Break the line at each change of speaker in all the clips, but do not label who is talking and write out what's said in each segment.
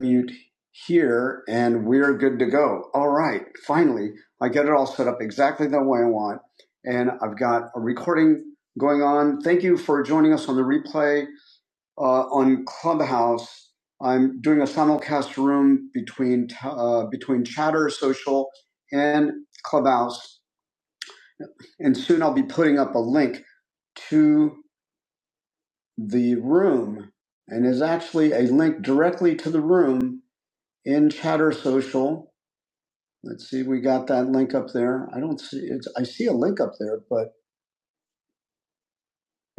mute here and we're good to go. All right. Finally, I get it all set up exactly the way I want. And I've got a recording going on. Thank you for joining us on the replay uh, on Clubhouse. I'm doing a simulcast room between uh, between Chatter Social and Clubhouse, and soon I'll be putting up a link to the room, and is actually a link directly to the room in Chatter Social Let's see, we got that link up there. I don't see it's I see a link up there, but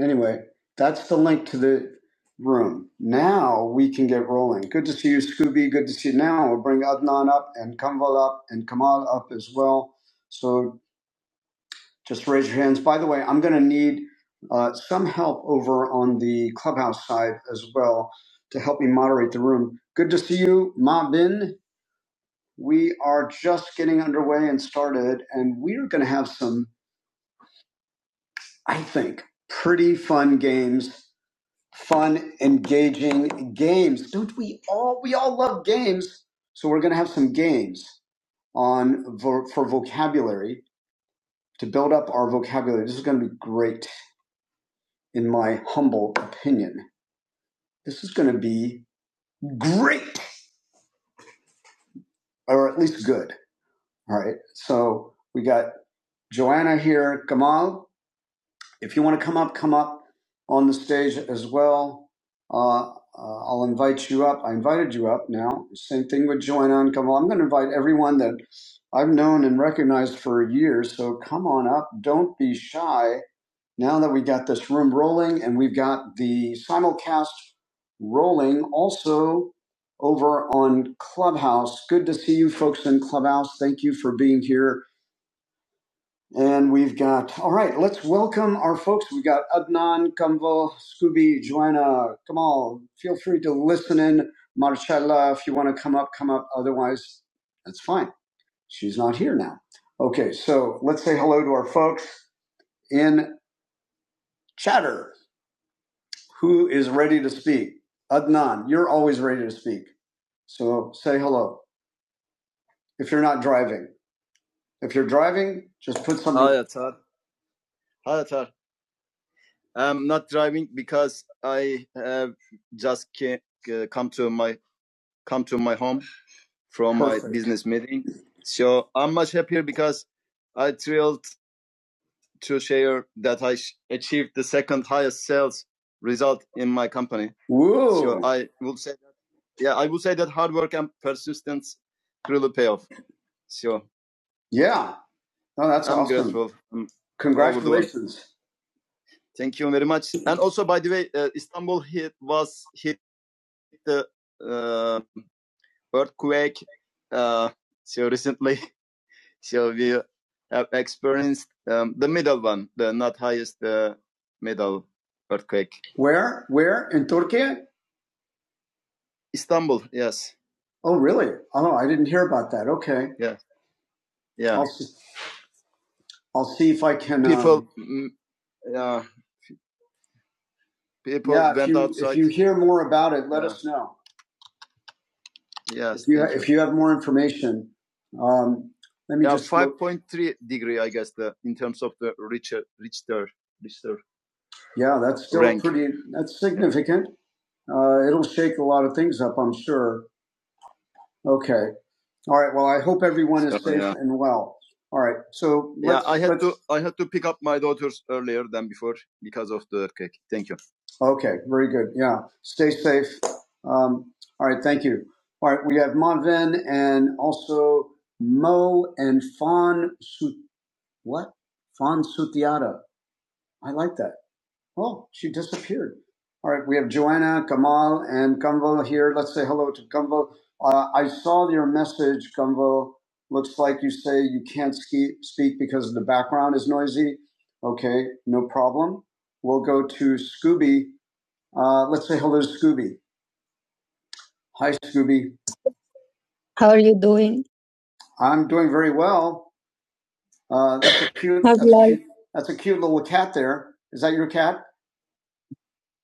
anyway, that's the link to the room. Now we can get rolling. Good to see you, Scooby. Good to see you. Now we'll bring Adnan up and Kamval up and Kamal up as well. So just raise your hands. By the way, I'm gonna need uh, some help over on the clubhouse side as well to help me moderate the room. Good to see you, Ma Bin. We are just getting underway and started, and we are going to have some I think, pretty fun games, fun, engaging games. Don't we all? We all love games. So we're going to have some games on vo- for vocabulary to build up our vocabulary. This is going to be great, in my humble opinion. This is going to be great, or at least good. All right. So we got Joanna here, Kamal. If you want to come up, come up on the stage as well. Uh, uh, I'll invite you up. I invited you up now. Same thing with Join On. Come on. I'm going to invite everyone that I've known and recognized for years. So come on up. Don't be shy. Now that we got this room rolling and we've got the simulcast rolling also over on Clubhouse. Good to see you folks in Clubhouse. Thank you for being here and we've got, all right, let's welcome our folks. We've got Adnan, Kamval, Scooby, Joanna, Kamal. Feel free to listen in. Marcella, if you want to come up, come up. Otherwise, that's fine. She's not here now. Okay, so let's say hello to our folks in chatter. Who is ready to speak? Adnan, you're always ready to speak. So say hello if you're not driving. If you're driving, just put some. Woo! Yeah. No, that's congratulations. Where? Where? In Turkey? Oh, really? Oh, I didn't hear about that. Okay. I'll see if I can hear more about it. Let us know. If you have more information, um, let yeah, that's pretty, that's significant. Uh, it'll shake a lot of things up, I'm sure. Okay. All right. Well, I hope everyone and well. All right. So, okay. Very good. Yeah. Stay safe. Um, all right. Thank you. All right. We have Monven and also Mo and Fawn What? Fawn Sutiara. I like that. Oh, she disappeared. All right, we have Joanna, Kamal, and Kumval here. Let's say hello to Kumval. Uh, I saw your message, Kumval. Looks like you say you can't ski- speak because the background is noisy. Okay, no problem. We'll go to Scooby. Uh, let's say hello to Scooby. Hi, Scooby. How are you doing? I'm doing very well. Uh, that's a cute. How's That's a life? cute. That's a cute little cat there. Is that your cat?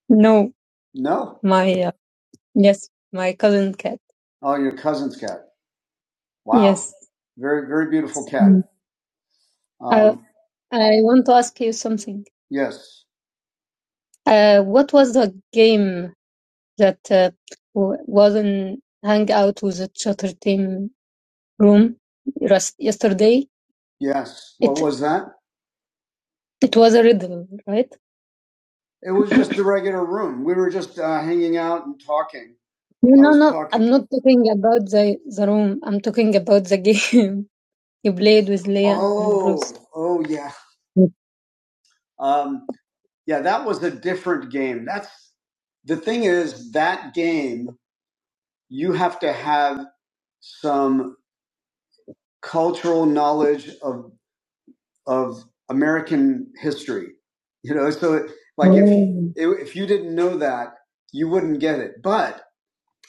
No, No. my uh, yes, my cousin cat. Oh, your cousin's cat. Wow. Yes. Very, very beautiful cat. Mm. Uh, Um, I want to ask you something. yes. Uh, what was the game that uh, w- was in Hangout with the Chatter Team room res- yesterday? Yes. What It was that? it was a riddle, right? It was just a regular room. We were just uh, hanging out and talking. I No, I was no, talking. I'm not talking about the, the room. I'm talking about the game you played with Leah and Bruce. Oh, oh yeah, um, yeah. That was a different game. That's the thing is that game. You have to have some cultural knowledge of of American history. You know, so it, like if Oh. if you didn't know that, you wouldn't get it. But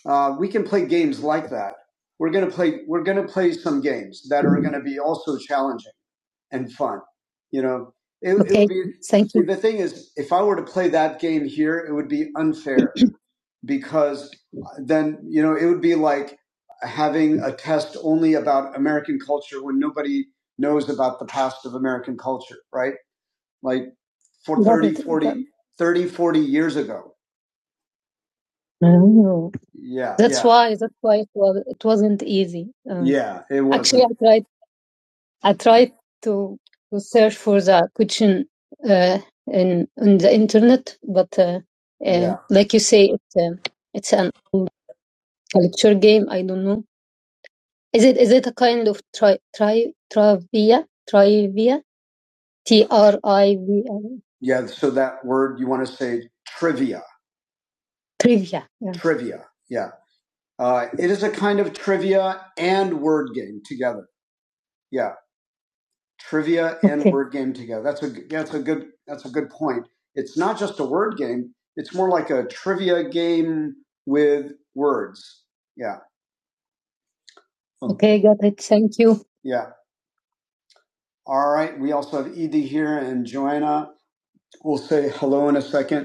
Uh, we can play games like that. We're gonna play. We're gonna play some games that are gonna be also challenging and fun. You know, it, okay. it would be- Thank you. The thing is, if I were to play that game here, it would be unfair because then you know it would be like having a test only about American culture when nobody knows about the past of American culture, right? Like for thirty, forty, thirty, forty years ago. Oh, Yeah, that's yeah, why that's why it was it wasn't easy. Uh, yeah. It actually, I wasn't. I tried I tried to to search for the kitchen uh, in on the internet, but uh, uh, Yeah. like you say, it's um it's an culture game. I don't know. Is it is it a kind of tri tri trivia trivia T R I V I Yeah, so that word you want to say trivia, trivia? Yeah. trivia. Yeah. Uh, it is a kind of trivia and word game together. Yeah, trivia and Okay. word game together. That's a that's a good that's a good point. It's not just a word game. It's more like a trivia game with words. Yeah. Okay, got it. Thank you. Yeah. All right. We also have Edie here and Joanna. We'll say hello in a second.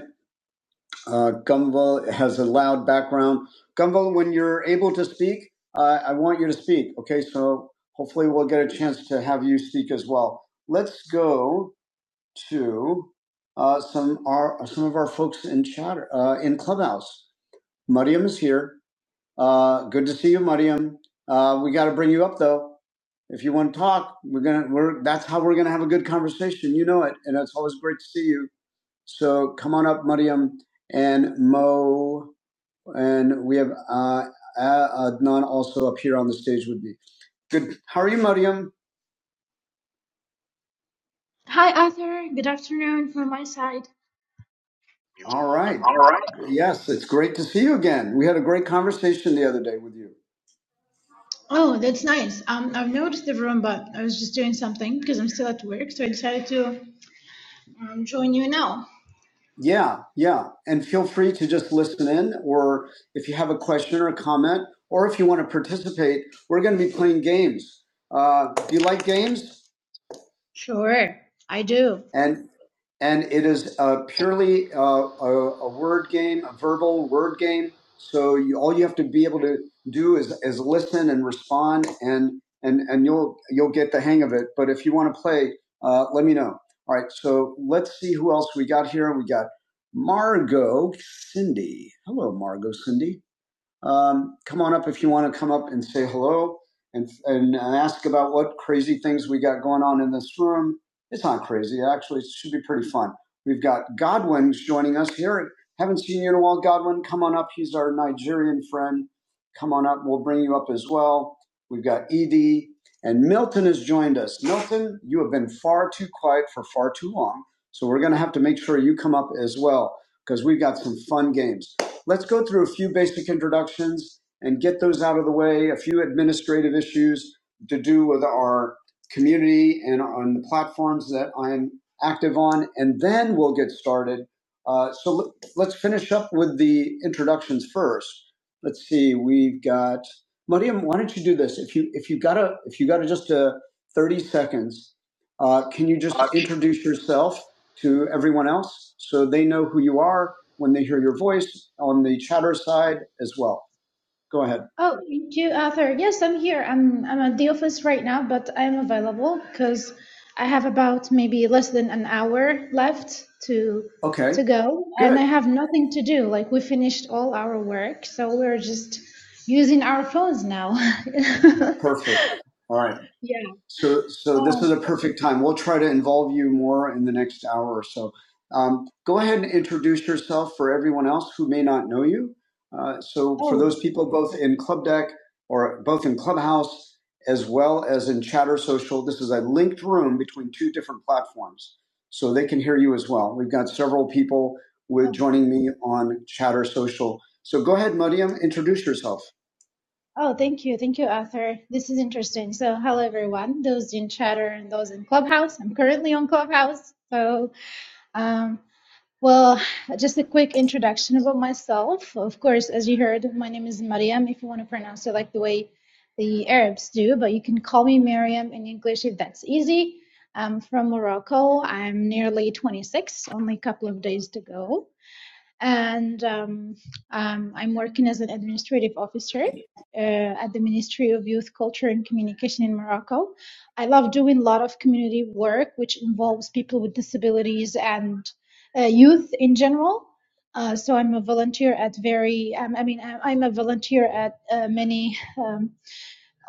Uh, Gumval has a loud background. Gumval, when you're able to speak, uh, I want you to speak. Okay, so hopefully we'll get a chance to have you speak as well. Let's go to uh, some our some of our folks in chat uh, in Clubhouse. Mariam is here. Uh, good to see you, Mariam. Uh, we got to bring you up though. If you want to talk, we're gonna we're that's how we're gonna have a good conversation. You know it, and it's always great to see you. So come on up, Mariam and Mo, and we have uh, Adnan also up here on the stage with me. Good. How are you, Mariam?
Hi Arthur, good afternoon from my side.
All right.
All right.
Yes, it's great to see you again. We had a great conversation the other day with you.
Oh, that's nice. Um, I've noticed the room, but I was just doing something because I'm still at work, so I decided to um, join you now.
Yeah, yeah. And feel free to just listen in, or if you have a question or a comment, or if you want to participate, we're going to be playing games. Uh, do you like games?
Sure, I do.
And and it is uh, purely uh, a, a word game, a verbal word game. So you, all you have to be able to do is, is listen and respond, and and and you'll you'll get the hang of it. But if you want to play, uh, let me know. All right, so let's see who else we got here. We got Margot Cindy. Hello, Margot Cindy. Um, come on up if you want to come up and say hello and, and ask about what crazy things we got going on in this room. It's not crazy. Actually, it should be pretty fun. We've got Godwin's joining us here. Haven't seen you in a while, Godwin. Come on up. He's our Nigerian friend. Come on up. We'll bring you up as well. We've got Edie and Milton has joined us. Milton, you have been far too quiet for far too long. So we're going to have to make sure you come up as well because we've got some fun games let's go through a few basic introductions and get those out of the way, a few administrative issues to do with our community and on the platforms that I'm active on, and then we'll get started. Uh, so let- us finish up with the introductions first. Let's see, we've got Mariam. Why don't you do this? If you if you got a if you got a, just a thirty seconds, uh, can you just introduce yourself to everyone else so they know who you are? when they hear your voice on the chatter side as well. Go ahead.
Oh, you Arthur. Yes, I'm here. I'm I'm at the office right now, but I'm available because I have about maybe less than an hour left to
Okay,
to go, and
good.
I have nothing to do. Like we finished all our work, so we're just using our phones now.
Perfect. All right.
Yeah.
So, so this is
Um,
a perfect time. We'll try to involve you more in the next hour or so. Um, go
yeah.
ahead and introduce yourself for everyone else who may not know you. Uh, so, for
Oh,
those people both in Club Deck or both in Clubhouse as well as in Chatter Social, this is a linked room between two different platforms, so they can hear you as well. We've got several people with
oh,
joining me on Chatter Social. So, go ahead, Mariam, introduce yourself.
oh, thank you. Thank you, Arthur. This is interesting. So, hello, everyone, those in Chatter and those in Clubhouse. I'm currently on Clubhouse. So, um, Well, just a quick introduction about myself. Of course, as you heard, my name is Mariam, if you want to pronounce it like the way the Arabs do, but you can call me Mariam in English if that's easy. I'm from Morocco. I'm nearly 26, only a couple of days to go and um, um, I'm working as an administrative officer uh, at the Ministry of Youth, Culture, and Communication in Morocco. I love doing a lot of community work, which involves people with disabilities and uh, youth in general. Uh, so I'm a volunteer at very, um, I mean, I- am a volunteer at uh, many um,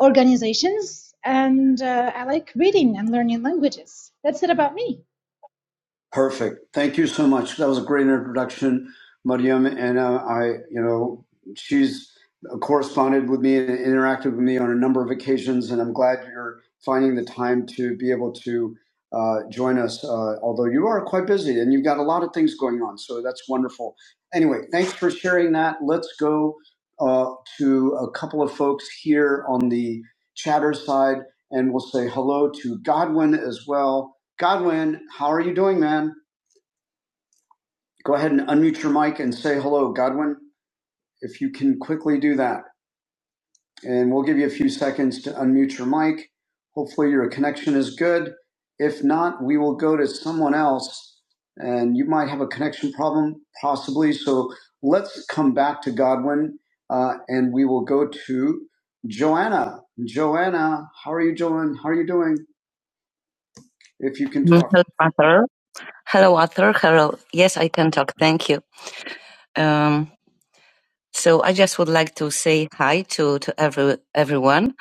organizations, and uh, I like reading and learning languages. That's it about me.
Perfect. Thank you so much. That was a great introduction, Mariam. And uh, I, you know, she's corresponded with me and interacted with me on a number of occasions, and I'm glad you're finding the time to be able to uh, join us, uh, although you are quite busy and you've got a lot of things going on. So that's wonderful. Anyway, thanks for sharing that. Let's go uh, to a couple of folks here on the chatter side, and we'll say hello to Godwin as well Godwin, how are you doing, man? Go ahead and unmute your mic and say hello, Godwin, if you can quickly do that. And we'll give you a few seconds to unmute your mic. Hopefully, your connection is good. If not, we will go to someone else and you might have a connection problem, possibly. So let's come back to Godwin uh, and we will go to Joanna. Joanna, how are you doing? How are you doing? If you can talk. Hello, Arthur. Hello, Arthur. Hello. Yes, I can talk. Thank you. Um, so I just would like to say hi to, to every, everyone.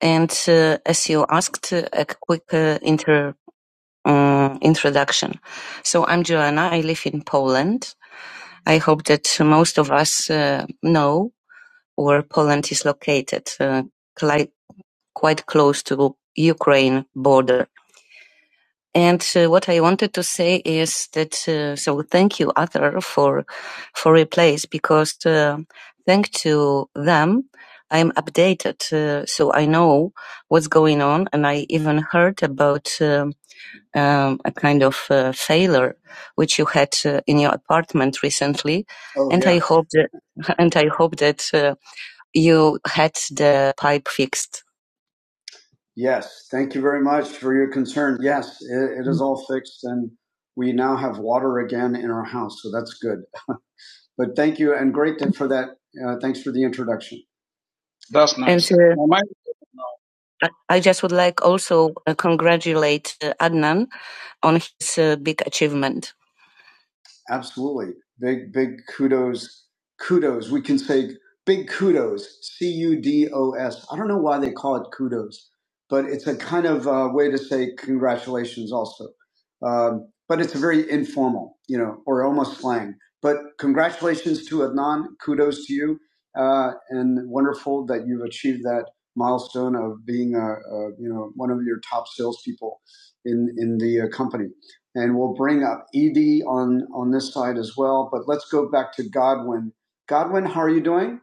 And uh, as you asked, uh, a quick uh, inter, um, introduction. So I'm Joanna. I live in Poland. I hope that most of us uh, know where Poland is located, uh, quite close to Ukraine border. And uh, what I wanted to say is that uh, so thank you, Arthur, for for replace because uh, thanks to them, I'm updated, uh, so I know what's going on, and I even heard about um, um, a kind of uh, failure which you had uh, in your apartment recently, Oh and yeah. I yeah. hope that and I hope that uh, you had the pipe fixed Yes, thank you very much for your concern. Yes, it, it is all fixed and we now have water again in our house, so that's good. But thank you and great to- for that. Uh, thanks for the introduction. Uh, I I just would like also uh, congratulate uh, Adnan on his uh, big achievement. Absolutely. Big, big kudos. Kudos. We can say big kudos. C U D O S. I don't know why they call it kudos, but it's a kind of uh, way to say congratulations also. Um, but it's very informal, you know, or almost slang. But congratulations to Adnan. Kudos to you. Uh, and wonderful that you've achieved that milestone of being, a, a, you know, one of your top salespeople in, in the uh, company and we'll bring up Edie on on this side as well. But let's go back to Godwin. Godwin, how are you doing?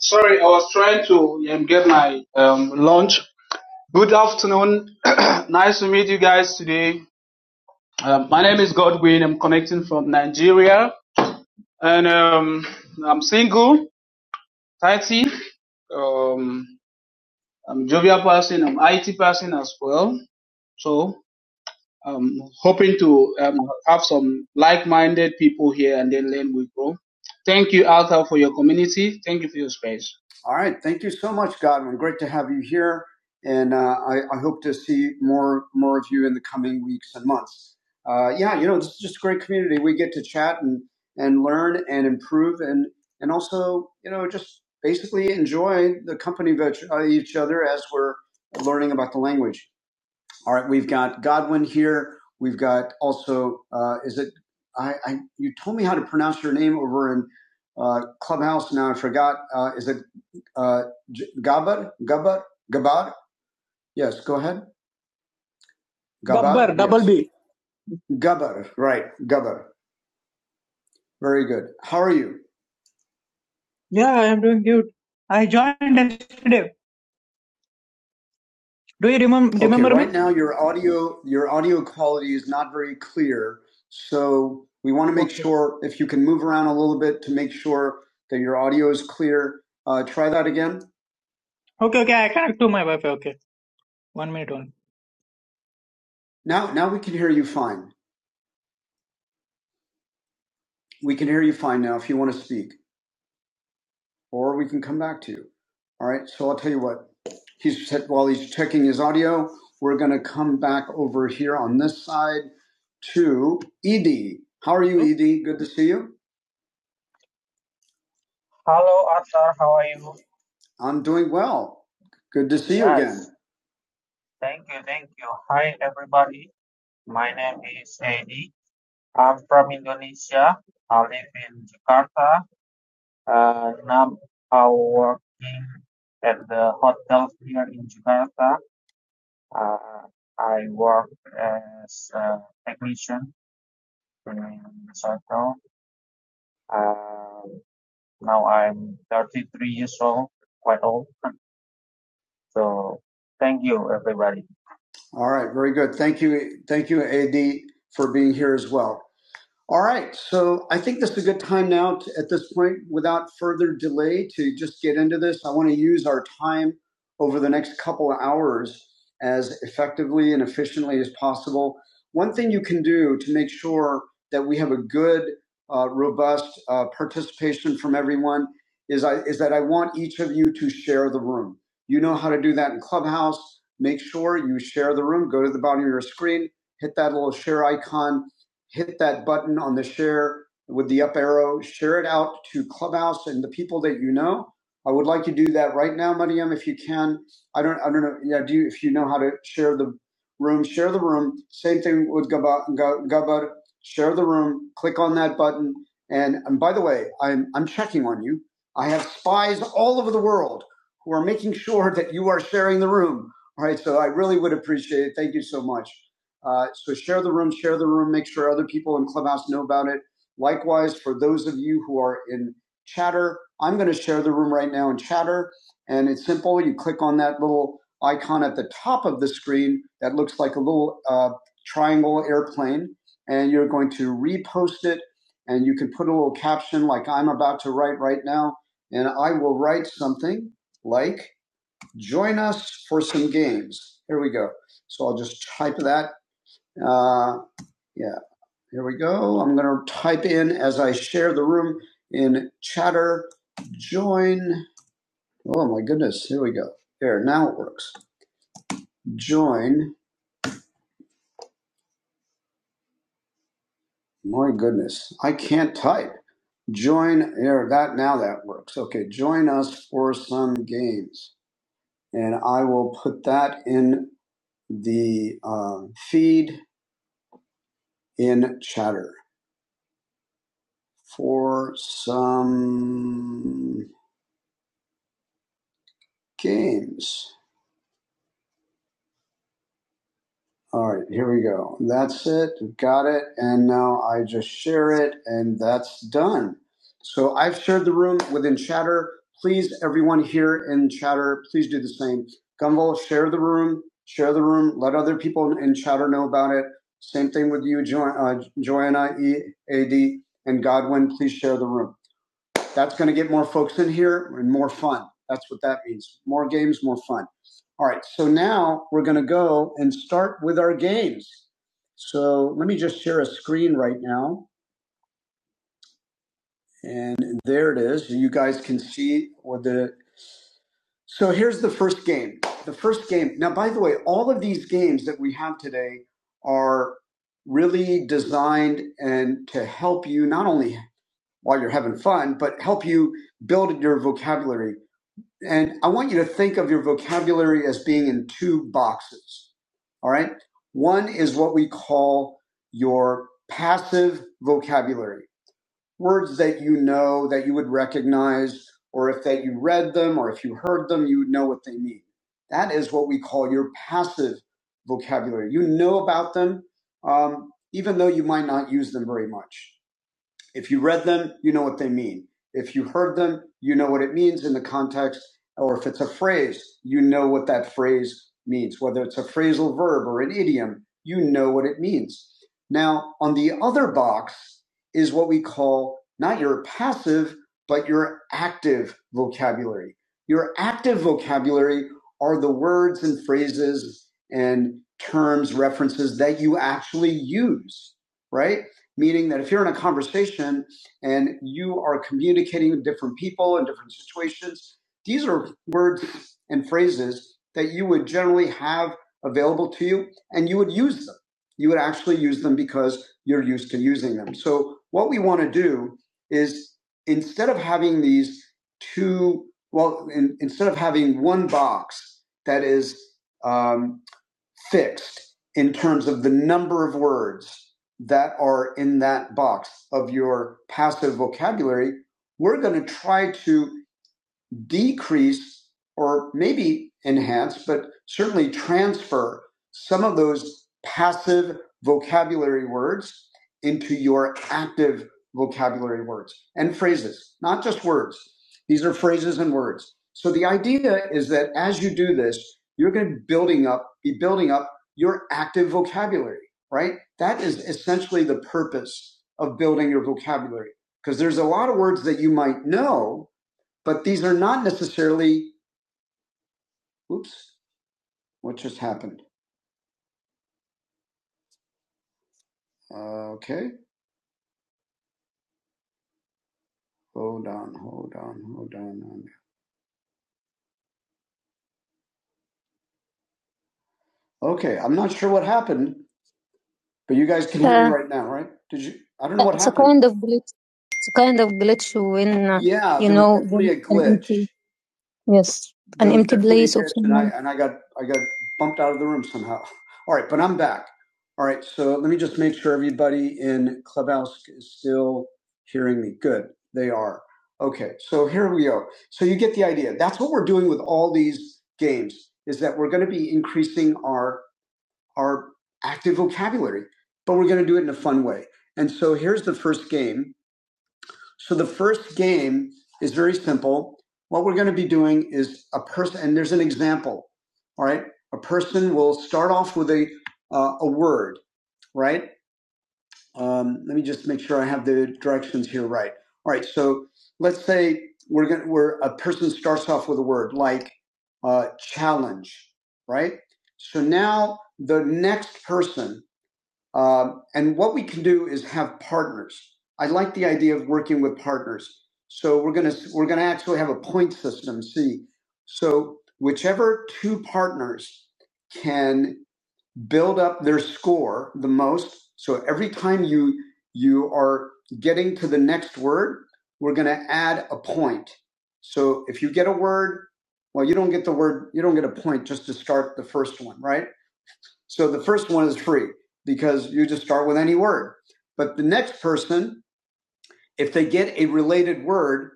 Sorry, I was trying to um, get my um, lunch. Good afternoon. nice to meet you guys today. Um, my name is Godwin. I'm connecting from Nigeria, and um, I'm single, 30. Um, I'm a jovial person. I'm IT person as well. So um, hoping to um, have some like-minded people here and then learn we grow. Thank you, Arthur, for your community. Thank you for your space. All right. Thank you so much, Godwin. Great to have you here. And uh, I, I hope to see more more of you in the coming weeks and months. Uh, yeah, you know, this is just a great community. We get to chat and, and learn and improve and, and also, you know, just basically enjoy the company of each- uh, each other as we're learning about the language. All right, we've got Godwin here. We've got also, uh, is it, I, I, you told me how to pronounce your name over in uh, Clubhouse. Now I forgot. Uh, is it uh, J- Gabar? Gabar? Gabar? Yes, go ahead. Gabar?
Gabbar, double
Yes.
B.
Gabar, right. Gabar. Very good. How are you?
Yeah, I am doing good. I joined yesterday. Do you remember
Okay,
remember me?
right now your audio your audio quality is not very clear. So we want to make
Okay.
sure if you can move around a little bit to make sure that your audio is clear. Uh, try that again.
Okay, okay, I connect to my Wi-Fi. Okay. One minute only.
Now, now we can hear you fine. We can hear you fine now if you want to speak, or we can come back to you. All right. So I'll tell you what. He's said while he's checking his audio, we're going to come back over here on this side to Edie. How are you,
Hello?
Edie? Good to see you. Hello, Arthur. How are you? I'm doing well. Good to see you Yes. again. Thank you. Thank you. Hi, everybody. My name is Edie. I'm from Indonesia. I live in Jakarta. uh, now are working at the hotel here in Jakarta. Uh, I work as a technician in this hotel. Uh, now I'm 33 years old, quite old. So thank you, everybody. All right, very good. Thank you, thank you, Ad, for being here as well. All right, so I think this is a good time now to, at this point, without further delay, to just get into this. I want to use our time over the next couple of hours as effectively and efficiently as possible. One thing you can do to make sure that we have a good, uh, robust uh, participation from everyone is, I, is that I want each of you to share the room. You know how to do that in Clubhouse. Make sure you share the room. Go to the bottom of your screen, hit that little share icon hit that button on the share with the up arrow, share it out to Clubhouse and the people that you know. I would like you to do that right now, Mariam, if you can. I don't, I don't know. Yeah, do you, if you know how to share the room, share the room. Same thing with Gabar, Ga- Gabar. Share the room. Click on that button. And, and by the way, I'm, I'm checking on you. I have spies all over the world who are making sure that you are sharing the room. All right. So I really would appreciate it. Thank you so much. Uh, so share the room, share the room, make sure other people in Clubhouse know about it. Likewise, for those of you who are in Chatter, I'm going to share the room right now in Chatter. And it's simple. You click on that little icon at the top of the screen that looks like a little uh, triangle airplane, and you're going to repost it. And you can put a little caption like I'm about to write right now. And I will write something like, Join us for some games. Here we go. So I'll just type that uh, yeah, here we go. I'm going to type in as I share the room in chatter. Join. Oh my goodness. Here we go. There, now it works. Join. My goodness. I can't type. Join. There, that, now that works. Okay, join us for some games. And I will put that in the um, feed in chatter for some games. All right, here we go. That's it. Got it. And now I just share it, and that's done. So I've shared the room within Chatter. Please, everyone here in Chatter, please do the same. Gumball, share the room. Share the room. Let other people in Chatter know about it. Same thing with you, jo- uh, Joanna, E A D, and Godwin. Please share the room. That's going to get more folks in here and more fun. That's what that means. More games, more fun. All right. So now we're going to go and start with our games. So let me just share a screen right now. And there it is. You guys can see what the. So here's the first game. The first game. Now, by the way, all of these games that we have today are really designed and to help you not only while you're having fun, but help you build your vocabulary And I want you to think of your vocabulary as being in two boxes. All right. One is what we call your passive vocabulary words that you know, that you would recognize, or if that you read them, or if you heard them, you would know what they mean. That is what we call your passive vocabulary. You know about them, um, even though you might not use them very much. If you read them, you know what they mean. If you heard them, you know what it means in the context, or if it's a phrase, you know what that phrase means. Whether it's a phrasal verb or an idiom, you know what it means. Now, on the other box is what we call not your passive, but your active vocabulary. Your active vocabulary are the words and phrases and terms, references that you actually use, right? meaning that if you're in a conversation and you are communicating with different people in different situations, these are words and phrases that you would generally have available to you and you would use them. You would actually use them because you're used to using them. So, what we want to do is instead of having these two, well, in, instead of having one box that is um, fixed in terms of the number of words that are in that box of your passive vocabulary, we're going to try to decrease or maybe enhance, but certainly transfer some of those passive vocabulary words into your active vocabulary words and phrases, not just words. These are phrases and words. So the idea is that as you do this, you're going to building up, be building up your active vocabulary, right? That is essentially the purpose of building your vocabulary because there's a lot of words that you might know but these are not necessarily. Oops, what just happened? Uh, okay, hold on, hold on, hold on. Okay, I'm not sure what happened, but you guys can hear me Uh, right now, right? Did you? I don't know what It's a happened. kind of glitch. It's a kind of glitch when uh, Yeah, you there was know definitely when a glitch. Yes. An Dude, empty that's what of did, and I someone. and I got I got bumped out of the room somehow. All right, but I'm back. All right, so let me just make sure everybody in Clubhouse is still hearing me. Good, they are. Okay, so here we go. So you get the idea. That's what we're doing with all these games is that we're going to be increasing our our active vocabulary, but we're going to do it in a fun way. And so here's the first game so the first game is very simple. What we're going to be doing is a person, and there's an example. All right, a person will start off with a uh, a word, right? Um, let me just make sure I have the directions here right. All right, so let's say we're going to are a person starts off with a word like uh, challenge, right? So now the next person um, and what we can do is have partners. I like the idea of working with partners. So we're gonna we're gonna actually have a point system. See, so whichever two partners can build up their score the most. So every time you you are getting to the next word, we're gonna add a point. So if you get a word, well, you don't get the word, you don't get a point just to start the first one, right? So the first one is free because you just start with any word. But the next person, if they get a related word,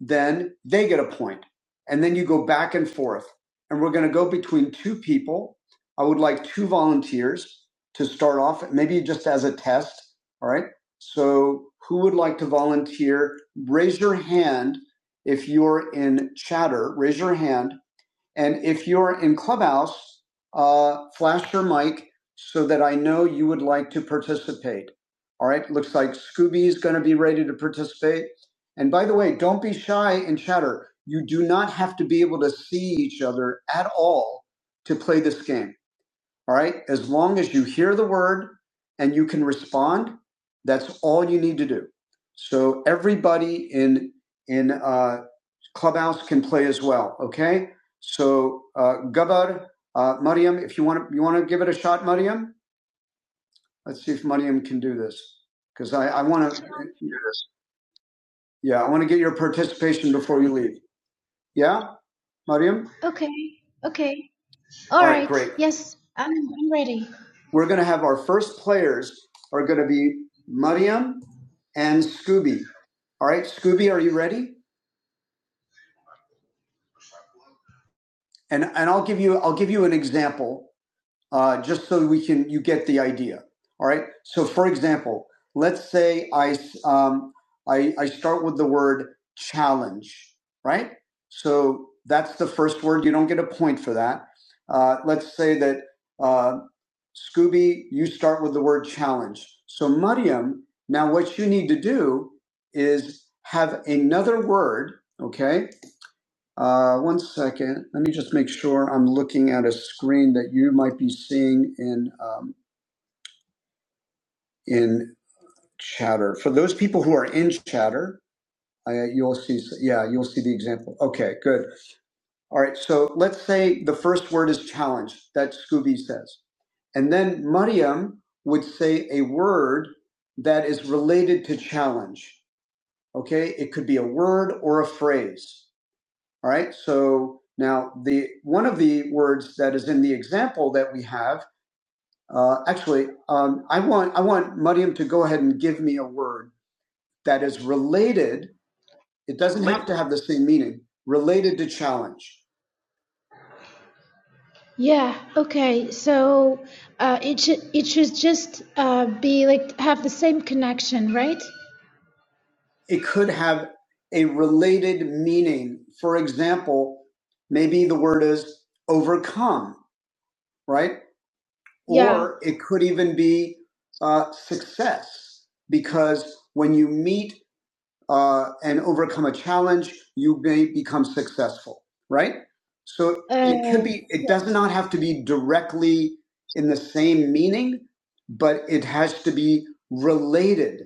then they get a point. And then you go back and forth. And we're going to go between two people. I would like two volunteers to start off, maybe just as a test. All right. So who would like to volunteer? Raise your hand if you're in chatter. Raise your hand and if you're in Clubhouse, uh, flash your mic so that I know you would like to participate. All right, looks like Scooby is going to be ready to participate. And by the way, don't be shy and chatter. You do not have to be able to see each other at all to play this game. All right. As long as you hear the word and you can respond, that's all you need to do. So everybody in in uh, Clubhouse can play as well. Okay. So uh, Gabar, uh, Mariam, if you want to, you want to give it a shot, Mariam. Let's see if Mariam can do this because I, I want to. Yeah, I want to get your participation before you leave. Yeah, Mariam.
Okay, okay. Okay. All
All right,
right.
great.
Yes, I'm I'm ready.
we're going to have our first players are going to be Mariam and Scooby. All right, Scooby, are you ready? And and I'll give you I'll give you an example uh, just so we can you get the idea. All right. So, for example, let's say I s- um, I, I start with the word challenge, right? So that's the first word. You don't get a point for that. Uh, let's say that uh, Scooby, you start with the word challenge. So, Mariam, now what you need to do is have another word, okay? Uh, one second. Let me just make sure I'm looking at a screen that you might be seeing in um, in Chatter. For those people who are in Chatter, uh, you'll see. Yeah, you'll see the example. Okay, good. All right. So let's say the first word is challenge. That Scooby says, and then Mariam would say a word that is related to challenge. Okay, it could be a word or a phrase. All right. So now the one of the words that is in the example that we have, uh, actually, um, I want I want Mariam to go ahead and give me a word that is related. It doesn't have to have the same meaning. Related to challenge,
Yeah. Okay. So uh, it should it should just uh, be like have the same connection, right?
it could have a related meaning. For example, maybe the word is overcome, right?
Yeah.
Or it could even be uh, success, because when you meet uh, and overcome a challenge, you may become successful, right? So
Uh,
it could be, it does not have to be directly in the same meaning, but it has to be related,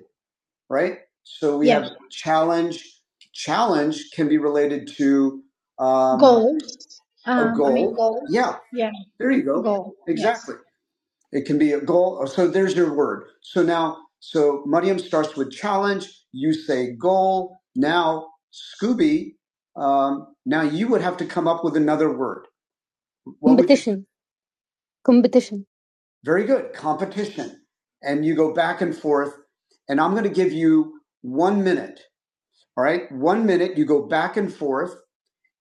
right? So we
yeah.
have challenge. Challenge can be related to um,
Goals.
a
Um. I mean
goal. Yeah,
goals. Yeah.
there you go.
Goal. Yes.
Exactly. It can be a goal. So there's your word. So now, so Mariam starts with challenge. You say goal. Now, Scooby, um, now you would have to come up with another word. What would- you- competition. Competition. Very good. Competition. And you go back and forth. And I'm going to give you one minute. All right. One minute. You go back and forth.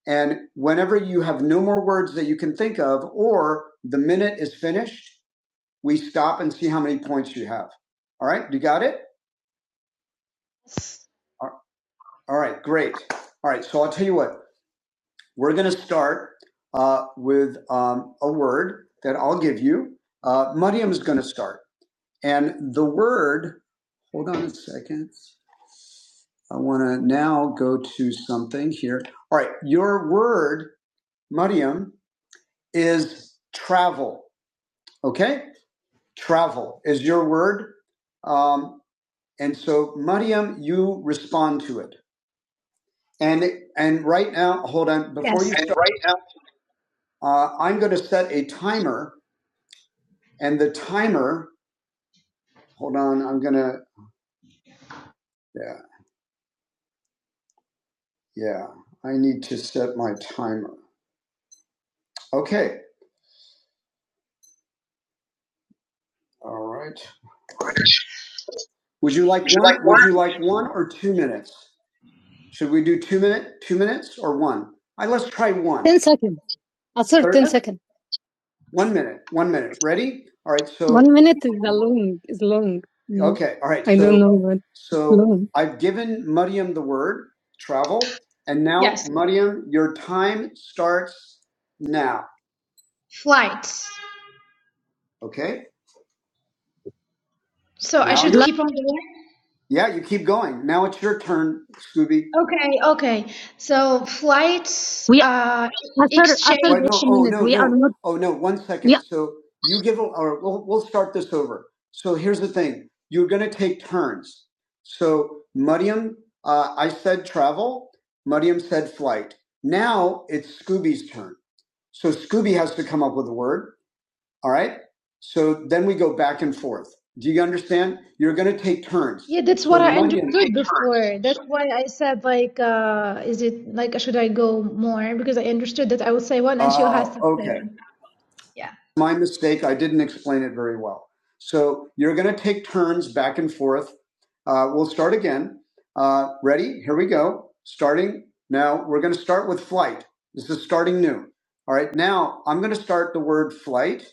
And whenever you have no more words that you can think of, or the minute is finished, we stop and see how many points you have. All right, you got it?
Yes.
all right, great. All right, so I'll tell you what, we're going to start uh, with um, a word that I'll give you. Uh, Mariam is going to start. And the word, hold on a second. I want to now go to something here. All right, your word, Mariam, is travel. Okay? Travel is your word. Um, and so, Mariam, you respond to it. And and right now, hold on. Before you
And
start,
right now,
uh, I'm going to set a timer, and the timer. Hold on. I'm going to. Yeah, yeah. I need to set my timer. Okay. All right. Would you like
would you like
one? Would
order?
you like one or two minutes? Should we do two minute, two minutes, or one? I right, let's try one. Ten seconds. I'll set ten
Okay.
seconds. One minute. One minute. Ready? All right. So One minute is a long. Is long. Mm. okay. All right. I so don't know what so long. I've given Mariam the word travel, and now
Yes.
Mariam, your time starts now.
Flights.
Okay.
So I
Now you're
should
Like
keep on going.
yeah. You keep going. Now it's your turn, Scooby.
Okay. Okay. So flights.
We.
Uh,
Other other Wait, no, oh
exchange.
no, we are no, not. oh no, one second. Yeah, So you give, or we'll, we'll start this over. So here's the thing. You're going to take turns. So Mariam, uh, I said travel. Mariam said flight. Now it's Scooby's turn. So Scooby has to come up with a word. All right. So then we go back and forth. Do you understand? You're going to take
Yeah,
turns.
that's what
So
I understood
Mariam,
before. That's why I said like, uh, is it like should I go more? Because I understood that I would say one and she'll has
oh,
to say
okay.
one. Yeah.
my mistake. I didn't explain it very well. So you're going to take turns back and forth. Uh, we'll start again. Uh, ready? Here we go. Starting now. We're going to start with flight. This is starting new. All right. Now I'm going to start the word flight.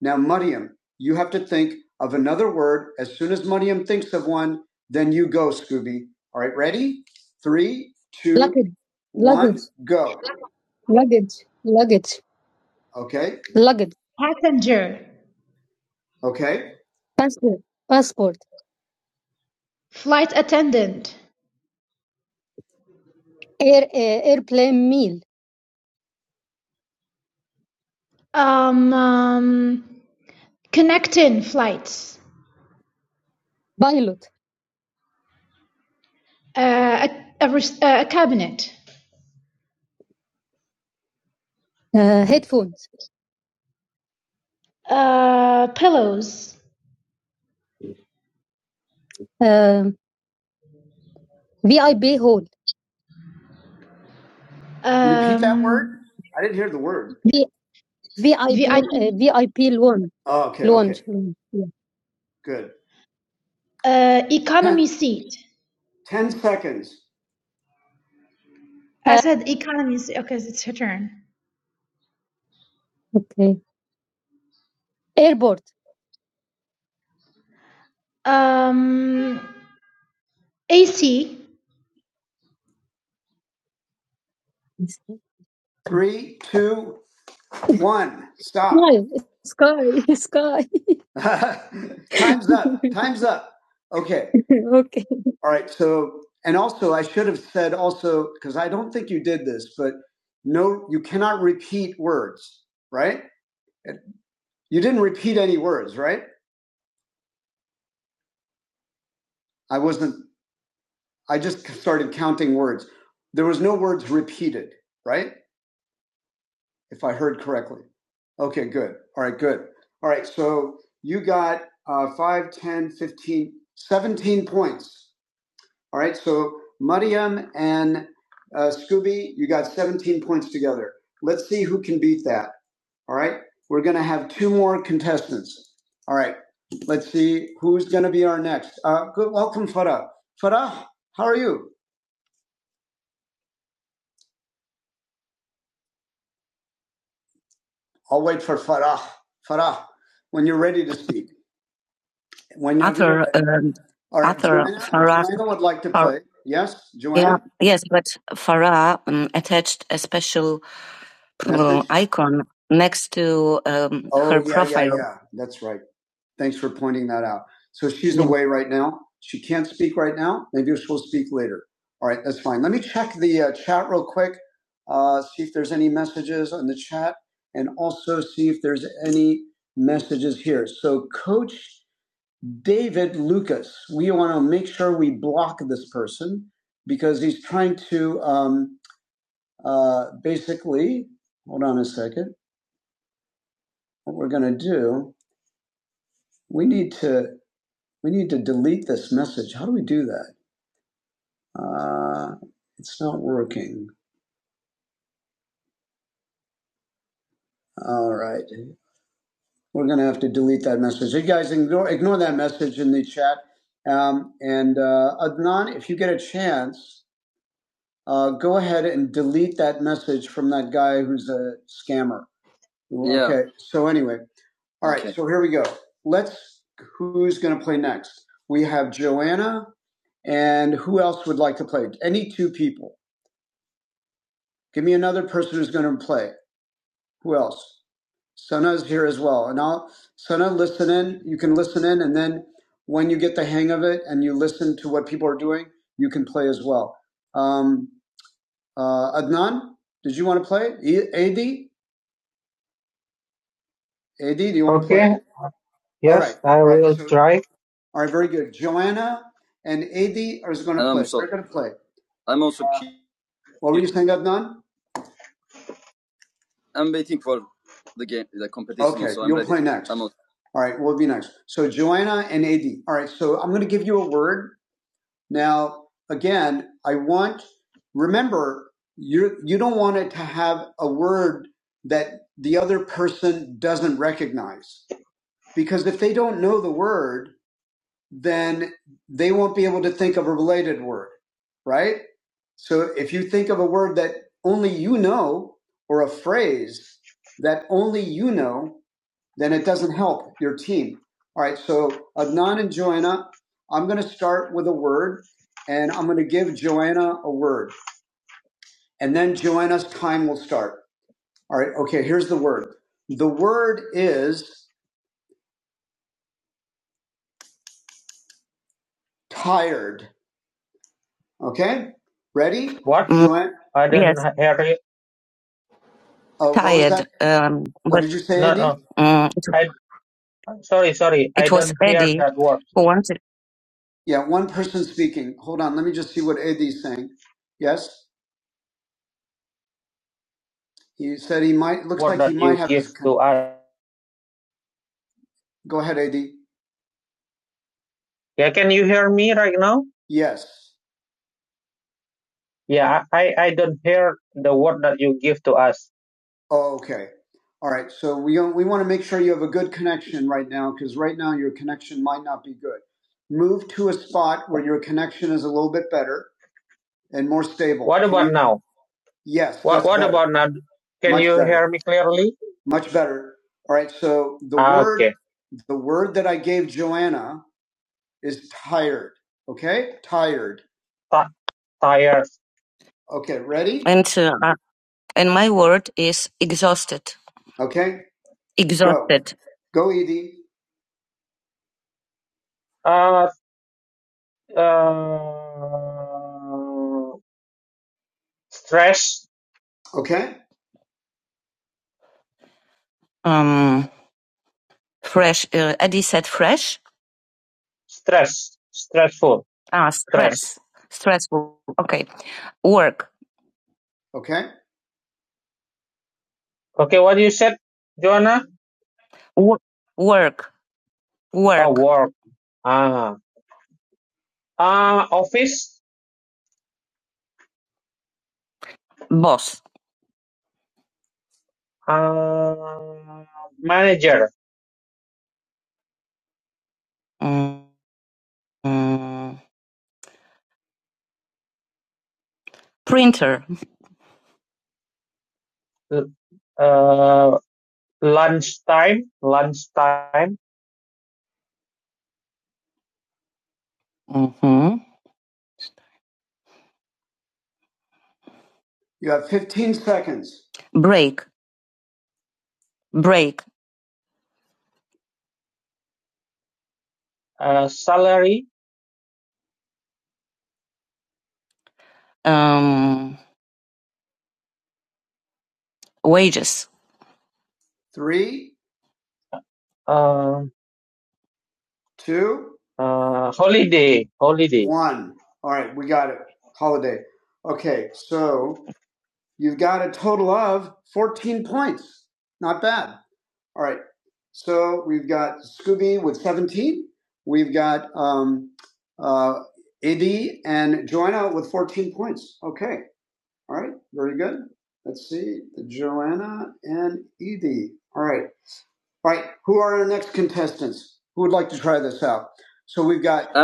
Now, Mariam, you have to think of another word. As soon as Mariam thinks of one, then you go, Scooby. All right. Ready? Three, two, luggage, one, luggage, go. Luggage. Luggage. Okay. Luggage.
Passenger,
Okay. passport, passport,
flight attendant,
air, uh, airplane meal,
um, um connecting flights,
pilot,
uh, a, a, res- uh, a cabinet,
uh, headphones,
uh, pillows,
uh, VIP hall, Repeat that word.
um,
I didn't hear the word. v, VIP,
VIP,
uh, VIP lounge, Oh, okay. Loan. Okay. yeah. Good.
uh,
Ten,
economy seat.
ten seconds.
I
Uh,
said economy seat. Okay, it's her turn.
okay. Airport,
Um. AC,
Three, two, one. Stop. Why? Sky, sky. Time's up. Time's up. Okay. okay. All right. So, and also, I should have said also, because I don't think you did this, but no, you cannot repeat words, right? You didn't repeat any words, right? I wasn't, I just started counting words. There was no words repeated, right? if I heard correctly. Okay, good. All right, good. All right, so you got uh, 5, ten, fifteen, seventeen points. All right, so Mariam and uh, Scooby, you got 17 points together. Let's see who can beat that. All right, we're going to have two more contestants. All right, let's see who's going to be our next. Uh, good, welcome, Farah. Farah, how are you? I'll wait for Farah. Farah, when you're ready to speak. When you Other, um, all right, other Joanna, Farah, Joanna would like to Far, play. Or, Yes, Joanna, yeah, yes, but Farah um, attached a special uh, icon next to um, her Oh, yeah, yeah, profile. yeah. yeah, That's right. Thanks for pointing that out. So she's Yeah. away right now. She can't speak right now. Maybe she'll speak later. All right, that's fine. Let me check the uh, chat real quick, uh, see if there's any messages on the chat, and also see if there's any messages here. So, Coach David Lucas. We want to make sure we block this person because he's trying to um, uh, basically. Hold on a second. What we're going to do? We need to we need to delete this message. How do we do that? Uh, it's not working. All right, we're going to have to delete that message. You guys ignore ignore that message in the chat. Um, and uh, Adnan, if you get a chance, uh, go ahead and delete that message from that guy who's a scammer. Yeah. Okay. So anyway, all right. Okay. So here we go. Let's. Who's going to play next? We have Joanna, and who else would like to play? Any two people. Give me another person who's going to play. Who else? Sana's here as well, and I'll Sana listen in. You can listen in, and then when you get the hang of it and you listen to what people are doing, you can play as well. Um, uh, Adnan, did you want to play? Adi. Adi, do you want to play? Okay. Yes, All right. I All right. will So, try. all right. Very good. Joanna and Adi are going to play. What were you saying, Adnan? Next. All right. We'll be next. So, Joanna and Adi. All right. So, I'm going to give you a word. Now, again, I want, remember, you you don't want it to have a word that the other person doesn't recognize. Because if they don't know the word, then they won't be able to think of a related word, right? So if you think of a word that only you know or a phrase that only you know, then it doesn't help your team. All right, so Adnan and Joanna, I'm going to start with a word and I'm going to give Joanna a word and then Joanna's time will start. All right, okay, here's the word. The word is tired. Okay, ready? What? Joanna? I didn't Yes. hear you. Uh, what was tired. that? Um, What but did you say, No, Andy? no. um, it, I sorry, sorry. I it was don't hear Eddie that word. who wanted. Yeah, one person speaking. Hold on, let me just see what Eddie's saying. Yes, he said he might. Looks Word like he that might you have give his. Con- to us. Go ahead, Eddie. Yeah, can you hear me right now? Yes. Yeah, I I don't hear the word that you give to us. Oh, okay. All right. So we we want to make sure you have a good connection right now because right now your connection might not be good. Move to a spot where your connection is a little bit better and more stable. What Can about you? now? Yes, What that's What better. about now? Can Much you better. hear me clearly? Much better. All right. So the Ah, word Okay. the word that I gave Joanna is tired. Okay, tired. Ti- Tired. Okay, ready? And uh, and my word is exhausted. Okay, Exhausted. Go, go Edie. Uh, uh, stress, Okay. Um, fresh. Uh, Eddie said fresh. stress, stressful, Ah, stress. stress. Stressful. Okay. Work. Okay. Okay, what you said, Joanna? Wo- Work. Oh, Work. Oh, work. Ah, uh, uh, office, Boss. uh, manager, Mm, mm, printer. Uh, lunchtime, lunchtime, Mm-hmm. You have 15 seconds. Break, break, uh, salary, um, wages, Three, uh, two, uh, holiday, holiday. one. All right, we got it. Holiday. Okay, so you've got a total of 14 points. Not bad. All right. So we've got Scooby with 17. We've got um, uh, Eddie and Joanna with 14 points. Okay. All right. Very good. Let's see. Joanna and Edie. All right. All right. Who are our next contestants? Who would like to try this out? So we've got.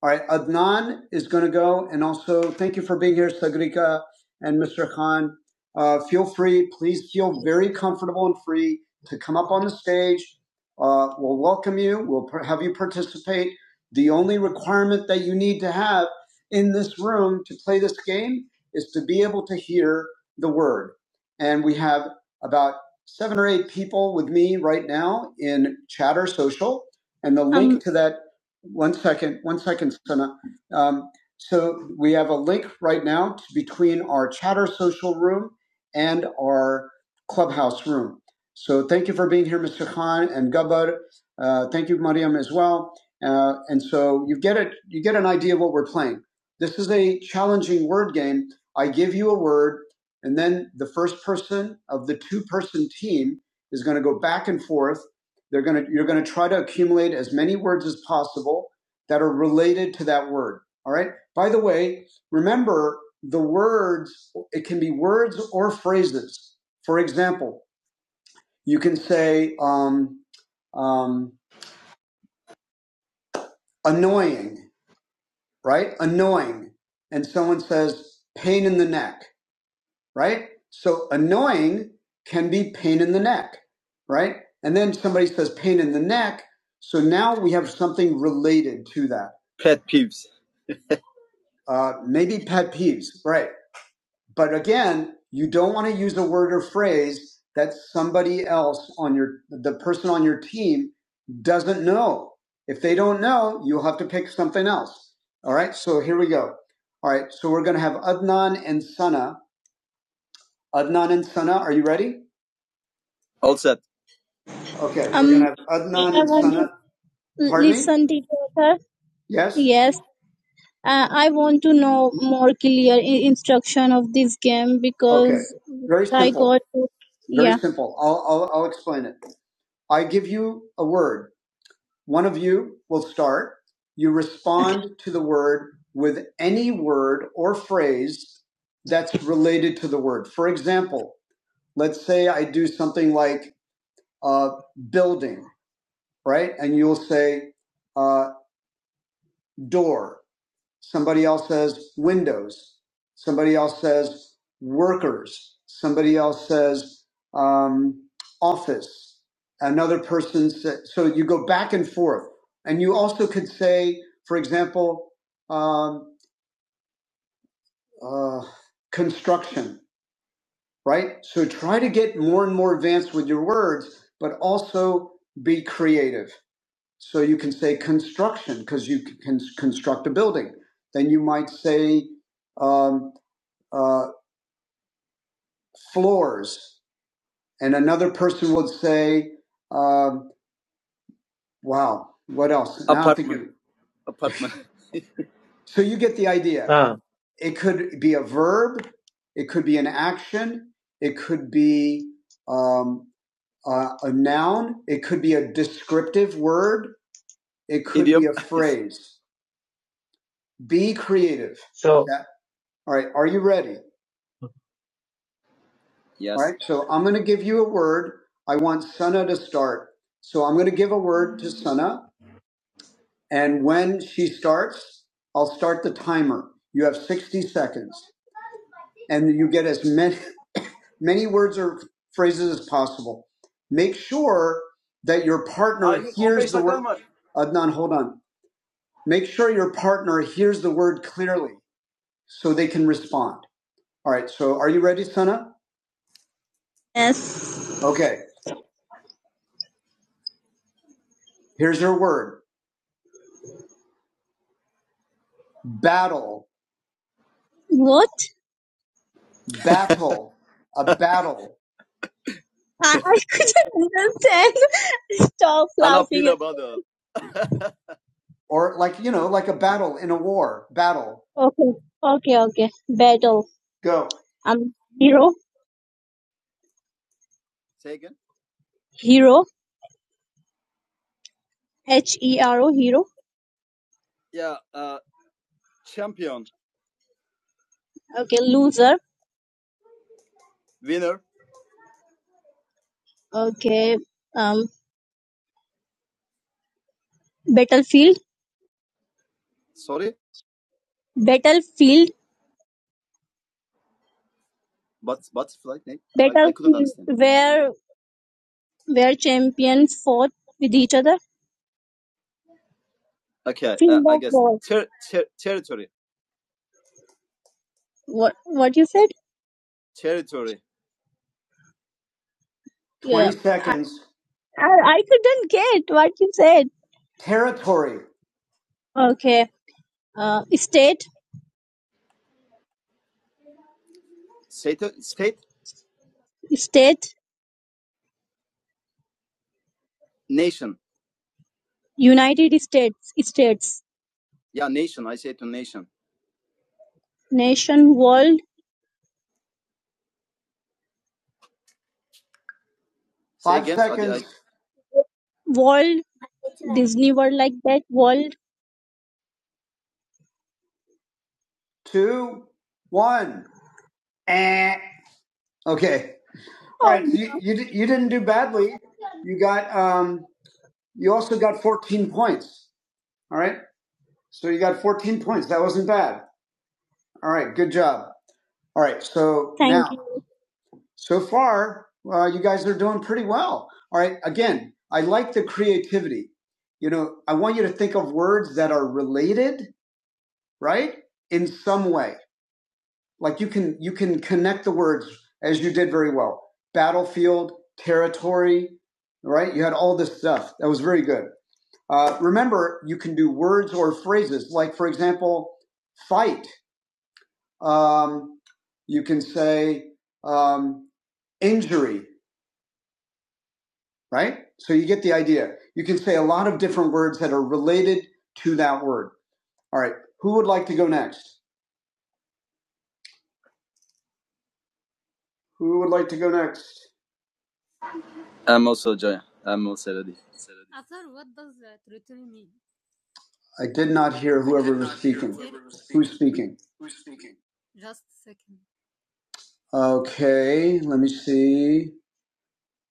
All right, Adnan is going to go. And also, thank you for being here, Sagrika and Mr. Khan. Uh, feel free, please feel very comfortable and free to come up on the stage. Uh, we'll welcome you, we'll have you participate. The only requirement that you need to have in this room to play this game is to be able to hear the word. And we have about seven or eight people with me right now in Chatter Social. And the link um, to that one second, one second, Sana. Um, so we have a link right now to, between our chatter social room and our clubhouse room. So thank you for being here, Mr. Khan and Gabbar. Uh, thank you, Mariam, as well. Uh, and so you get it, you get an idea of what we're playing. This is a challenging word game. I give you a word, and then the first person of the two-person team is going to go back and forth they're going to, you're going to try to accumulate as many words as possible that are related to that word. All right. By the way, remember the words, it can be words or phrases. For example, you can say, um, um, annoying, right? Annoying. And someone says, pain in the neck, right? So annoying can be pain in the neck, right? And then somebody says pain in the neck. So now we have something related to that. uh, maybe pet peeves, right? But again, you don't want to use a word or phrase that somebody else on your the person on your team doesn't know. If they don't know, you'll have to pick something else. All right, so here we go. All right, so we're going to have Adnan and Sana. Adnan and Sana, are you ready? Okay, um, we're going to have Adnan and Sana. Pardon me? Listen, sir. Yes. Yes. Uh, I want to know more clear i- instruction of this game Okay, because very I simple. got Very yeah. simple. I'll, I'll, I'll explain it. I give you a word. One of you will start. You respond to the word with any word or phrase that's related to the word. For example, let's say I do something like uh, building, right? And you'll say uh, door. Somebody else says windows. Somebody else says workers. Somebody else says um, office. Another person says, so you go back and forth. And you also could say, for example, um, uh, construction, right? So try to get more and more advanced with your words, but also be creative. So you can say construction because you can construct a building. Then you might say, um, uh, floors. And another person would say, um, wow, what else? So you get the idea. Ah, It could be a verb, it could be an action, it could be um, uh, a noun, it could be a descriptive word, it could a phrase. Be creative. so Yeah. All right, are you ready? All right, so I'm going to give you a word. I want Sana to start. So I'm going to give a word to Sana And when she starts, I'll start the timer. You have 60 seconds, and you get as many many words or phrases as possible. Make sure that your partner hears Adnan, hold on. Make sure your partner hears the word clearly so they can respond. All right. So, are you ready, Sana? Yes. Okay. Here's your word. Battle. What? Battle. A battle. I I couldn't understand. Stop laughing. or like you know like a battle in a war battle Okay, okay, okay. Battle. Um, hero, hero, H E R O, hero. Okay, loser. Okay, um, battlefield, battlefield, battlefield where where champions fought with each other. Field of war. What what you said? Yeah. 20 seconds. I, I couldn't get what you said. Territory. Okay. Uh, state, state, United States, states, nation, world, world, Disney World like that, world. Two, one. Eh. Okay. All Oh right. You, no. you, di- you didn't do badly. You got, um, you also got 14 points. All right. So you got 14 points. That wasn't bad. All right. Good job. All right. So Thank now Thank So far, uh, you guys are doing pretty well. All right. Again, I like the creativity. You know, I want you to think of words that are related, right? In some way, like you can you can connect the words as you did very well. Battlefield, territory, right? You had all this stuff. That was very good. Uh, remember, you can do words or phrases. Like for example, fight. Um, you can say um, injury right? So you get the idea. You can say a lot of different words that are related to that word. All right. Who would like to go next? Who would like to go next? Afar, what does that return mean? I did not hear whoever was speaking. Who's speaking? Who's speaking? Just a second. Okay, let me see.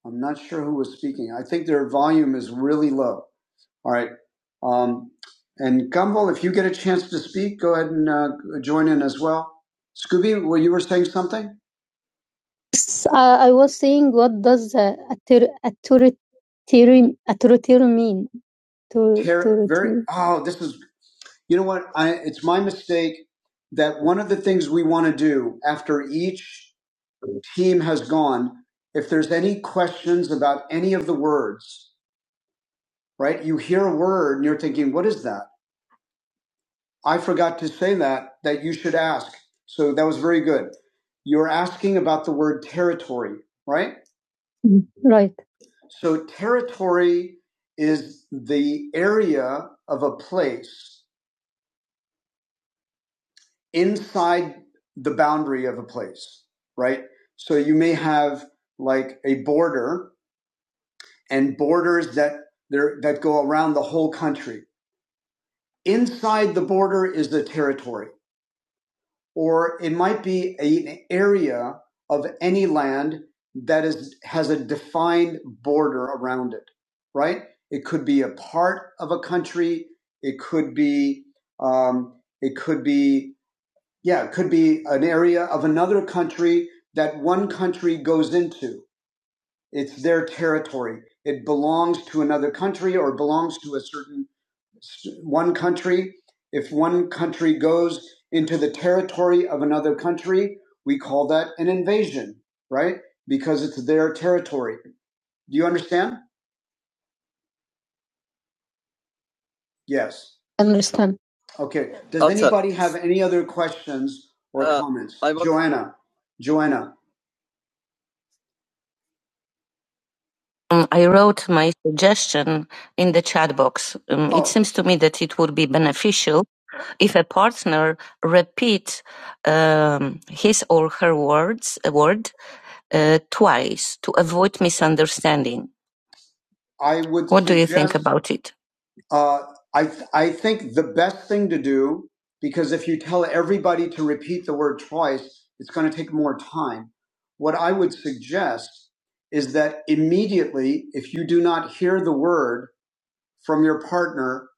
I'm not sure who was speaking. I think their volume is really low. All right. Um, and Gumbel, if you get a chance to speak, go ahead and uh, join in as well. Scooby, well, you were saying something? S- uh, I was saying, what does uh, author- authoritarian authoritarian mean? Author- Ter- very Authoritarian. oh this is you know what i it's my mistake that one of the things we want to do after each team has gone if there's any questions about any of the words right you hear a word and you're thinking what is that i forgot to say that that you should ask so that was very good you're asking about the word territory right Mm, Right. So territory is the area of a place inside the boundary of a place, right? So you may have like a border and borders that there that go around the whole country. Inside the border is the territory or it might be a- an area of any land that is has a defined border around it, right? It could be a part of a country. It could be, um, it could be, yeah, it could be an area of another country that one country goes into. It's their territory. It belongs to another country or belongs to a certain one country. If one country goes into the territory of another country, we call that an invasion, right? Because it's their territory. Do you understand? Yes. Understand. Okay. Does Also- anybody have any other questions or Uh, comments? I want- Joanna. Joanna. Um, I wrote my suggestion in the chat box. Um, it Oh, seems to me that it would be beneficial if a partner repeat um, his or her words a word uh, twice to avoid misunderstanding. I would What do you think about it? Uh, I I think the best thing to do because if you tell everybody to repeat the word twice, it's going to take more time. What I would suggest is that immediately, if you do not hear the word from your partner,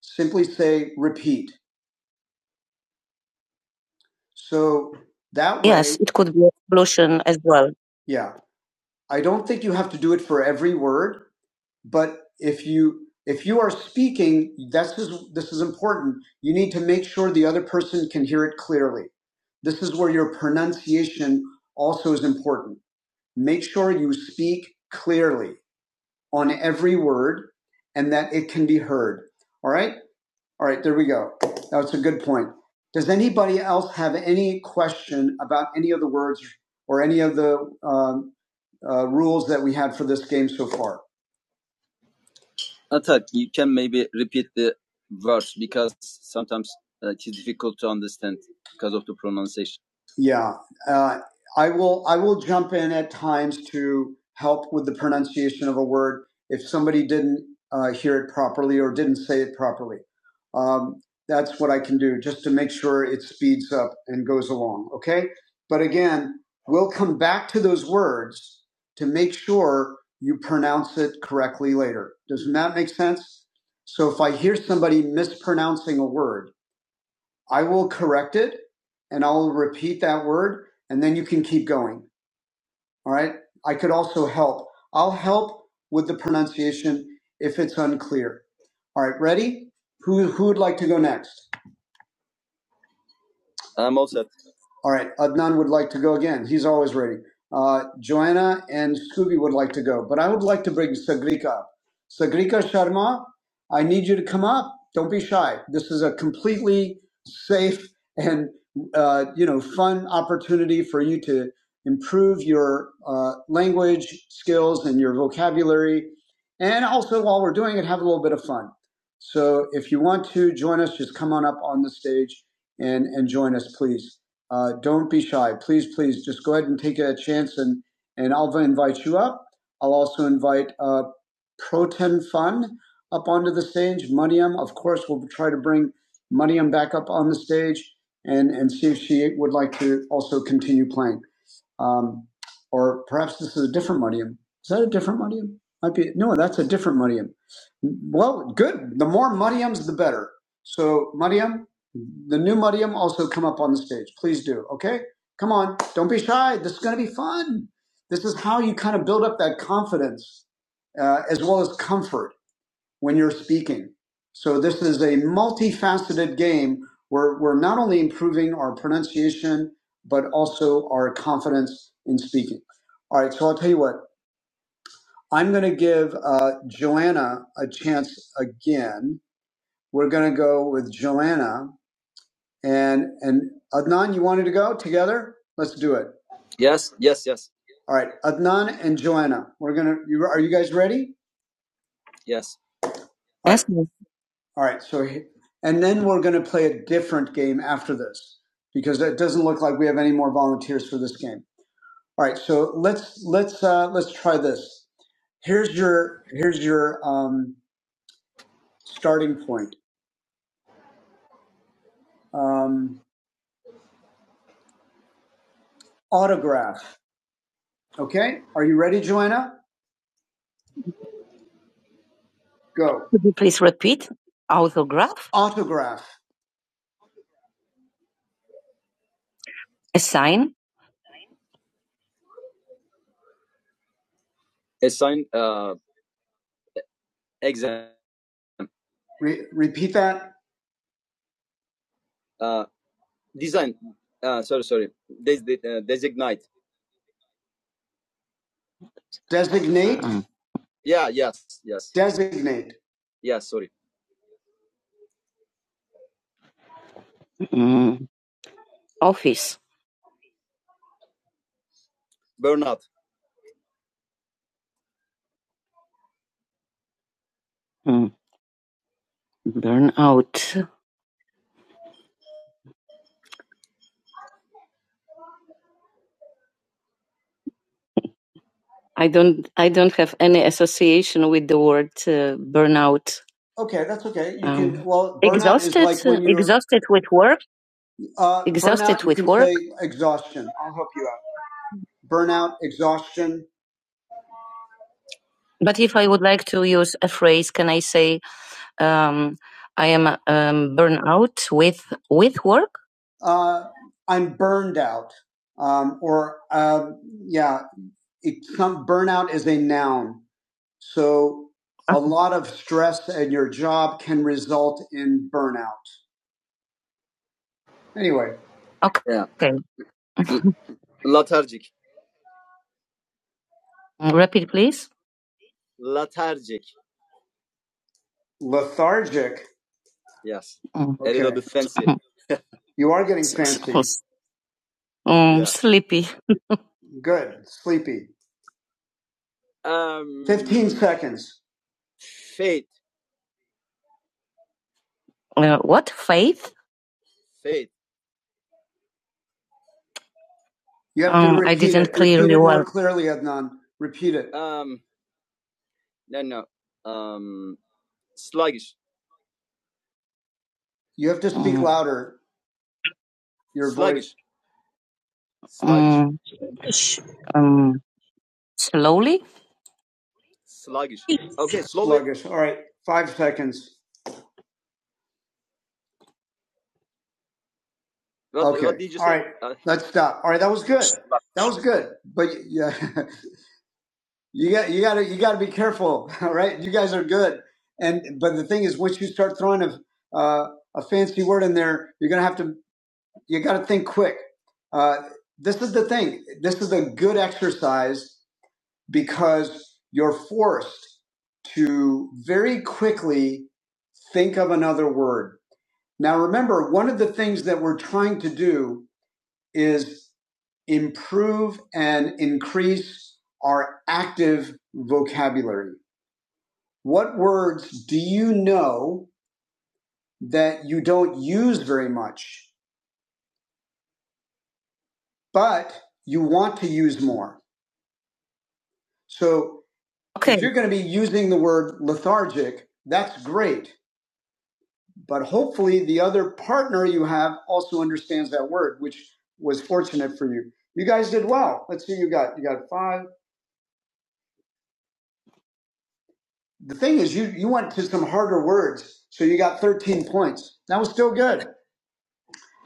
simply say repeat. So that way, Yes, it could be a solution as well. yeah, I don't think you have to do it for every word but if you if you are speaking this is this is important you need to make sure the other person can hear it clearly this is where your pronunciation also is important make sure you speak clearly on every word and that it can be heard all right all right there we go that's a good point does anybody else have any question about any of the words or any of the um, uh, rules that we had for this game so far Yeah, uh, I will. I will jump in at times to help with the pronunciation of a word if somebody didn't uh, hear it properly or didn't say it properly. Um, that's what I can do just to make sure it speeds up and goes along. Okay, but again, we'll come back to those words to make sure you pronounce it correctly later. Doesn't that make sense? So if I hear somebody mispronouncing a word, I will correct it and I'll repeat that word and then you can keep going. All right. I could also help. I'll help with the pronunciation if it's unclear. All right. Ready? Who, who would like to go next? All right, Adnan would like to go again. He's always ready. Uh, Joanna and Scooby would like to go, but I would like to bring Sagrika up. Sagrika Sharma, I need you to come up. Don't be shy. This is a completely safe and uh, you know fun opportunity for you to improve your uh, language skills and your vocabulary, and also while we're doing it, have a little bit of fun. So if you want to join us, just come on up on the stage and and join us, please. Uh, don't be shy. Please, please, just go ahead and take a chance, and and I'll invite you up. I'll also invite uh, Proton Fun up onto the stage. Mariam, of course, we'll try to bring Mariam back up on the stage and and see if she would like to also continue playing. Um, or perhaps this is a different Mudium. Is that a different Mudium? Might be. No, that's a different Mudium. Well, good. The more Mudiums, the better. So, Mudium, the new Mudium also come up on the stage. Please do. Okay? Come on. Don't be shy. This is going to be fun. This is how you kind of build up that confidence uh, as well as comfort when you're speaking. So this is a multifaceted game where we're not only improving our pronunciation, but also our confidence in speaking. All right, so I'll tell you what, I'm going to give uh, Joanna a chance again. We're going to go with Joanna and, and Adnan, you wanted to go together? Let's do it. All right, Adnan and Joanna, we're going to, you, are you guys ready? Yes. All right. So, and then we're going to play a different game after this because it doesn't look like we have any more volunteers for this game. All right. So let's let's uh, let's try this. Here's your here's your um, starting point. Um, autograph. Okay. Are you ready, Joanna? Go. Could you please repeat? Autograph. Autograph. Assign. Re- repeat that. Designate. Mm. Designate. Mm, office. Mm, burnout. I don't I don't have any association with the word uh, burnout. Okay, that's okay. You um, can, Um, well, burnout is exhausted, like when you're exhausted with work, uh, exhausted burnout. You with can work. say exhaustion. I'll help you out. Burnout, exhaustion. But if I would like to use a phrase, can I say um, I am um, burnout with with work? Uh, I'm burned out, um, or um yeah, it's some burnout is a noun. So a lot of stress at your job can result in burnout. Anyway, Okay. Mm, Repeat, please. lethargic. Mm. You are getting fancy. mm, Sleepy. Good. Sleepy. 15 seconds. Uh, what? Faith? You have to Um, repeat I didn't it. Repeat clearly repeat it more well. clearly, Adnan. Repeat it. You have to speak Mm, louder. You're mm, Um, slowly? All right. Five seconds. Let's stop. All right. That was good. That was good, but yeah, you got you got to you got to be careful, all right? You guys are good, and but the thing is, once you start throwing a uh, a fancy word in there, you're gonna have to you got to think quick. Uh, this is the thing. This is a good exercise because you're forced to very quickly think of another word. Now, remember, one of the things that we're trying to do is improve and increase our active vocabulary. What words do you know that you don't use very much, but you want to use more? So okay. if you're going to be using the word lethargic, that's great. But hopefully the other partner you have also understands that word, which was fortunate for you. You guys did well. Let's see, you got you got five. The thing is, you you went to some harder words, so you got 13 points. That was still good.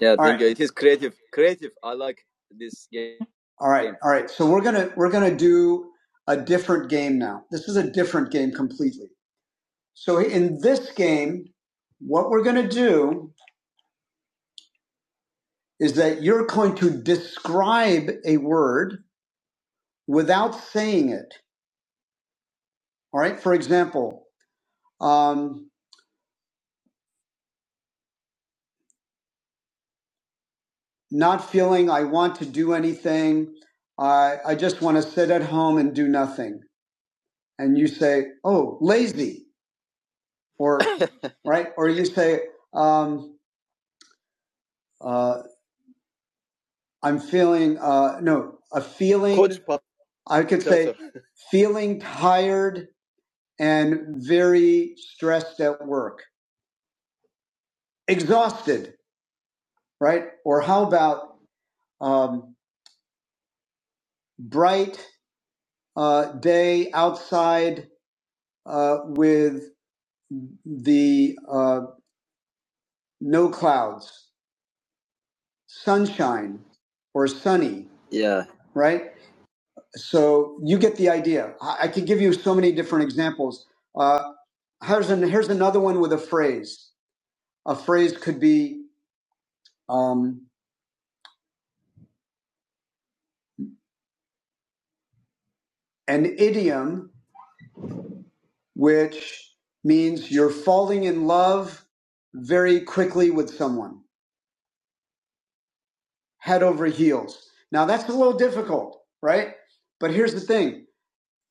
Yeah, I think right, all right, all right. So we're gonna we're gonna do a different game now. This is a different game completely. So in this game, what we're gonna do is that you're going to describe a word without saying it. All right. For example, um, not feeling I want to do anything. I I just want to sit at home and do nothing and you say, "Oh, lazy," or right, or you say, um, uh, "I'm feeling uh, no a feeling I can feeling tired and very stressed at work, exhausted," right? Or how about um, bright uh, day outside uh, with the uh, no clouds, sunshine, or sunny, right? So you get the idea. I, I could give you so many different examples. Uh, here's an, here's another one with a phrase. A phrase could be um, an idiom, which means you're falling in love very quickly with someone, head over heels. Now that's a little difficult, right? But here's the thing: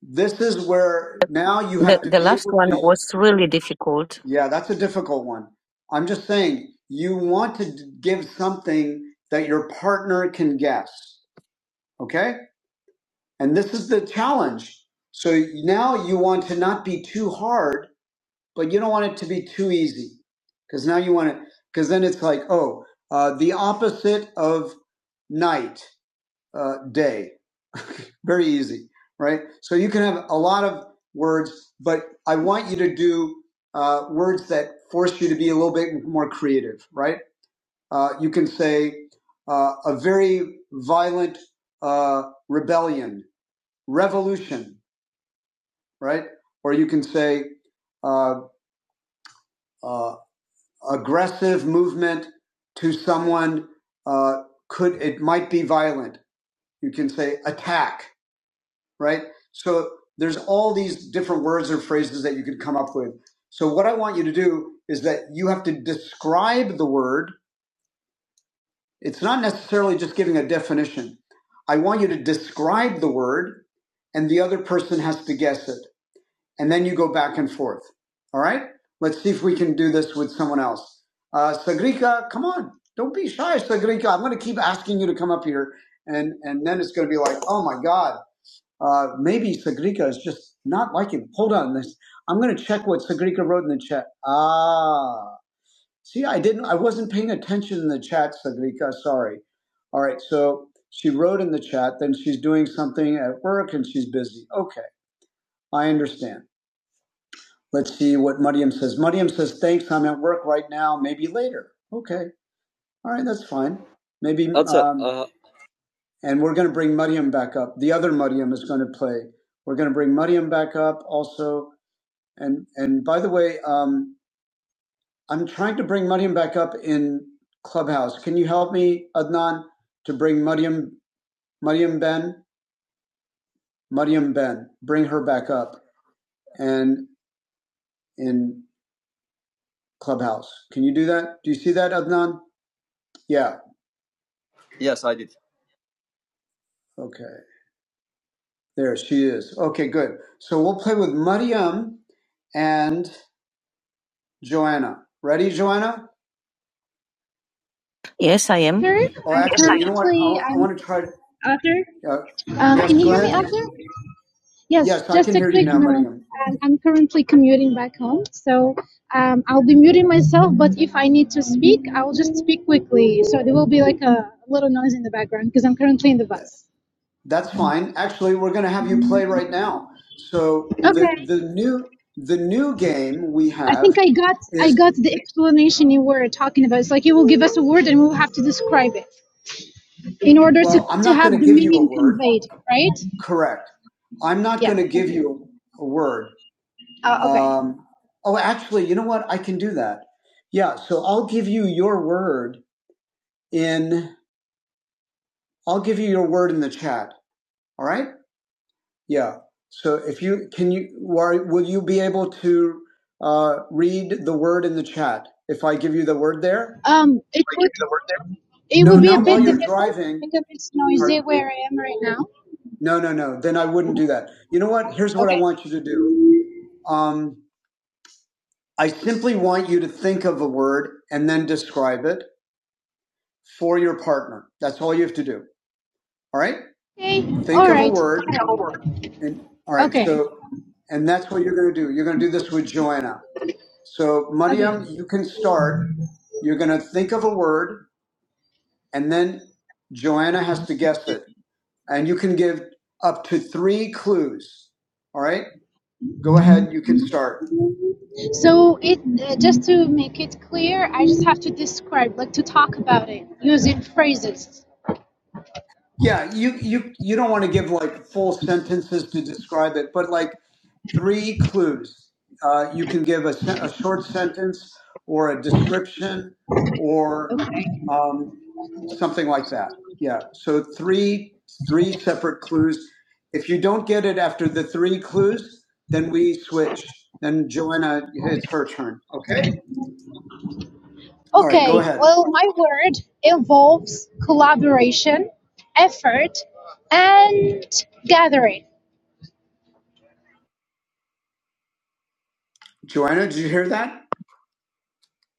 This is where now you The, have to the deal last with one the was really difficult. Yeah, that's a difficult one. I'm just saying you want to d- give something that your partner can guess. Okay. And this is the challenge. So now you want to not be too hard, but you don't want it to be too easy because now you want it, because then it's like, oh, uh, the opposite of night, uh, day. Very easy, right? So you can have a lot of words, but I want you to do uh, words that force you to be a little bit more creative, right? Uh, you can say uh, a very violent uh, rebellion, revolution, right? Or you can say uh, uh, aggressive movement to someone uh, could it might be violent. You can say attack, right? So there's all these different words or phrases that you could come up with. So what I want you to do is that you have to describe the word. It's not necessarily just giving a definition. I want you to describe the word and the other person has to guess it. And then you go back and forth. All right? Let's see if we can do this with someone else. Uh, Sagrika, come on. Don't be shy, Sagrika. I'm going to keep asking you to come up here. And, and then it's going to be like, oh my God. Uh, maybe Sagrika is just not like him. Hold on, this I'm going to check what Sagrika wrote in the chat. Ah, see, I didn't, I wasn't paying attention in the chat, Sagrika. Sorry. All right, so she wrote in the chat. Then she's doing something at work and she's busy. Okay, I understand. Let's see what Mariam says. Mariam says, "Thanks, I'm at work right now. Maybe later." Okay, all right, that's fine. Maybe. um, and we're going to bring Mariam back up. The other Mariam is going to play. We're going to bring Mariam back up also. And and by the way, um, I'm trying to bring Mariam back up in Clubhouse. Can you help me, Adnan, to bring Mariam Mariam Ben Mariam Ben bring her back up and in Clubhouse? Can you do that? Do you see that, Adnan? Yeah. Okay. There she is. Okay, good. So we'll play with Mariam and Joanna. Ready, Joanna? Yes, I am.
Arthur, I'm Yes,
Oh,
I am.
actually, you know what? I,
currently
wa- I
I'm
want to try. To,
Arthur.
uh,
Um, can
yes,
you
go
hear me,
ahead.
Arthur? Yes,
Yes, I
just
can
a
hear you
quick
now,
note.
Mariam.
Um, I'm currently commuting back home, so um, I'll be muting myself. But if I need to speak, I'll just speak quickly. So there will be like a little noise in the background because I'm currently in the
That-
bus.
That's fine. Actually, we're going to have you play right now. So the
Okay.
the new the new game we
I think
have
I got I
is
got the explanation you were talking about. It's like you will give us a word and we'll have to describe it in order
well,
to,
I'm
to
not
have
going to
the
give you a
meaning
word.
conveyed, right?
Correct. I'm not
Yeah.
going to give you a word.
Uh, okay.
Um, oh, actually, you know what? I can do that. Yeah. So I'll give you your word in. I'll give you your word in the chat. All right. Yeah. So if you can, you will you be able to uh, read the word in the chat if I give you the word there?
Um, it Are you would gonna work there? it
No,
would be a
not while
bit
you're
difficult
driving.
because it's noisy where I am right now.
No, no, no. Then I wouldn't do that. You know what? Here's what I
Okay.
want you to do. Um, I simply want you to think of a word and then describe it for your partner. That's all you have to do. All right.
Okay.
Think
All
of a
right.
word.
Got it.
And all right.
Okay.
So, and that's what you're going to do. You're going to do this with Joanna. So,
Okay.
Mariam, you can start. You're going to think of a word, and then Joanna has to guess it. And you can give up to three clues. All right. Go ahead. You can start.
So it uh, just to make it clear, I just have to describe, like to talk about it using phrases.
Yeah, you you you don't want to give like full sentences to describe it, but like three clues. Uh, you can give a, sen- a short sentence or a description or um, something like that. Yeah. So three three separate clues. If you don't get it after the three clues, then we switch. Then Joanna, it's her turn. Okay. All right. Go
Okay.
ahead,
Well, my word involves collaboration, effort, and gathering.
Joanna. Did you hear that?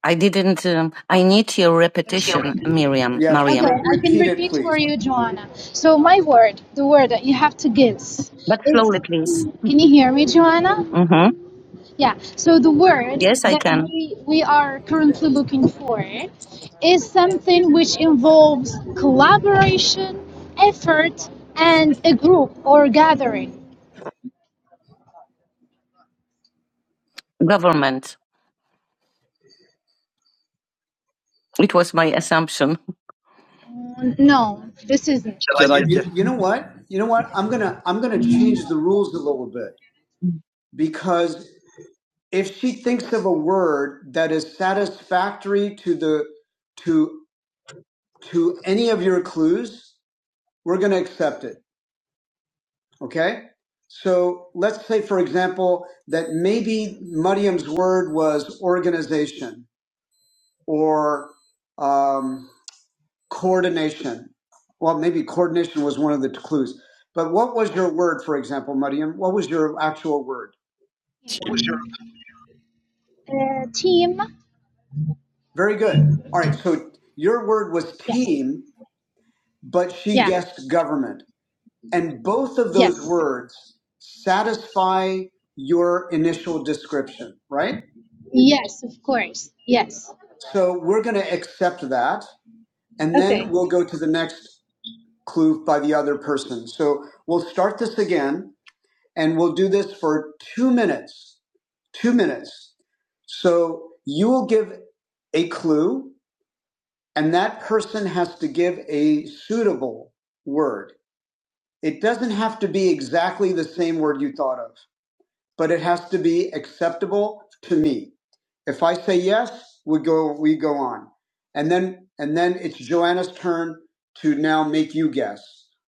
I didn't. Um, I need your repetition, Miriam. Yes,
Okay,
Mariam, re-
I can
repeat it,
repeat for
please.
you, Joanna. So my word, the word that you have to guess,
but
it's.
slowly, please.
Can you hear me, Joanna?
hmm
Yeah. So the word
Yes, I
that
can.
we we are currently looking for is something which involves collaboration, effort, and a group or gathering.
Government. It was my assumption.
No, this isn't. Shall I guess?
You know what? You know what? I'm gonna I'm gonna change the rules a little bit because if she thinks of a word that is satisfactory to the to to any of your clues, we're gonna accept it. Okay? So let's say, for example, that maybe Mariam's word was organization or um, coordination. Well, maybe coordination was one of the clues. But what was your word, for example, Mariam? What was your actual word?
What was your? Uh, team.
Very good. All right. So your word was
Yes.
team, but she
Yeah.
guessed government. And both of those
Yes.
words satisfy your initial description, right?
Yes, of course. Yes.
So we're going to accept that, and
Okay.
then we'll go to the next clue by the other person. So we'll start this again, and we'll do this for two minutes. Two minutes. So you will give a clue, and that person has to give a suitable word. It doesn't have to be exactly the same word you thought of but it has to be acceptable to me. If I say yes, we go we go on. And then and then it's Joanna's turn to now make you guess.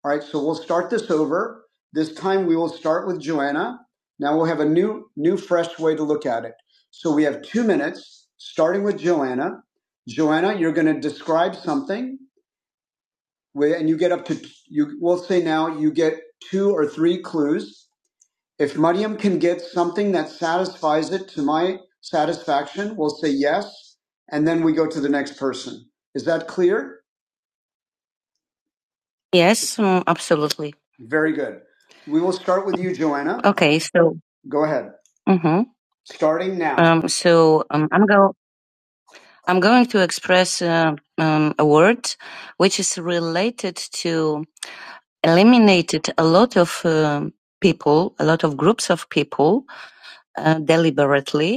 All right, so we'll start this over. This time we will start with Joanna. Now we'll have a new new fresh way to look at it. So we have 2 minutes starting with Joanna. Joanna, you're going to describe something and you get up to you we'll say now you get two or three clues if Maryam can get something that satisfies it to my satisfaction, we'll say yes, and then we go to the next person. Is that clear? Yes, mm, absolutely. Very good. We will start with you, Joanna. Okay, so Go ahead. hmm Starting now. um, so um, I'm go I'm going to express uh, um, a word which is related to eliminated a lot of um people, a lot of groups of people uh, deliberately.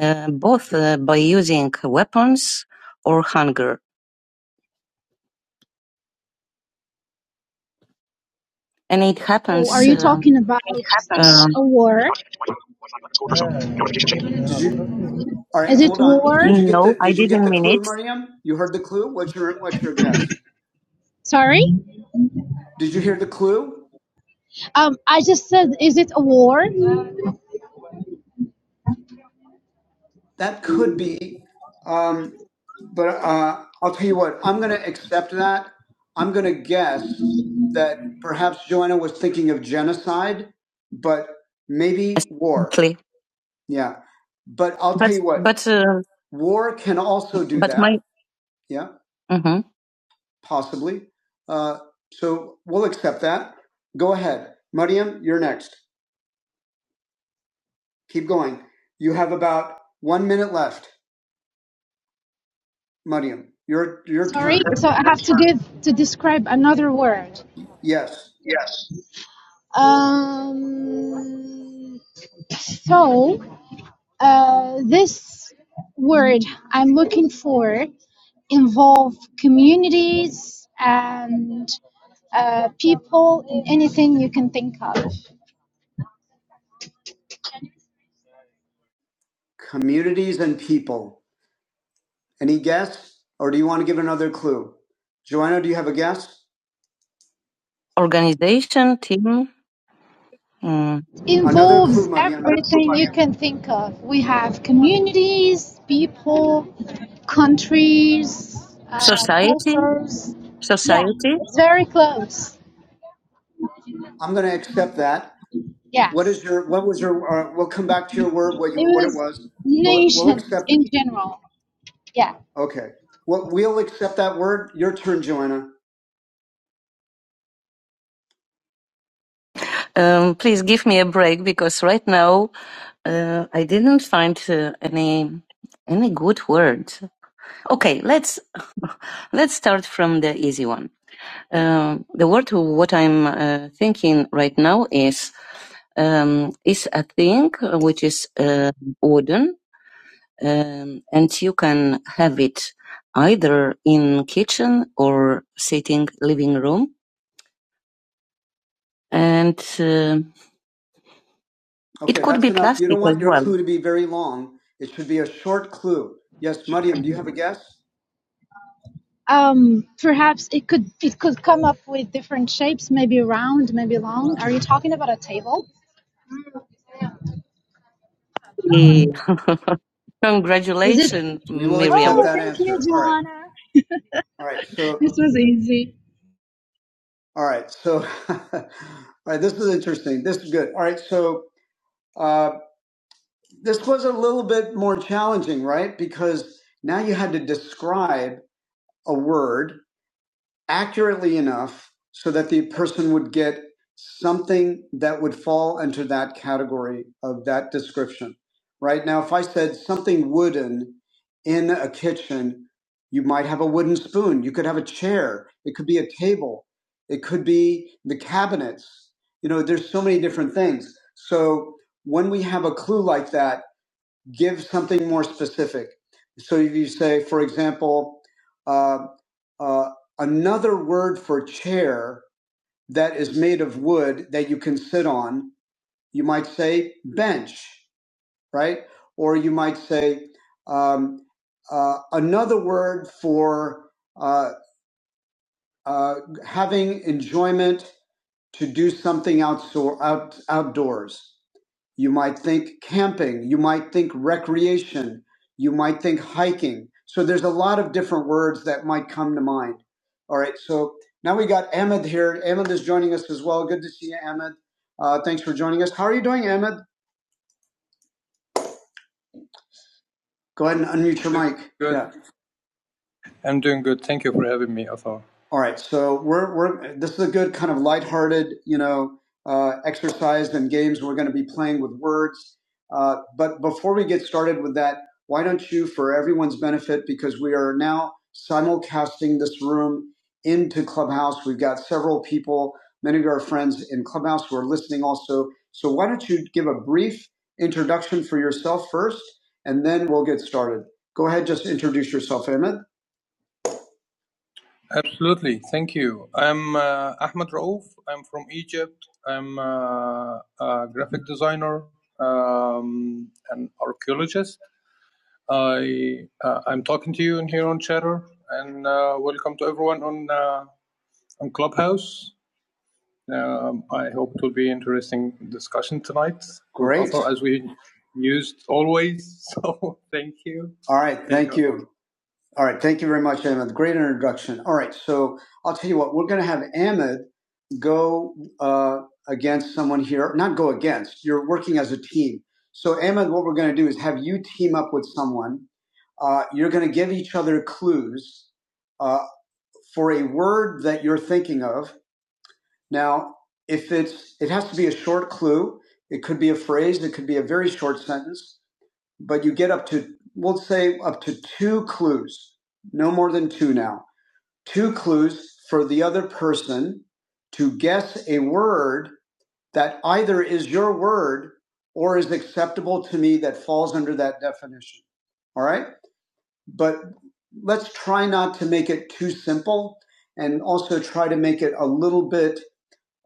uh, both uh, by using weapons or hunger. And it
Oh, are
happens.
you
um
talking about
um
a war?
Did you? All right,
Is it
hold on.
war?
Did you get no, the? I Did you get didn't the mean clue, it. Mariam? You heard the clue. What's your What's your guess?
Sorry.
Did you hear the clue?
Um, I just said, is it a war?
That could be. Um, but uh, I'll tell you what. I'm going to accept that. I'm going to guess that perhaps Joanna was thinking of genocide, but maybe war. Yeah. But I'll but, tell you what, but uh, war can also do but that. my Yeah, hmm possibly. Uh, so we'll accept that. Go ahead. Mariam, you're next. Keep going. You have about one minute left. Mariam, your, your
Sorry.
turn.
So I have to give to describe another word.
Yes.
Yes. Um. So, uh, this word I'm looking for involve communities and uh, people and anything you can think of.
Communities and people. Any guess? Or do you want to give another clue? Joanna, do you have a guess? organization team mm, Another
involves
clue, Mariam.
everything you can think of. We have communities, people, countries, uh,
society
cultures. Yeah,
Society?
it's very close.
I'm going to accept that. What is
Yes,
your? What was your? Uh, we'll come back to your word. What
it
you? What it
was
was. We'll we'll
nations
accept. it.
in general. Yeah.
Okay. Well, we'll accept that word. Your turn, Joanna. Um, please give me a break because right now uh, I didn't find uh, any any good word. Okay, let's let's start from the easy one. Um, the word what I'm uh, thinking right now is um, is a thing which is uh, wooden um, and you can have it either in kitchen or sitting living room and uh, okay, it Okay, could be enough. Plastic as well. You don't want your well clue to be very long. It should be a short clue. Yes, Mariam, do you have a guess?
Um, perhaps it could it could come up with different shapes, maybe round, maybe long. Are you talking about a table? Is it?
congratulations We will miriam accept
Oh,
that
thank you,
answer. All right.
Joanna.
All right. So,
This was easy.
all right. So, all right. This is interesting. This is good. All right. So, uh, This was a little bit more challenging, right? Because now you had to describe a word accurately enough so that the person would get something that would fall into that category of that description, right? Now, if I said something wooden in a kitchen, you might have a wooden spoon, you could have a chair, it could be a table, it could be the cabinets. You know, there's so many different things. So when we have a clue like that, give something more specific. So if you say, for example, uh, uh, another word for chair that is made of wood that you can sit on, you might say bench, right? Or you might say um, uh, another word for uh, uh, having enjoyment to do something outdoor, out, outdoors. You might think camping. You might think recreation. You might think hiking. So there's a lot of different words that might come to mind. All right. So now we got Ahmed here. Ahmed is joining us as well. Good to see you, Ahmed. Uh, thanks for joining us. How are you doing, Ahmed? Go ahead and unmute your mic. All right, so we're we're this is a good kind of lighthearted, you know, uh, exercise and games. We're going to be playing with words, uh, but before we get started with that, why don't you, for everyone's benefit, because we are now simulcasting this room into Clubhouse. We've got several people, many of our friends in Clubhouse who are listening also. So why don't you give a brief introduction for yourself first, and then we'll get started. Go ahead, just introduce yourself, Emmett. Great. All right. All right. Thank you very much, Ahmed. Great introduction. All right. So I'll tell you what, we're going to have Ahmed go uh, against someone here. Not go against, you're working as a team. So, Ahmed, what we're going to do is have you team up with someone. Uh, you're going to give each other clues uh, for a word that you're thinking of. Now, if it's, it has to be a short clue. It could be a phrase. It could be a very short sentence but you get up to we'll say up to two clues no more than two now two clues for the other person to guess a word that either is your word or is acceptable to me that falls under that definition all right but let's try not to make it too simple and also try to make it a little bit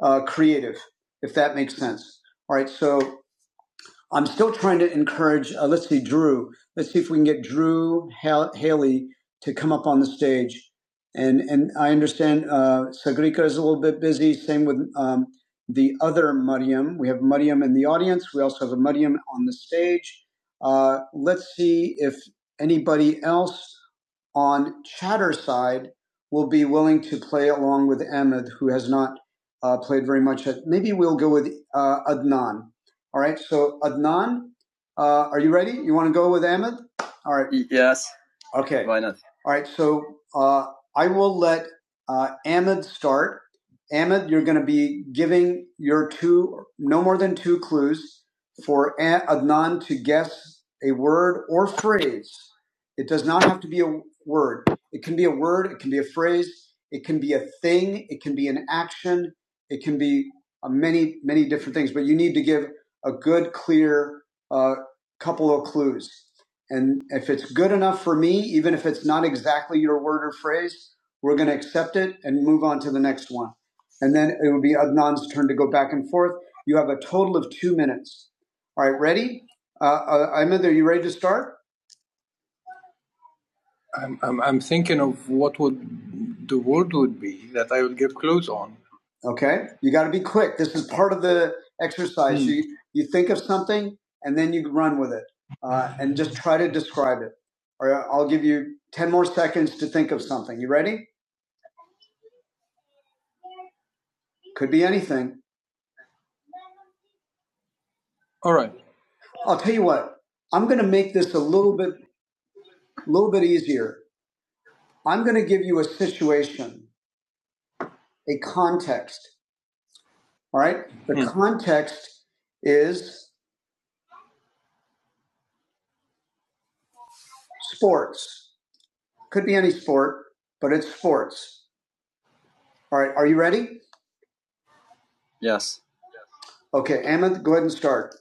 uh, creative if that makes sense all right so I'm still trying to encourage, uh, let's see, Drew. Let's see if we can get Drew Hal- Haley to come up on the stage. And and I understand uh, Sagrika is a little bit busy. Same with um, the other Mariam. We have Mariam in the audience. We also have a Mariam on the stage. Uh, let's see if anybody else on chatter side will be willing to play along with Ahmed, who has not uh, played very much. Maybe we'll go with uh, Adnan. All right. So Adnan, uh, are you ready? You want to go with Ahmed? All right. Okay. All right, so uh, I will let uh, Ahmed start. Ahmed, you're going to be giving your two, no more than two clues for A- Adnan to guess a word or phrase. It does not have to be a word. It can be a word, it can be a phrase, it can be a thing, it can be an action, it can be uh, many, many different things, but you need to give a good, clear uh, couple of clues. And if it's good enough for me, even if it's not exactly your word or phrase, we're going to accept it and move on to the next one. And then it will be Adnan's turn to go back and forth. You have a total of two minutes. All right, ready? Uh, uh, Ahmed, are you ready to start? Okay. You got to be quick. This is part of the exercise. Hmm. You, you think of something and then you run with it uh, and just try to describe it. All right, I'll give you 10 more seconds to think of something. You ready? Could be anything. I'll tell you what, I'm going to make this a little bit, little bit easier. I'm going to give you a situation, a context. All right. The Hmm. context is sports. Could be any sport, but it's sports. All right. Are you ready? Okay. Amit, go ahead and start.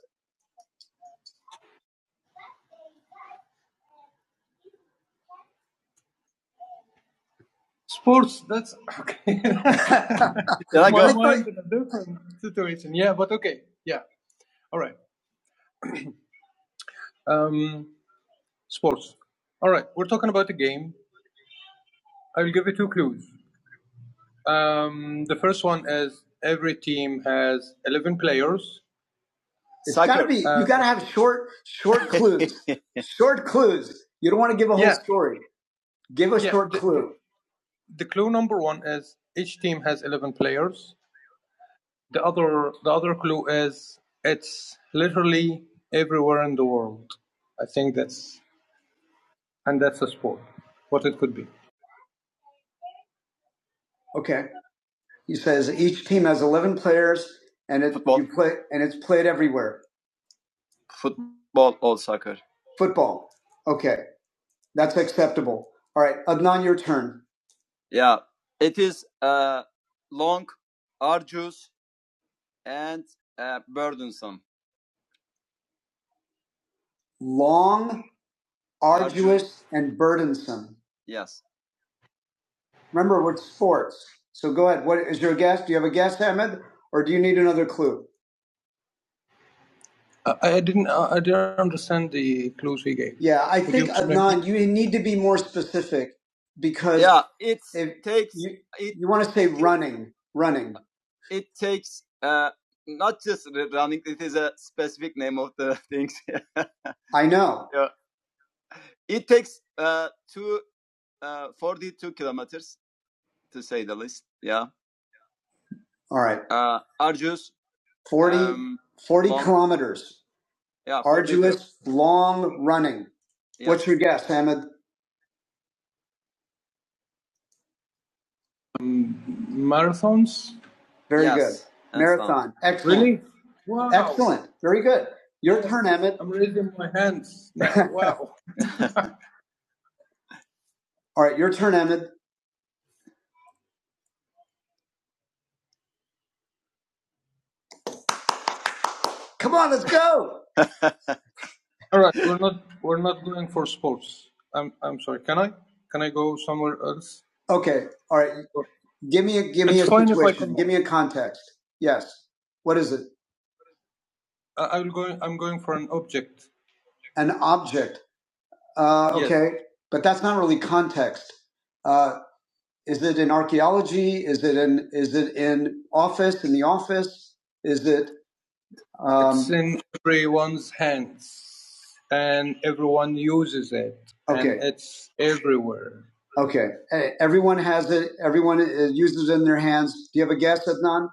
You gotta have short, short clues. short clues. You don't want to give a story. Give a clue. Okay. He says each team has 11 players and it's play, and it's played everywhere. Football. Okay, that's acceptable. All right, Adnan, your turn. Long, arduous, and burdensome. Remember, we're sports. So go ahead. What is your guess? Do you have a guess, Ahmed, or do you need another clue? Yeah, I. You need to be more specific because you want to say running, running. I know. All right, four, four meters. Long running. Your guess, Ahmed. Very good. Excellent. Very good. Your turn, Ahmed. All right, your turn, Ahmed. Come on, let's go. Okay. All right. Give me a give me a context. Yes. What is it? An object. Uh, right. But that's not really context. Uh, is it in archaeology? Is it in is it in office in the office? Is it uh, okay? Hey, everyone has it. Everyone uh, uses it in their hands. Do you have a guess, Adnan?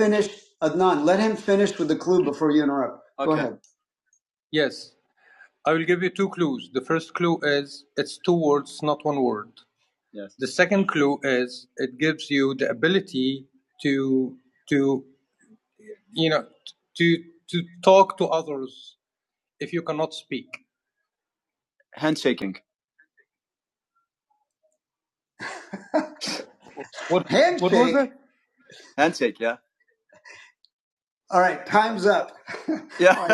Finish, Adnan. Let him finish with the clue before you interrupt. What? what was Handshake. it? All right, time's up.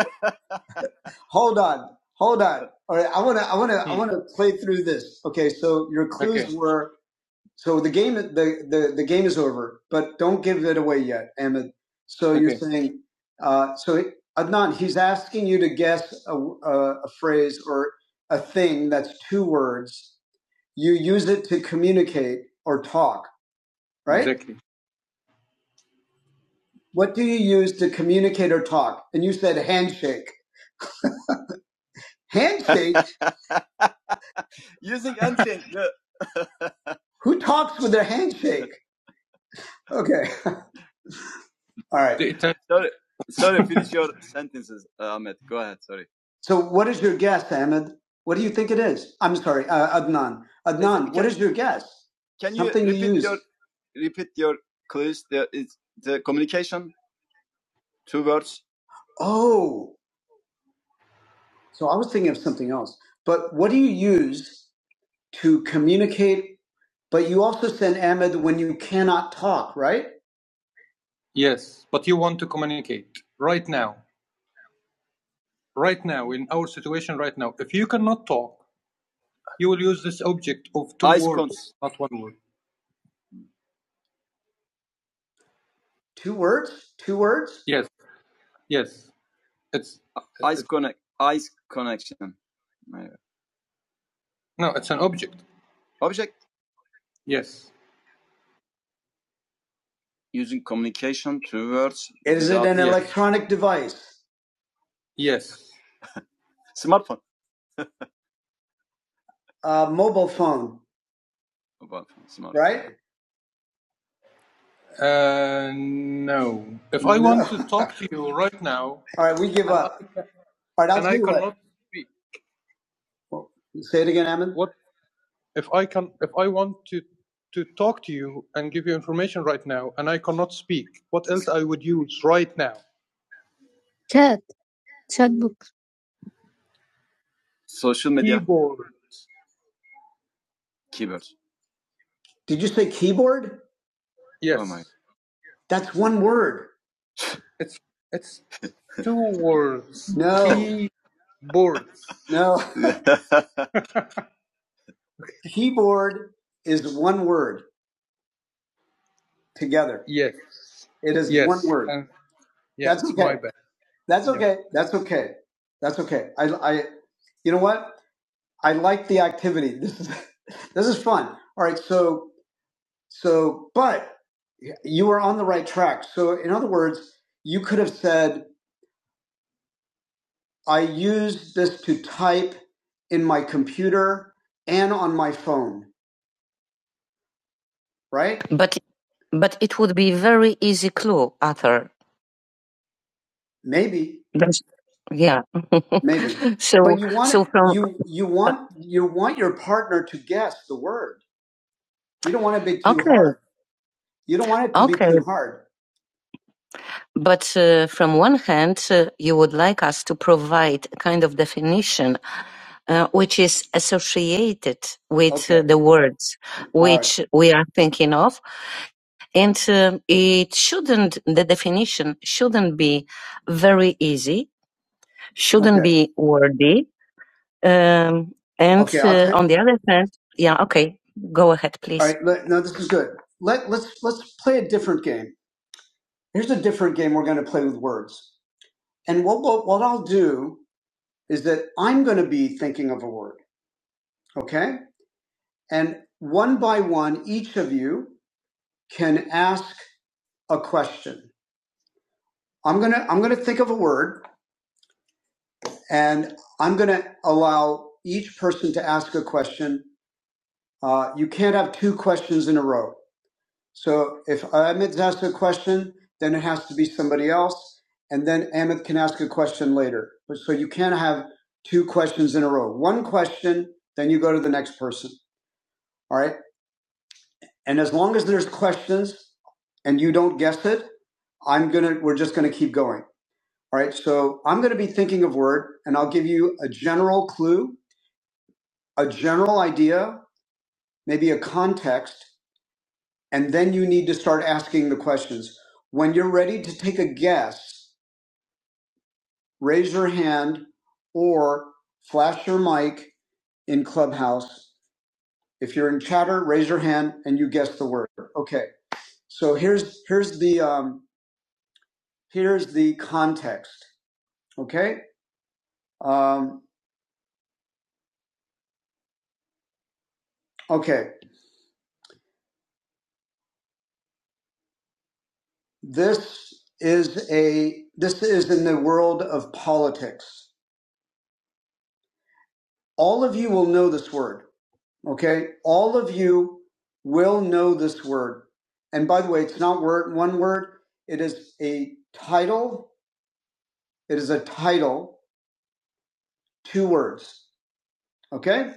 Hold on. Hold on. All right. I want to, I want to, I Hmm. want to play through this. Okay. So your claims were, so the game, the, the, the game is over, but don't give it away yet, Ahmed. So you're saying, uh, so Adnan, he's asking you to guess a, a, a phrase or a thing that's two words. You use it to communicate or talk. What do you use to communicate or talk? And you said handshake. Handshake? Who talks with their handshake? Okay. All right. So, what is your guess, Ahmed? What do you think it is? I'm sorry, uh, Adnan. Adnan, what is your guess? Oh, so I was thinking of something else. But what do you use to communicate? But you also send Ahmed when you cannot talk, right? Two words, two words. Electronic device, uh, mobile phone. All right, we give. All say it again, Ahmed. Chat, chat book. Did you say keyboard? That's one word. No, no. keyboard is one word together. It is that's okay. That's okay. That's okay. I, I you know what? I like the activity. This is this is fun. All right. So so but you are on the right track. So in other words, you could have said, I use this to type in my computer and on my phone, right? But but it would be very easy clue, Arthur. Maybe, That's, yeah. maybe. But so, you want so from, you you want you want your partner to guess the word. You don't want to be too okay, hard. You don't want it to be okay. too hard. But uh, from one hand, uh, you would like us to provide a kind of definition uh, which is associated with uh, Okay. the words All right. which we are thinking of. And um it shouldn't, the definition shouldn't be very easy, shouldn't Okay. be wordy. Um, and Okay, uh, on the other hand, yeah, okay, go ahead, please. All right, let, no, this is good. Let let's let's play a different game. Here's a different game we're going to play with words. And what what, what I'll do is that I'm going to be thinking of a word, okay? And one by one, each of you can ask a question. I'm gonna I'm gonna think of a word, and I'm gonna allow each person to ask a question. Uh, you can't have two questions in a row. So if Ahmed's asked a question, then it has to be somebody else, and then Ahmed can ask a question later. But- So you can't have two questions in a row. One question, then you go to the next person. All right. And as long as there's questions and you don't guess it, I'm gonna. We're just gonna keep going. All right. So I'm gonna be thinking of word, and I'll give you a general clue, a general idea, maybe a context, And then you need to start asking the questions. When you're ready to take a guess, raise your hand or flash your mic in Clubhouse. If you're in chatter, raise your hand and you guess the word. Okay. So here's here's the um, here's the context. Okay. Um, okay. This is a this is in the world of politics. All of you will know this word. Okay. All of you will know this word. And by the way, it's not word, one word. It is a title. It is a title, two words. Okay.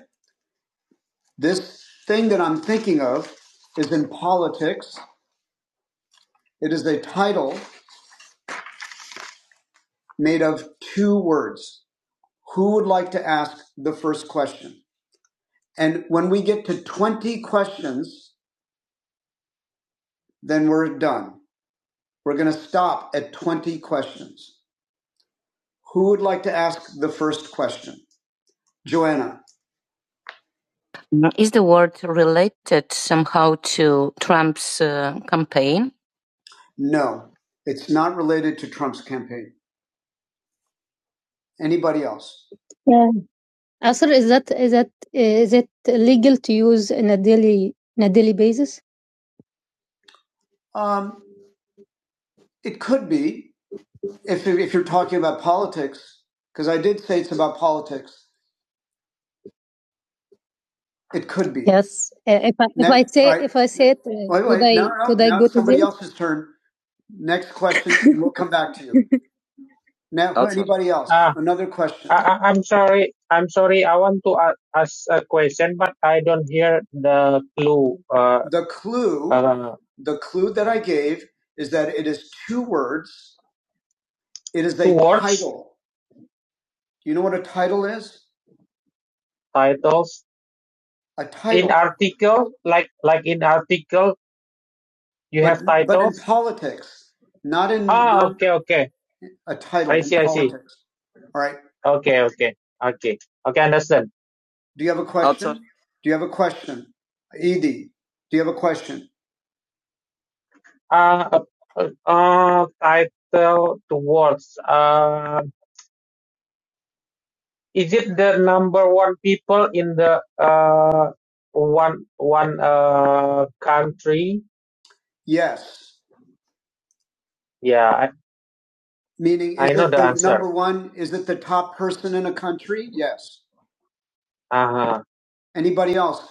This thing that I'm thinking of is in politics. It is a title made of two words. Who would like to ask the first question? And when we get to 20 questions, then we're done. We're going to stop at 20 questions. Who would like to ask the first question? Joanna. No. Is the word related somehow to Trump's uh, campaign? No, it's not related to Trump's campaign. Anybody else? Yeah. Asr, is that is that is it legal to use in a daily in a daily basis? Um, it could be if if you're talking about politics, because I did say it's about politics. It could be. Yes. Uh, If I, if Ne- I say right. if I say it, uh, Wait, could wait. Now, I no, no, could I go to somebody else's turn. Next question, we'll come back to you. Now, anybody else? Ah, Another question. I, I- am sorry. I'm sorry. I want to ask a question, but I don't hear the clue. Uh, The clue, uh, the clue that I gave is that it is two words. It is two a words, title. Do you know what a title is? titles A title in article, like like in article. You but have title? but in politics, not in Ah, your okay, okay. a title I in see, in I politics. see. All right. Okay, okay, okay, okay. Understand. Do you have a question? Do you have a question, Edie? Do you have a question? Uh, uh, uh title to words. Uh, is it the number one people in the uh one one uh country? Yes. Yeah. Meaning, I is know it the the answer. number one? Is it the top person in a country? Yes. Uh-huh. Anybody else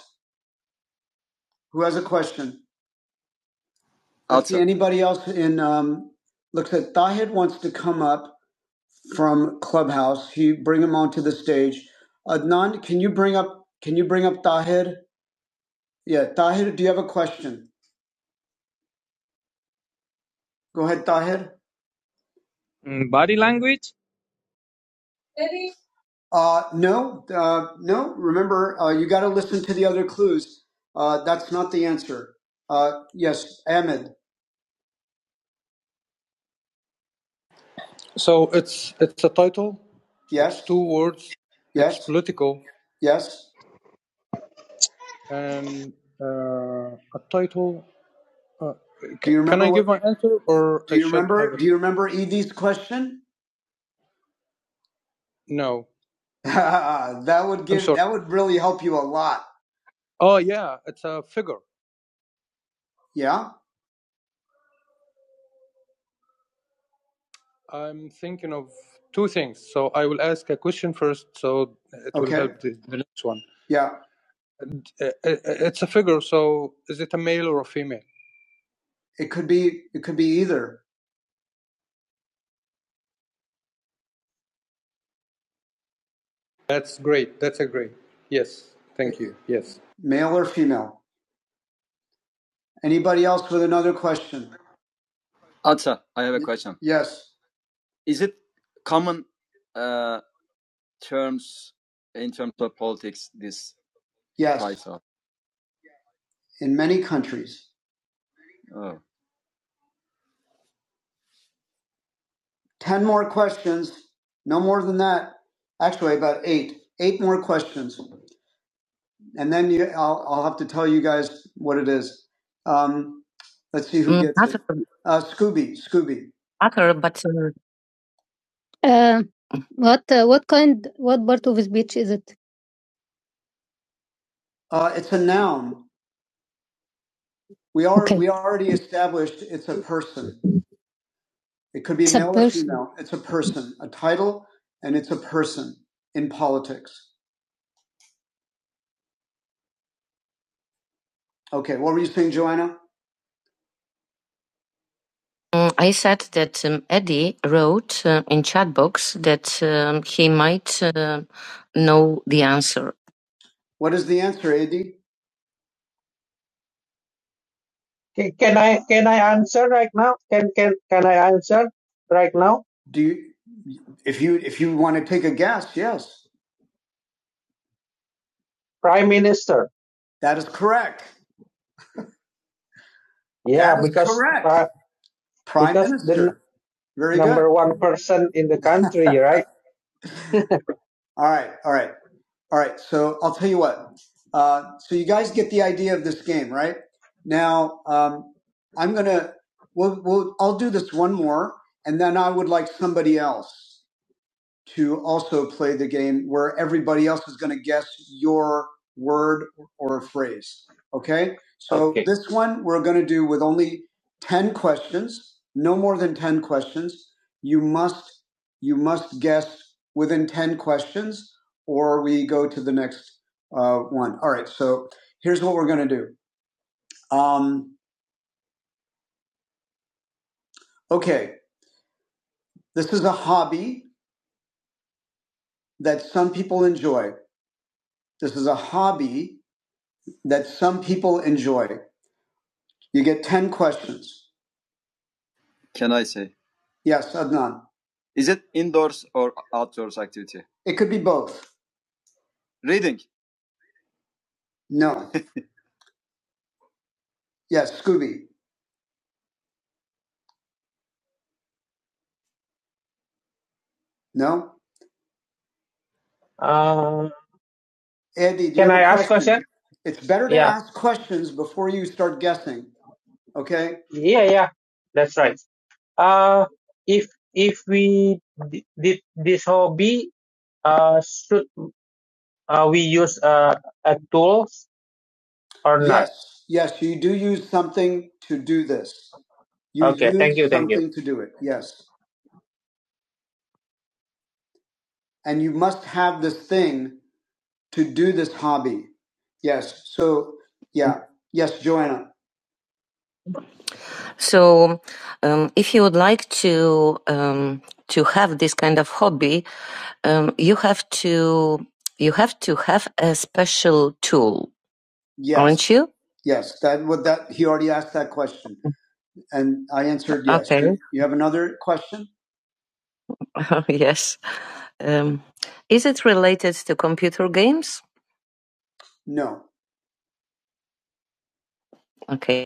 who has a question? Anybody else in, um, looks like Thahid wants to come up from Clubhouse. He bring him onto the stage. Adnan, can you bring up, can you bring up Thahid? Yeah, Thahid, do you have a question? Go ahead, Thahid.
Mm, Body language? Really?
Uh, no, uh, no, remember, uh, you got to listen to the other clues. Uh, that's not the answer. Uh, yes, Ahmed. Yeah, yes. Do you remember Edie's question? that would that would really help you a lot. Yeah, yeah. It could be it could be either male or female. Anybody else with another question? Yes, yes. In many countries, ten more questions. No more than that. Actually, about eight. Eight more questions, and then you, I'll I'll have to tell you guys what it is. Um, let's see who Mm, gets it. that's- Uh, Scooby, Scooby. Uh, what uh, what kind what part of speech is it? Uh, it's a noun. We are Okay, we already established it's a person. It could be it's male or female. It's a person, a title, and it's a person in politics. Okay, what were you saying, Joanna? Mm, I said that um, Eddie wrote uh, in chat box that um, he might uh, know the answer. What is the answer, Eddie? Ca- Can I can I answer right now? Can can can I answer right now? Do you, if you if you want to take a guess, yes, Prime Minister. that is correct. Yeah, That is because correct. uh, Prime because the n- Minister. Very good. number one person in the country, right? All right, all right, all right. So I'll tell you what. Uh, so you guys get the idea of this game, right? Now um, I'm gonna. We'll, we'll. I'll do this one more, and then I would like somebody else. to also play the game where everybody else is going to guess your word or phrase. Okay? So Okay. this one we're going to do with only 10 questions, no more than 10 questions. You must you must guess within 10 questions or we go to the next uh, one. All right. So here's what we're going to do. Um, okay. This is a hobby that some people enjoy. This is a hobby that some people enjoy. You get 10 questions. Yes, Adnan. It could be both. No. Yes, Scooby. No. Um, Andy, do you can you have a I a ask question? question? It's better to Yeah, ask questions before you start guessing. Okay? yeah, yeah. That's right. Uh, if if we d- did this hobby, uh, should uh, we use uh, a tools or not? Yes. Yes, you do use something to do this. You Okay, thank use you, thank you. something to do it. Yes. and you must have this thing to do this hobby. Yes. So, yeah. Yes, Joanna. So, um, if you would like to um, to have this kind of hobby, um, you have to you have to have a special tool, Yes. aren't you? Yes. That what that he already asked that question, and I answered yes. Okay. You have another question? yes. Um, is it related to computer games? No. Okay.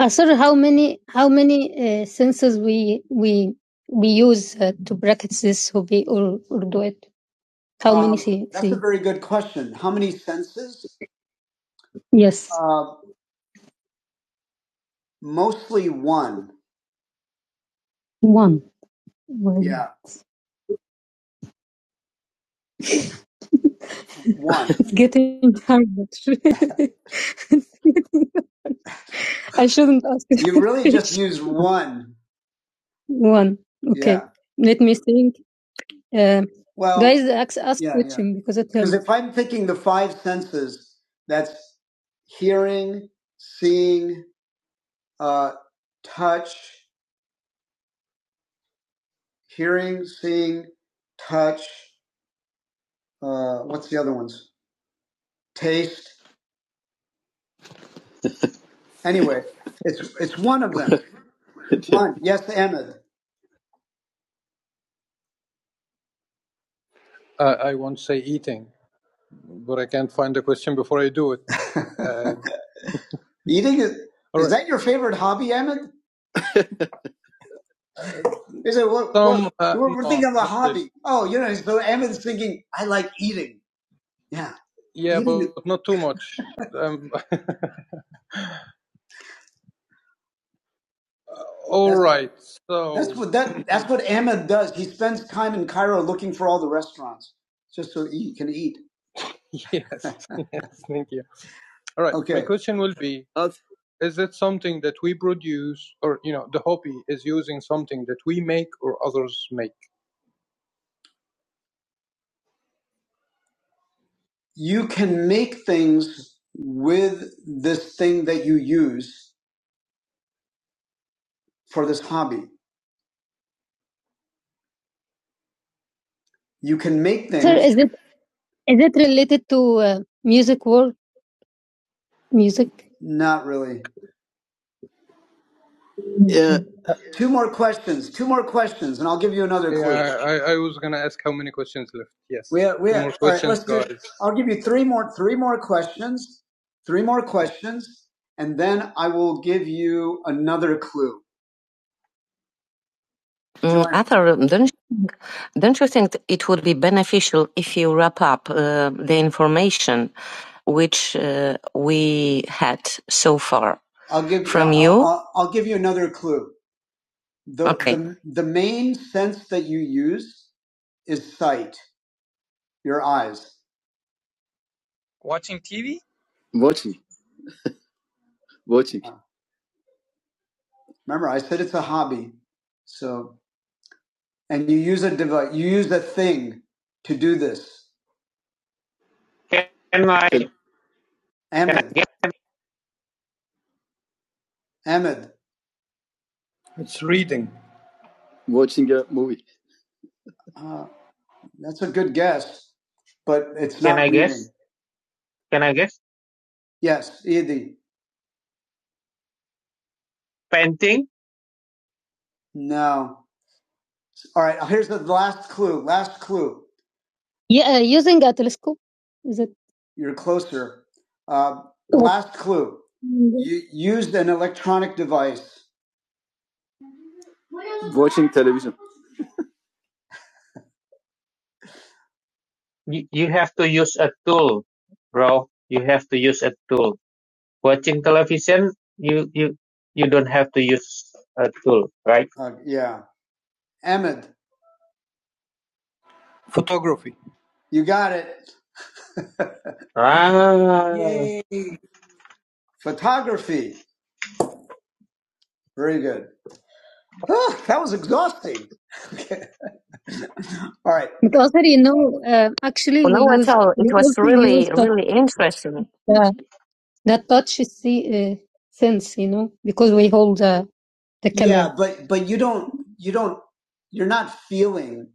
Asr, how many how many uh, senses we we we use uh, to practice this hobby or or do it? How many? Um, See, that's see? a very good question. How many senses? Yes, Uh, mostly one. one. Well, Yeah, one. it's getting hard. actually. It's getting- I shouldn't ask You really just use one. One. Okay, Yeah. let me think. Um Well, guys, ask, ask yeah, question yeah. because it helps. Because if I'm thinking the five senses, that's hearing, seeing, uh, touch, hearing, seeing, touch. Uh, what's the other ones? Taste. Anyway, it's it's one of them. One. Yes, Ahmed. Eating is. Is that your favorite hobby, Ahmed? Is it what? Oh, you know, so Ahmed's thinking, I like eating. Yeah. That that's what Ahmed does. He spends time in Cairo looking for all the restaurants just so he can eat. You can make things with this thing that you use for this hobby. You can make Sir, things. Sir, is it is it related to uh, music world music? Not really. Two more questions. Two more questions, and I'll give you another. I'll give you three more. Three more questions. Three more questions, and then I will give you another clue. Joanna. Don't you think it would be beneficial if you wrap up uh, the information which uh, we had so far I'll give from I'll, you? I'll, I'll give you another clue. The, Okay. the the main sense that you use is sight, your eyes.
Watching TV?
Remember, I said it's a hobby. So, and you use a device, you use a thing to do this. Can I? Ahmed, Ahmed, uh, that's a good guess, but it's not Can I reading. Guess? Can I guess? Yes, Edi. Painting? No. All right, here's the last clue. Last clue. Yeah, using a telescope. Is it? You're closer. Uh, last clue. You used an electronic device. You, you have to use a tool, bro. You have to use a tool. Watching television, you you you don't have to use a tool, right? Uh, yeah. Ahmed, you got it. Ah, Yay. Photography. Very good. Ah, that was exhausting. Okay. All right. But also, you know, uh, actually, Well, we no, at use all. It we was also use really, that really interesting. uh, that touch see uh, sense, you know, because we hold uh, the camera. Yeah, but but you don't you don't you're not feeling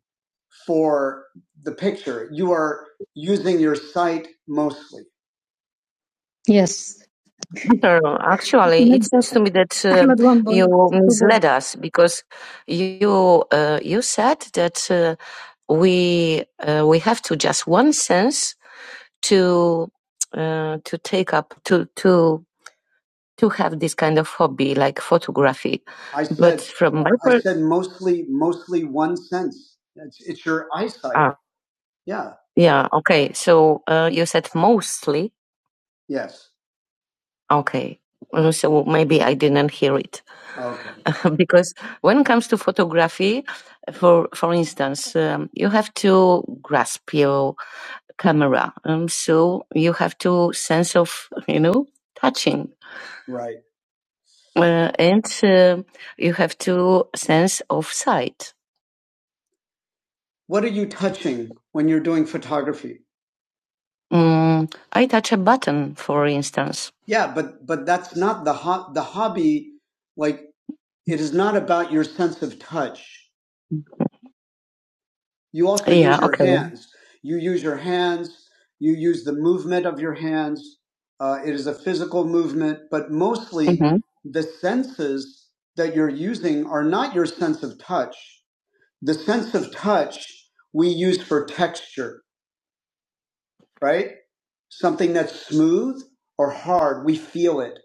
for the picture. You are using your sight mostly. Yes. No, no, no. actually, it seems to me that uh, you misled us because you uh, you said that uh, we uh, we have to just one sense to uh, to take up to to to have this kind of hobby like photography. I said, But from my I per- said mostly, mostly one sense. It's, it's your eyesight. ah Yeah. yeah okay, so uh, you said mostly Yes. Okay. Uh, So maybe I didn't hear it. Okay. because when it comes to photography, for for instance, um, you have to grasp your camera, um, so you have to sense of you know touching, Right. uh, and uh, you have to sense of sight. What are you touching when you're doing photography? Mm, I touch a button, for instance. Yeah, but but that's not the ho- the hobby. Like It is not about your sense of touch. You also Yeah, use Yeah, your okay. hands. You use your hands. You use the movement of your hands. Uh, it is a physical movement, but mostly Mm-hmm. the senses that you're using are not your sense of touch. The sense of touch we use for texture, right? Something that's smooth or hard, we feel it.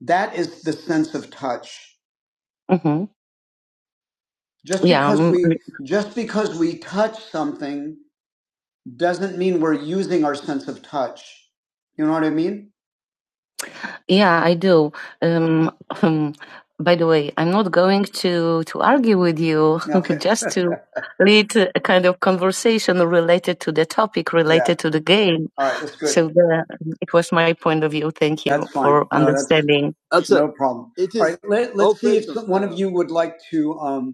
That is the sense of touch Just Yeah. because mm, we just because we touch something doesn't mean we're using our sense of touch. You know what I mean? Yeah, I do. Um, um, by the way, I'm not going to to argue with you, Okay. just to lead a kind of conversation related to the topic, Yeah. related to the game. All right. That's good. So the, it was my point of view. Thank you That's fine. for No, that's understanding. no problem. You would like to? Um,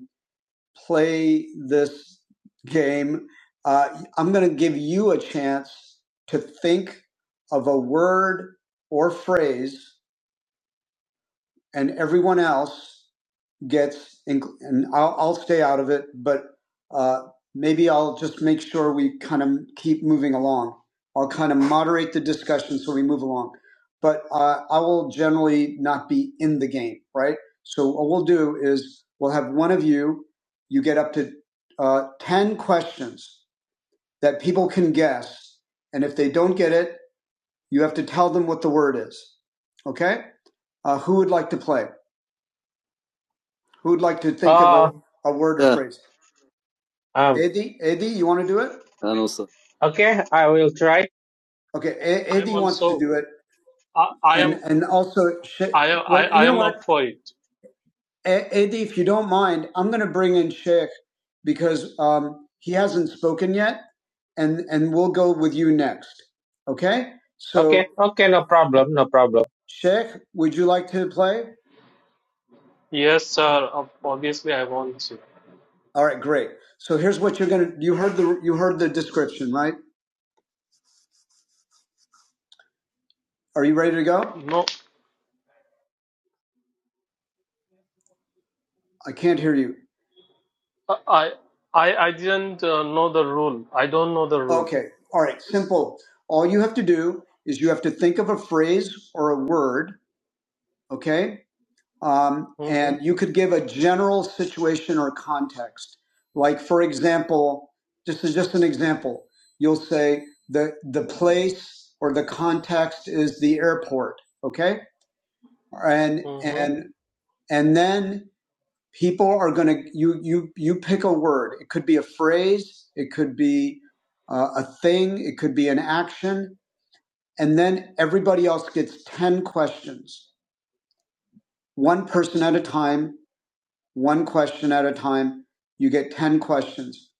play this game. Uh, I'm going to give you a chance to think of a word or phrase, and everyone else gets, and I'll, I'll stay out of it, but uh, maybe I'll just make sure we kind of keep moving along. I'll kind of moderate the discussion so we move along, but uh, I will generally not be in the game, right? So what we'll do is we'll have one of you, you get up to uh, 10 questions that people can guess. And if they don't get it, you have to tell them what the word is. Okay? Uh, who would like to play? Who would like to think of a, a word or phrase? Um, Eddie, Eddie, you want to do it? okay, I will try. Okay, E-
I am
Eddie wants to
also,
do it,
I, I
and
am,
and also, She-
I, I,
wait,
I
you know
am up
what,
for it.
E- Eddie, if you don't mind, I'm going to bring in Sheikh because um, he hasn't spoken yet, and and we'll go with you next. Okay, so Okay, okay, no problem, no problem. Sheikh, would you like to play?
Yes, sir. ob- Obviously, I want to.
All right, great. So here's what you're gonna. You heard the you heard the description, right? Are you ready to go?
No,
I can't hear you.
uh, I, I, I didn't uh, know the rule. I don't know the rule.
Okay. All right. Simple. All you have to do is you have to think of a phrase or a word. Okay. Um, and
Mm-hmm.
you could give a general situation or context. Like, for example, this is just an example. You'll say the, the place or the context is the airport. Okay. And,
Mm-hmm.
and, and then people are going to, you, you, you pick a word. It could be a phrase. It could be uh, a thing. It could be an action And then everybody else gets 10 questions, one person at a time, one question at a time. You get 10 questions.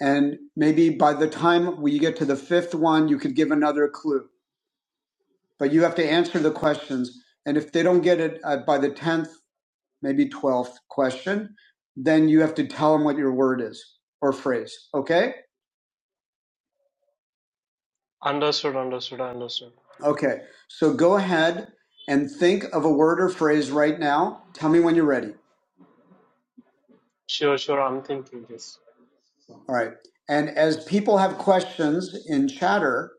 And maybe by the time we get to the fifth one, you could give another clue, but you have to answer the questions. And if they don't get it uh, by the 10th, maybe 12th question, then you have to tell them what your word is or phrase. Okay.
Understood. Understood. I Understood.
Okay. So go ahead and think of a word or phrase right now. Tell me when you're ready.
Sure. Sure. I'm thinking this.
All right. And as people have questions in chatter,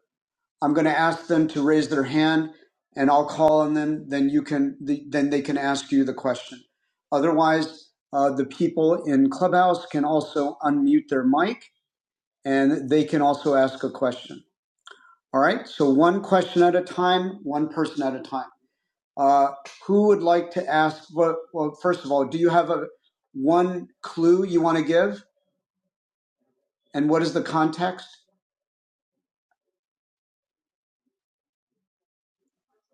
I'm going to ask them to raise their hand and I'll call on them. Then you can, the, then they can ask you the question. Otherwise, uh, the people in Clubhouse can also unmute their mic and they can also ask a question. All right. So one question at a time, one person at a time. Uh, who would like to ask? Well, well, first of all, do you have a one clue you want to give? And what is the context?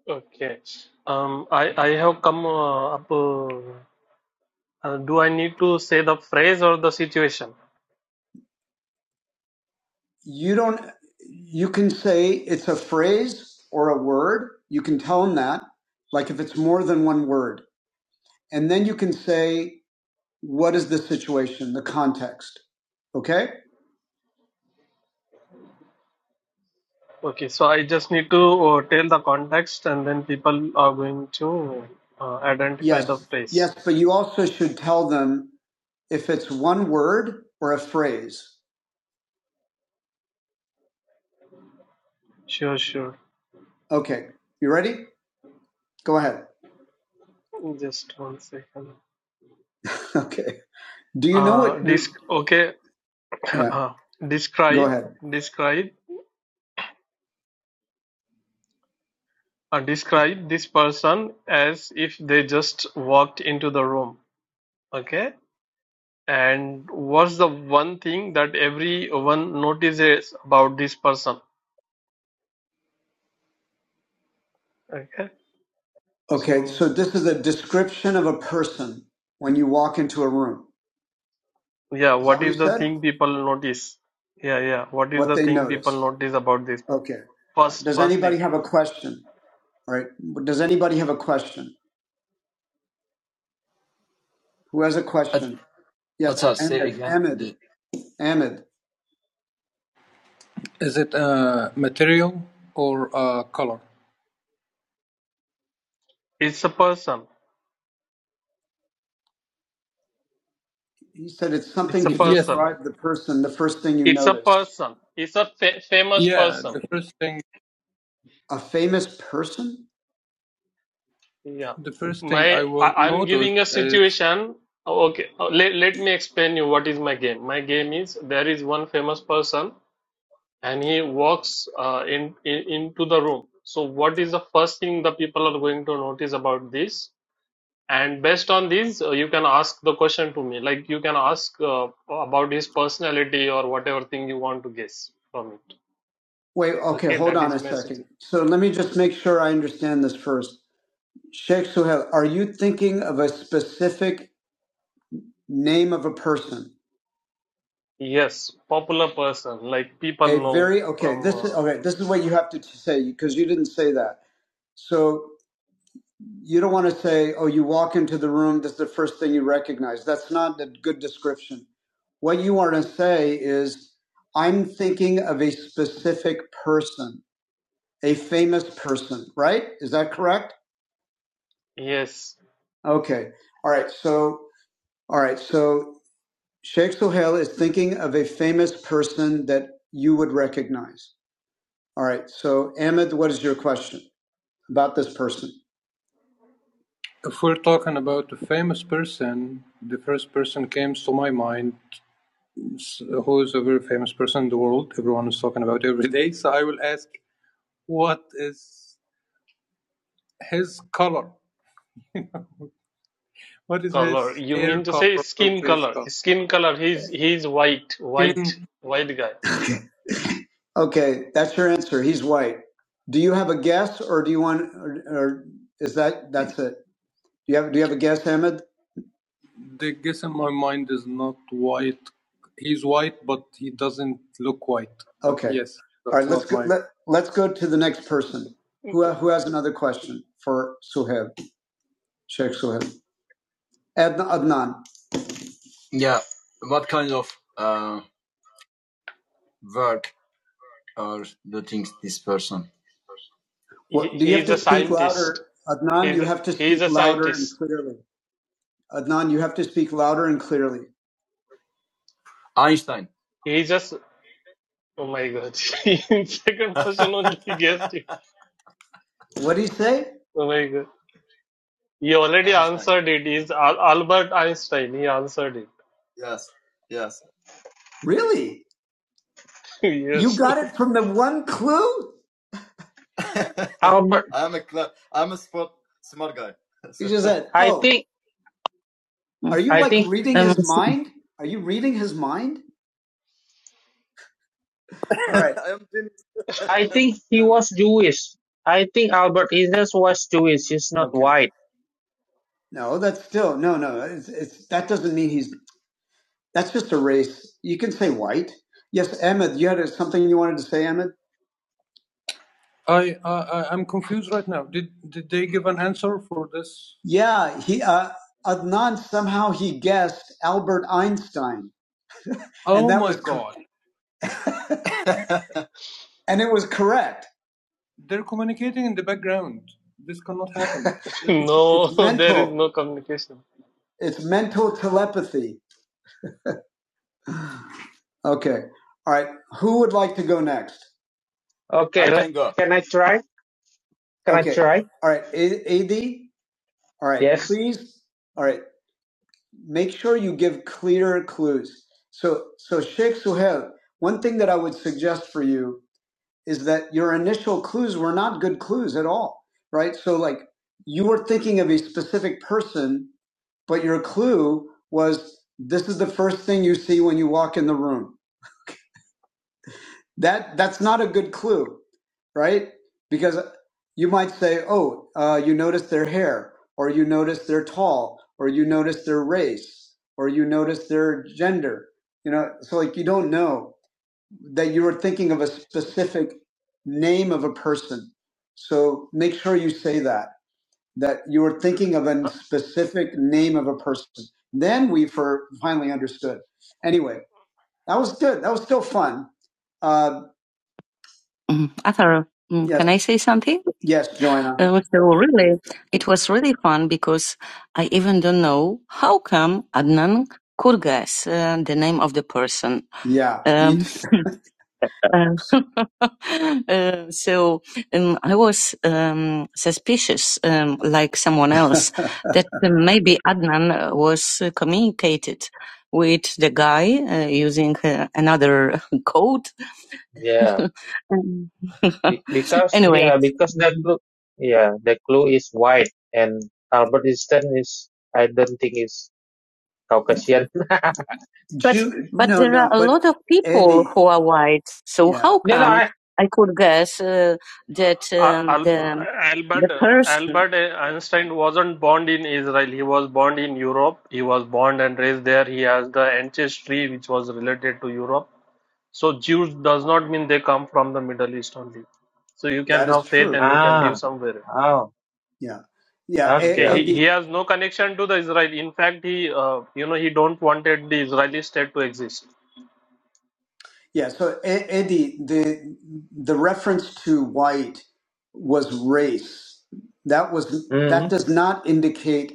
Okay. Um, I, I have come uh, up. Uh, uh, do I need to say the phrase or the situation?
you don't you can say it's a phrase or a word you can tell them that like if it's more than one word and then you can say what is the situation the context okay
Okay. So I just need to uh, tell the context, and then people are going to uh, identify the
yes
phrase.
yes but you also should tell them if it's one word or a phrase
Sure, sure.
okay you ready go ahead
Just one second.
okay do you know what
Uh, disc. Okay.
yeah
Uh,
go
describe,
ahead
describe, uh, describe this person as if they just walked into the room. Okay. And what's the one thing that everyone notices about this person? Okay.
okay
So
so this is a description of a person when you walk into a room
yeah,
is that
what
what you
is the
said
thing people notice? Yeah, yeah. What is
what
the
they
thing people
noticed.
notice about this person?
Okay. Uh,
First,
Does
first
anybody
thing.
have a question? All right. Does anybody have a question? Who has a question? Yes. Ahmed. Ahmed. Ahmed.
It's a person.
He said it's something
It's a person.
describe the person, the first thing you
It's a
notice.
person. It's a fa- famous person.
A famous person?
Yeah. My, I, I'm giving a situation. Oh, Okay. Oh, Let, let me explain you what is my game. My game is there is one famous person and he walks uh, in, in into the room. So what is the first thing the people are going to notice about this? And based on this, uh, you can ask the question to me. Like you can ask uh, about his personality or whatever thing you want to guess from it.
Wait, okay,
Okay,
hold
that
on
is
a
message.
second. So let me just make sure I understand this first. Sheikh Suhail, are you thinking of a specific name of a person?
Yes, popular person, like people
A
know
very okay,
from
this is
uh,
okay, this is what you have to say because you didn't say that. So You don't want to say, oh, you walk into the room, this is the first thing you recognize. That's not a good description. What you want to say is, I'm thinking of a specific person, a famous person, right? Is that correct?
yes,
Okay. All right. So, all right. So, Sheikh Suhail is thinking of a famous person that you would recognize. All right. So, Ahmed, what is your question about this person?
color. You mean to say skin color? Skin color. He's he's white, white, white guy.
Okay. Okay, that's your answer. He's white. Do you have a guess, or do you want, or, or is that that's it? Do you have Do you have a guess, Ahmed? Okay, let's go to the next person. Who Who has another question for Suhaib, Sheikh Suhaib? Adn- Adnan,
He
what, do you have
he's a
to speak
scientist.
louder? Adnan,
He's
you have to
he's
speak
a
louder and
scientist.
clearly. Adnan, you have to speak louder and clearly.
He's just oh my God. Second question only he guessed it.
What did he say?
Oh my God. He already answered it. He's Al Albert Einstein. He answered it.
Really? You
Yes.
got it from the one clue? Albert, I Oh, think Are you I like think reading um, his mind? Are you reading his mind? All right. I think he was Jewish. I think Albert Einstein was Jewish. He's not Okay. white. No, that's still no, no. It's, it's that doesn't mean he's. That's just a race. You can say white. Yes, Ahmed, you had something you wanted to say, Ahmed. Yeah, he uh, Adnan somehow he guessed Albert Einstein, and it was correct. It's it's
No, there is
mental.
no communication.
It's mental telepathy. Okay. All right. Who would like to go next? Okay, can I try? Can okay. I Okay. try? All right. A- AD. All right. Yes. Please. All right. Make sure you give clear clues. So, so Sheikh Suhail, one thing that I would suggest for you is that your initial clues were not good clues at all, right? So, like, you were thinking of a specific person, but your clue was this is the first thing you see when you walk in the room That that's not a good clue, right? Because you might say, "Oh, uh, you notice their hair, or you notice they're tall, or you notice their race, or you notice their gender." You know, so like you don't know that you were thinking of a specific name of a person. So make sure you say that that you were thinking of a specific name of a person. Then we for finally understood. Anyway, that was good. That was still fun Uh, Mm, Arthur, mm, Yes, can I say something? yes, Joanna. Uh, well, so really, it was really fun because I even don't know how come Adnan Kurgas, uh, the name of the person. Yeah, me Um, too. uh, uh, so um, I was um, suspicious, um, like someone else, that uh, maybe Adnan uh, was uh, communicated with the guy uh, using uh, another code yeah. Um, Be- Because anyway, yeah, because that group yeah, the clue is white and Albert Einstein is I don't think is Caucasian. but Ju- but no, there no, are no, a but lot of people Ellie, who are white. So yeah, how no, no, come I I could guess uh, that
Al-
um,
Al-
the
Albert
the person
Albert Einstein wasn't born in Israel. He was born in Europe. He was born and raised there. He has the ancestry which was related to Europe. So Jews does not mean they come from the Middle East only. So you can
that is
have faith
true.
and you can live
ah
somewhere.
oh Yeah, yeah, E- okay Eddie.
Okay, he,
okay.
he has no connection to the Israel. In fact, he uh, you know he don't wanted the Israeli state to exist.
Yeah, so A- Andy, the the reference to white was race. That was that Mm-hmm. does not indicate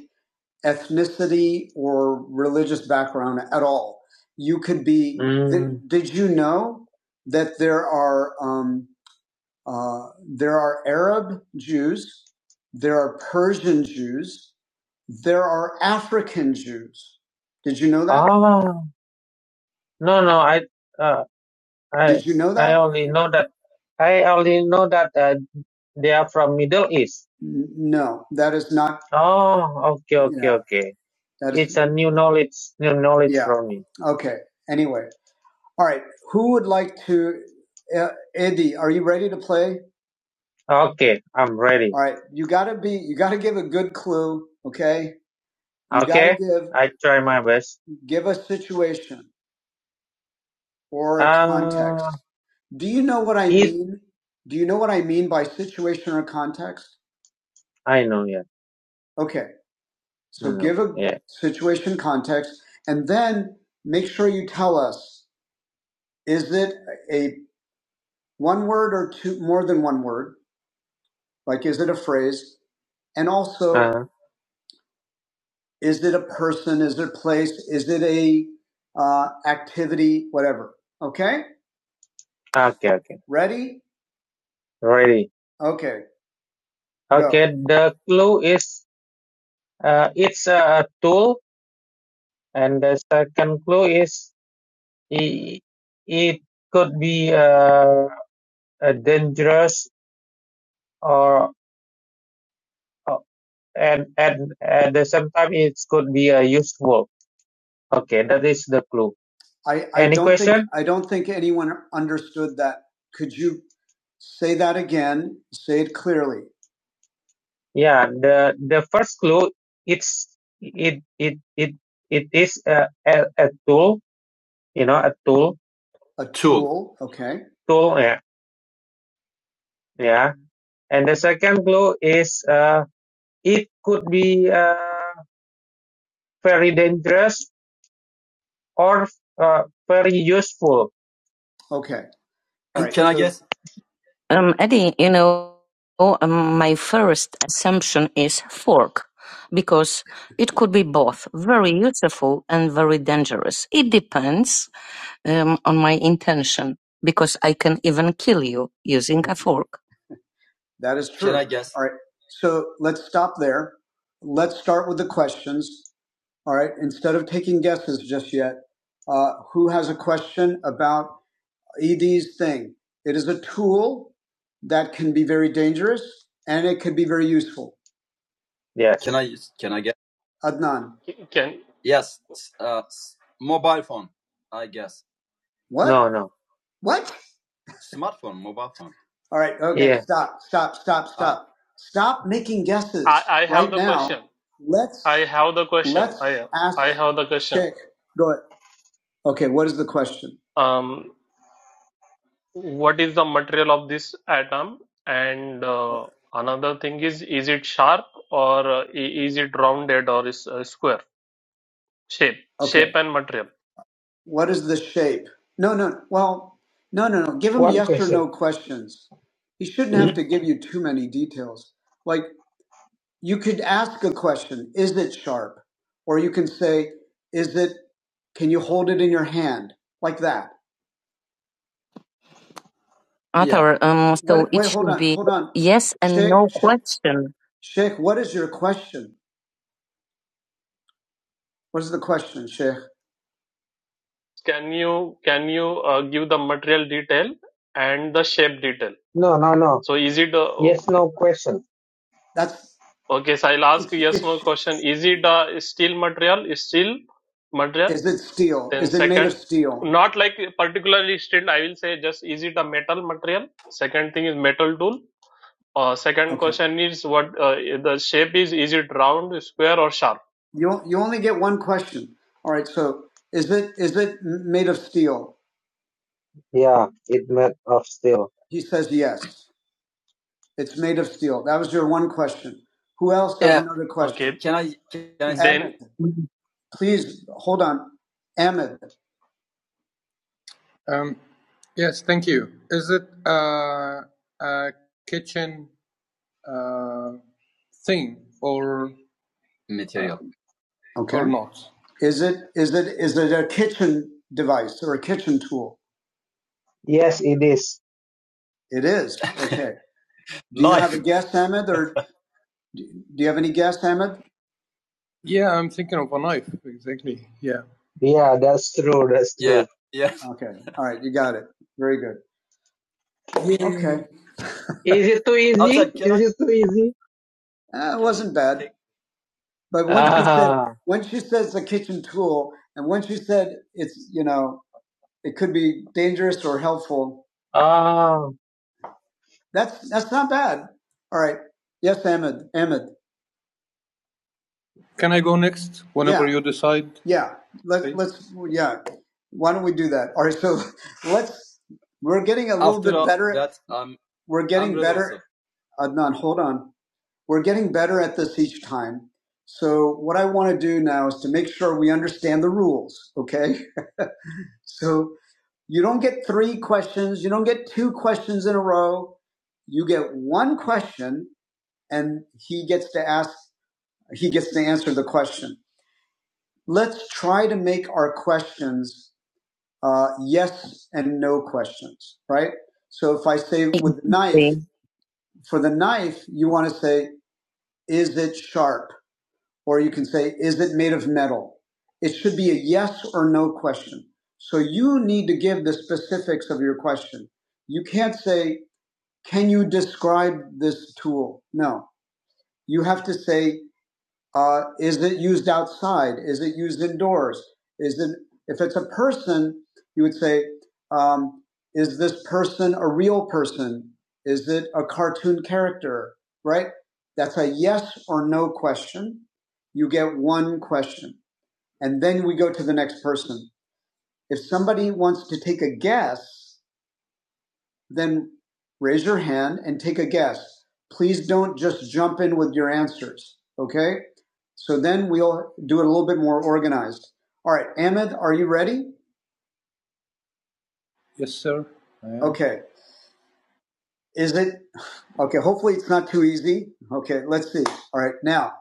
ethnicity or religious background at all. You could be. Th- Mm. did you know that there are um, uh, there are Arab Jews, there are Persian Jews, there are African Jews. Did you know that? Ah, no, no, I. uh, I Did you know I that? only know that I only know that uh, they are from Middle East. N- No, that is not. Oh, okay, okay, Yeah, okay. that is. It's a new knowledge, new knowledge Yeah. for me. Okay. Anyway, all right. Who would like to? Uh, Eddie, are you ready to play? Okay, I'm ready. All right. You gotta be. You gotta give a good clue. Okay. You gotta Okay, give I try my best. give a situation or a Um, context. Do you know what I If mean? Do you know what I mean by situation or context? I know, yeah, Okay. So no, give a yeah, situation context and then make sure you tell us is it a one word or two more than one word? Like is it a phrase? And also uh, is it a person? Is it a place? Is it a uh, activity? Whatever. Okay? okay, okay, Ready? ready. Okay. Go. Okay, the clue is Uh, it's a tool, and the second clue is i- it could be uh, a dangerous or uh, and and at the same time it could be a useful. Okay, that is the clue. I, I Any don't think question? Think, I don't think anyone understood that. Could you say that again? Say it clearly. Yeah, the the first clue it's it it it it is a, a, a tool, you know, a tool. A Okay. So yeah, yeah. And the second clue is uh, it could be uh, very dangerous or uh, very useful. Okay. right. can I So guess? Um, Eddie, you know, um, my first assumption is fork, because it could be both very useful and very dangerous. It depends um, on my intention, because I can even kill you using a fork. That is All right. So let's stop there. Let's start with the questions. All right. Instead of taking guesses just yet, uh, who has a question about ED's thing? It is a tool that can be very dangerous and it can be very useful. Yes. Adnan.
Can
What? No, no. What? All right. Okay. Yeah. Stop. Stop. Stop. Stop. Stop making
I,
guesses
I have
right
the question?
now.
I
Let's
have the question.
let's
I
ask
I have the question.
Chick. Go ahead. Okay. What is the question?
Um, what is the material of this atom and uh, another thing is is it sharp or uh, is it rounded or is uh, square shape
Okay.
shape and material
What is the shape? No, no. Well, no, no, no. Give him One yes or question. no questions. He shouldn't Hmm? have Mhm. to give you too many details. Like you could ask a question, is it sharp? Or you can say, is it can you hold it in your hand? Like that. Or, um, What so What, it wait, hold should on, be hold on. yes and Sheikh, no Sheikh, question. Sheikh, what is your question? What is the question, Sheikh?
can you can you uh, give the material detail and the shape detail
No, no, no.
so is it uh,
Yes, no question. That's
okay so i'll ask
it's
yes no
it's.
question is it a steel material steel material
Is it steel?
then
Is it made of
second
steel?
not like particularly steel i will say just is it a metal material second thing is metal tool Uh, second
Okay.
question is what uh, the shape is. Is it round, square, or sharp?
You you only get one question. All right. So is it is it m- made of steel? Yeah, it made of steel. He says yes. It's made of steel. That was your one question. Who else has Yeah. another question?
Okay.
Ahmed,
Then
please hold on. Ahmed, okay. is it is it is it a kitchen device or a kitchen tool? Yes, it is. It is. Okay. you have a guess, Ahmed, or do do you have any guess, Ahmed? Yeah, that's true. That's Yeah. true. Yeah. Okay. All right. You got it. Very good. Okay. Is it too easy? Outside, Is I? it too easy? Uh, it wasn't bad. But once she said, Ah, once you a kitchen tool, and when she said it's, you know, it could be dangerous or helpful, ah. that's, that's not bad. All right. Yes, Ahmed. Ahmed. Yeah. Let, let's, yeah. Why don't we do that? All right. So let's, we're getting a little After bit uh, better. that, i We're getting better So. Uh, Adnan, hold on. We're getting better at this each time. So what I want to do now is to make sure we understand the rules, okay? So you don't get three questions. You don't get two questions in a row. You get one question and he gets to ask, he gets to answer the question. Let's try to make our questions uh, yes and no questions, right? So if I say with the knife, Exactly. for the knife, you want to say, is it sharp? Or you can say, is it made of metal? It should be a yes or no question. So you need to give the specifics of your question. You can't say, can you describe this tool? No. You have to say, uh, is it used outside? Is it used indoors? Is it if it's a person, you would say, um, is this person a real person? Is it a cartoon character? Right? That's a yes or no question. You get one question, and then we go to the next person. If somebody wants to take a guess, then raise your hand and take a guess. Please don't just jump in with your answers. Okay? So then we'll do it a little bit more organized. All right, Ahmed, are you ready? Okay. Is it okay? Hopefully, it's not too easy. Okay, let's see. All right, now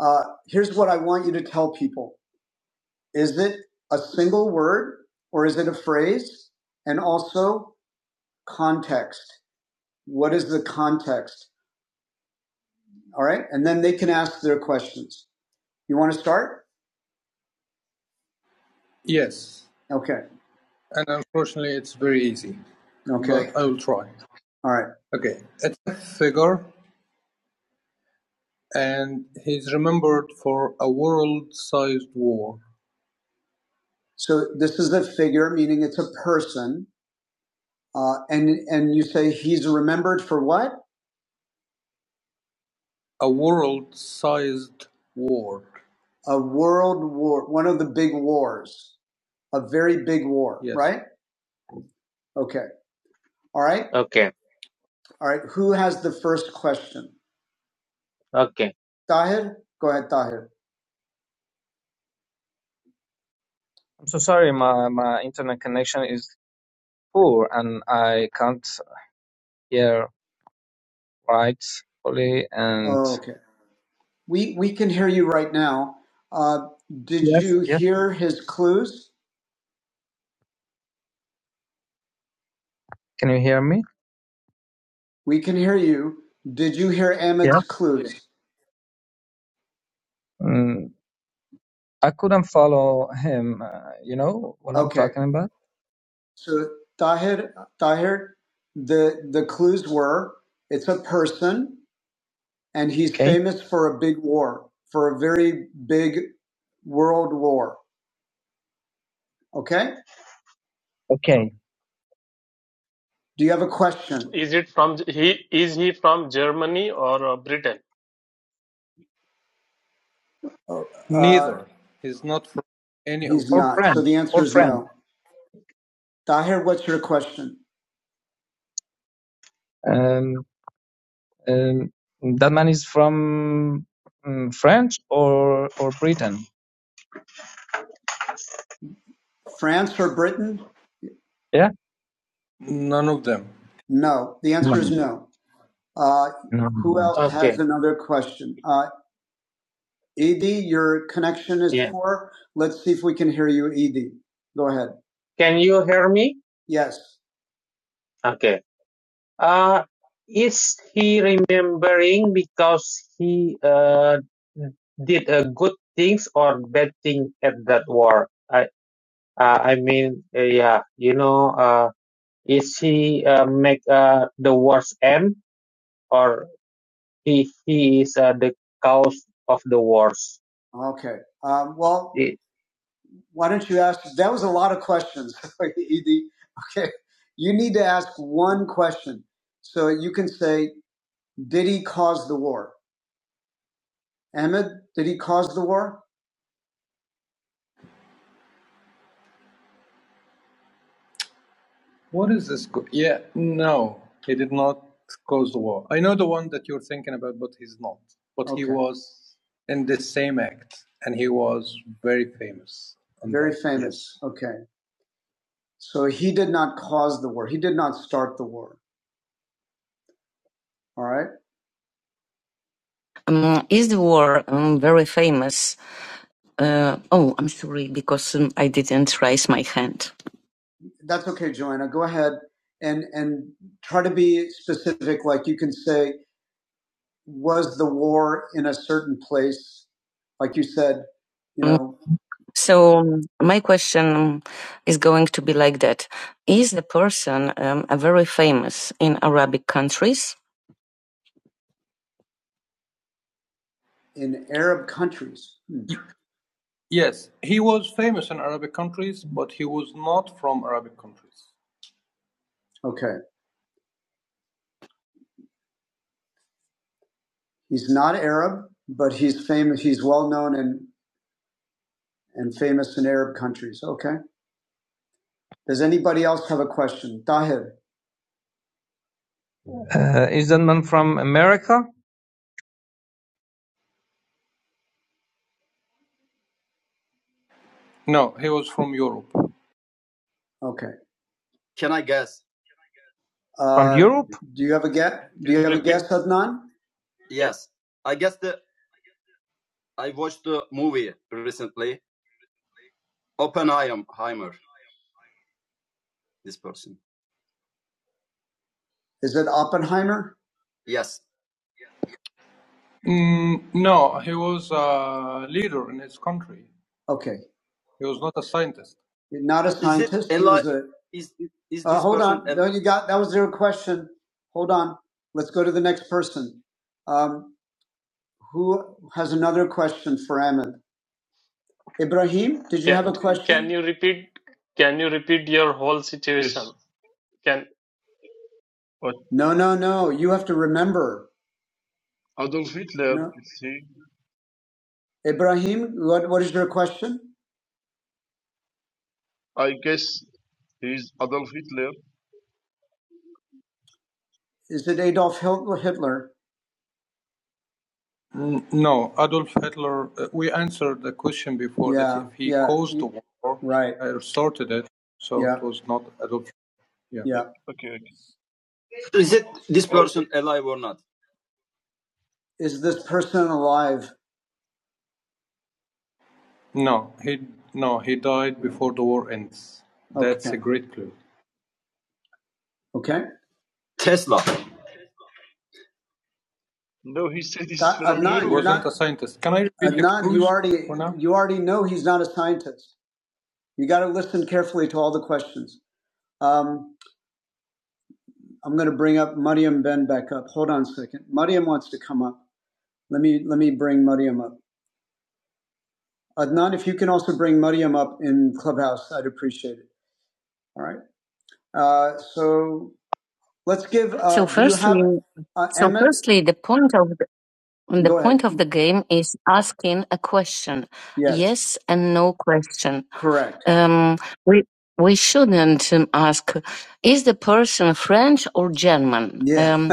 uh, here's what I want you to tell people: Is it a single word or is it a phrase? And also context. What is the context? All right, and then they can ask their questions. You want to start? Okay. No. All right. So this is a figure, meaning it's a person, uh, and and you say he's remembered for what? A world war, one of the big wars, a very big war. right? Okay. All right. Okay. All right. Who has the first question? Okay. Tahir, go ahead, Tahir.
I'm so sorry, my, my internet connection is poor and I can't hear right fully. And
Oh, Okay. We we can hear you right now. Uh, did
yes,
you
yes.
hear his clues?
can you hear me?
We can hear you. Did you hear
Yeah.
Ahmed's clues?
Mm, I couldn't follow him. Uh, you know what I'm
Okay.
talking about?
So Tahir, Tahir, the the clues were it's a person, and he's
Okay.
famous for a big war, for a very big world war. Okay.
Okay.
Do you have a question?
is it from he? Is he from Germany or uh, Britain?
Or
So
French.
the answer
Or
is
French.
no. Tahir, what's your question?
Um, um, that man is from um, French or or Britain.
France or Britain?
Yeah.
No. The
No.
answer is no. Uh,
No.
who else Okay. has another question? Uh, Edie, your connection is Yeah. poor. Let's see if we can hear you, Edie. Go ahead. Can you hear me? Yes. Okay. Uh, is he remembering because he uh, did uh, good things or bad thing at that war? I uh, I mean, uh, yeah, you know, uh, is he uh, make uh, the wars end or he he is uh, the cause of the wars? Okay. Um, well, It, why don't you ask? That was a lot of questions, Edie. Okay. You need to ask one question. So you can say, Did he cause the war? Ahmed, did he cause the war? Very famous. Okay. So he did not cause the war. He did not start the war. All right. Um, is the war um, very famous? Uh, oh, I'm sorry because um, I didn't raise my hand. That's okay, Joanna. Go ahead and and try to be specific. Like you can say, was the war in a certain place? Like you said, you know. So um, my question is going to be like that: Is the person um, a very famous in Arabic countries? In Arab countries, okay, he's not Arab, but he's famous. He's well known and and famous in Arab countries. Okay. Does anybody else have a question? Tahir.
Uh, is that man from America?
Okay.
From
Uh,
Europe?
do you have a guess? Do
Can
you
you
have a
repeat?
guess, Adnan?
Can
Is it Oppenheimer? Okay. Not a You got that was your question. Hold on. Let's go to the next person. Um, who has another question for Ahmed? Ibrahim, did you have
can
a
can
question?
you repeat? Can you repeat your whole
Yes,
situation? Can
but
No, no, no. You have to remember.
Adolf Hitler,
No,
it's he.
Ibrahim, what what is your question?
I guess he's Adolf Hitler.
Is it Adolf Hil- Hitler? Right.
Yeah,
Yeah.
okay, okay. Or
Is this person alive? Okay. Tesla.
no, he said he's
That, uh,
from
no,
Europe.
you already know he's not a scientist. You got to listen carefully to all the questions. Um, I'm going to bring up Mariam Ben back up. Hold on a second. Mariam wants to come up. Let me let me bring Mariam up. Adnan, if you can also bring Mariam up in Clubhouse, I'd appreciate it. All right. Uh, so let's give. Uh, So do you have firstly, uh, so Emmett? firstly, the point of the, the Go ahead. point of the game is asking a question, Yes, yes and no question. correct. Um, we we shouldn't um, ask, is the person French or German? Um, Yeah, Um,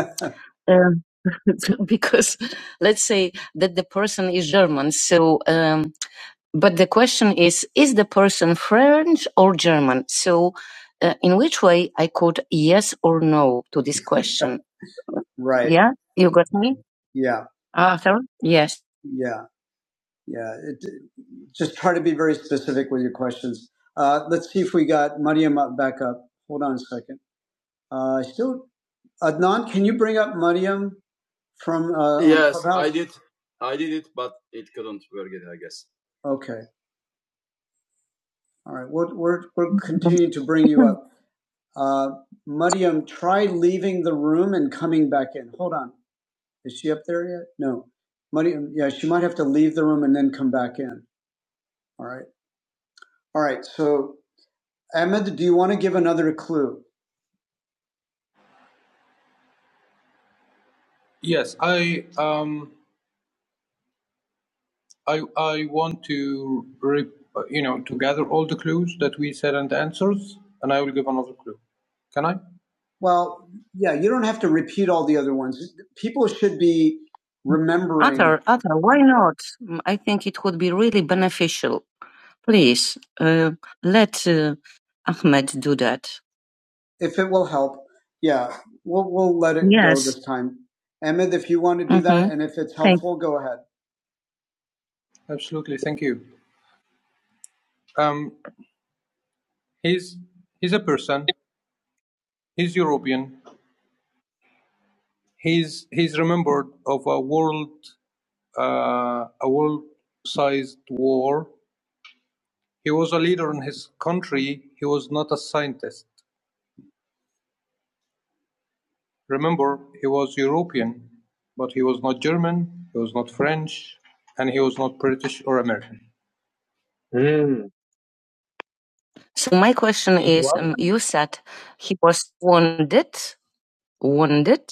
Um, because let's say that the person is German. So, um, but the question is, is the person French or German? So, uh, in which way I could yes or no to this question? Right. Yeah, you got me. Yeah. Ah, sorry. Yes. Yeah. Yeah. It, just try to be very specific with your questions. Uh, let's see if we got Mariam up- back up. Hold on a second. Uh, still, Adnan, can you bring up Mariam from? Uh, okay. All right, we'll, we're, we'll continue to bring you up. Uh, Mariam, try leaving the room and coming back in. Hold on. Is she up there yet? No. Mariam, yeah, she might have to leave the room and then come back in. All right. All right. So, Ahmed, do you want to give another clue? Well, yeah, you don't have to repeat all the other ones. People should be remembering. Other, other, why not? Mm, I think it would be really beneficial. Please, uh, let uh, Ahmed do that. if it will help, yeah, we'll we'll let it yes. go Yes. this time. Emmett, if you want to do Mm-hmm. that, and if it's Thank. helpful, Thanks. go ahead. Mm. So my question
He's
is: um,
Russian?
You said he was wounded, wounded.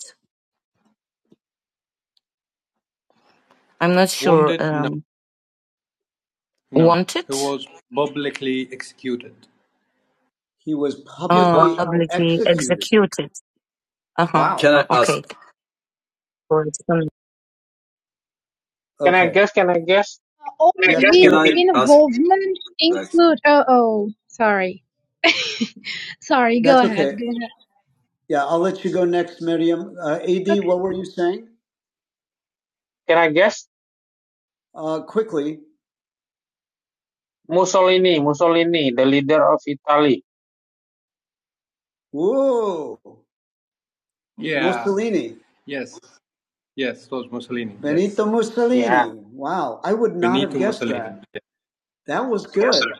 I'm not sure. Wanted, He was publicly,
He's
uh,
Russian or
publicly executed. executed. Uh huh. Wow. Right. For Can I Okay. guess? Can I guess?
All Can
Yes.
these
Can I?
involvement include. Oh, oh, sorry. sorry, go
That's
ahead.
okay.
Go ahead.
Yeah, I'll let you go next, Miriam. Uh, Ad,
Okay.
what were you saying? Can I guess? Uh, quickly. Mussolini, Mussolini, the leader of Italy. Whoa, Mussolini. So Yeah, Mussolini. Yeah. Wow, I wouldn't. That was
Yes,
good.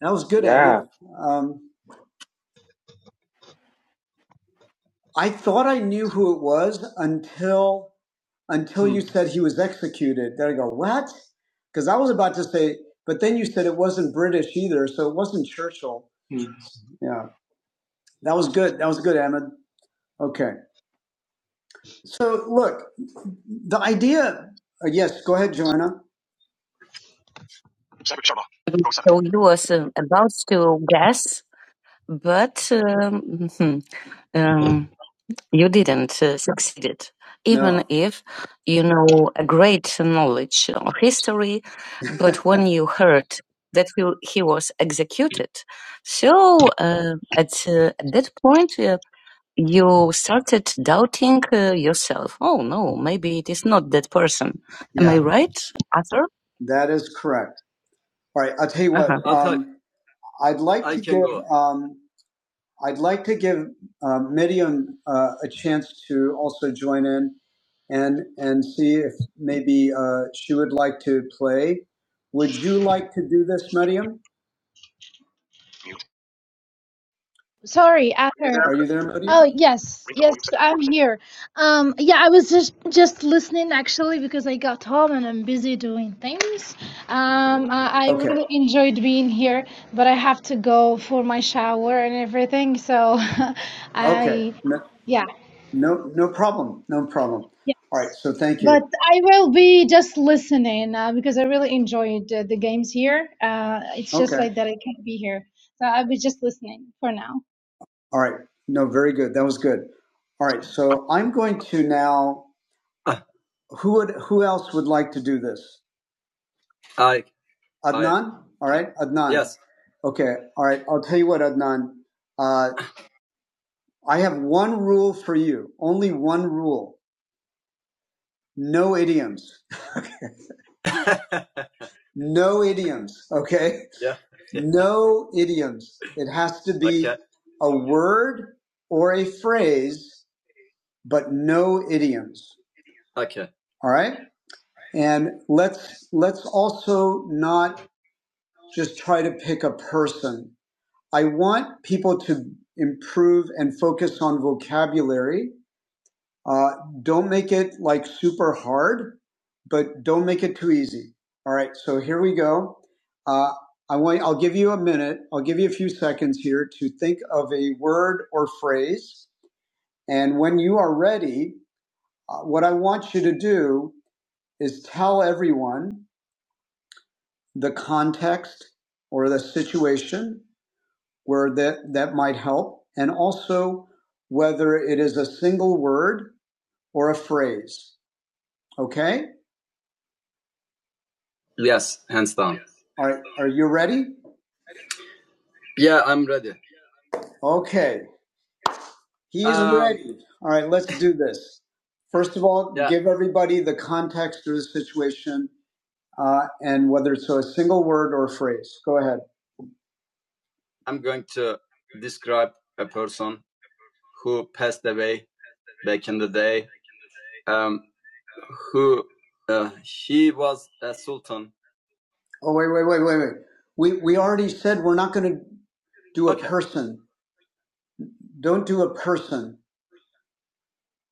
That was good, Edward. yeah. Um, I thought I knew who it was until until hmm. you Hmm. said he was executed. Then I go, what? Because I was about to say, but then you said it wasn't British either, so it wasn't Churchill. Hmm. Yeah, that was good. That was good, Ahmed. Okay. So look, the idea. Uh, yes, go ahead, Joanna. So he was um, about to guess, but um, mhm, um, you didn't uh, succeed, it, even No. if you know a great knowledge of history. But when you heard that he, he was executed, so uh, at, uh, at that point, uh, you started doubting uh, yourself. Oh no, maybe it is not that person. Am I yeah, right, Arthur? that is correct. All right, I'll tell you Uh what. huh. Um, I'd like to give um, I'd like to give um, Miriam uh, a chance to also join in and and see if maybe uh, she would like to play. Would you like to do this, Miriam?
Sorry, after.
Are you there,
Oh
Miriam?
yes, yes, I'm here. Um, yeah, I was just just listening actually because I got home and I'm busy doing things. Um, I, I
Okay.
really enjoyed being here, but I have to go for my shower and everything. So,
Okay.
I,
No,
yeah,
no, no problem. No problem. All right. So thank
But
you.
I will be just listening uh, because I really enjoyed uh, the games here. Uh, it's just
Okay.
like that I can't be here, so I'll be just listening for now.
All right. No, very good. That was good. All right. So I'm going to now. Who would? Who else would like to do this? Adnan? All right, Adnan. Yes. Okay. All right. I'll tell you what, Adnan. Uh, I have one rule for you. Only one rule. No idioms. No idioms. Okay. No idioms. It has to be Okay. a word or a phrase, but no idioms. All right. And let's, let's also not just try to pick a person I want people to improve and focus on vocabulary. Uh, don't make it like super hard, but don't make it too easy. All right, so here we go. Uh, I want, I'll give you a minute, I'll give you a few seconds here to think of a word or phrase. And when you are ready, uh, what I want you to do is tell everyone the context or the situation where that, that might help, and also whether it is a single word or a phrase. Okay? All right. Are you ready? Okay. He, all right, let's do this. First of all, give everybody the context of the situation uh, and whether it's a single word or a phrase. Go ahead. Oh, wait, wait, wait, wait, wait. We, we already said we're not going to do a okay. person. Don't do a person.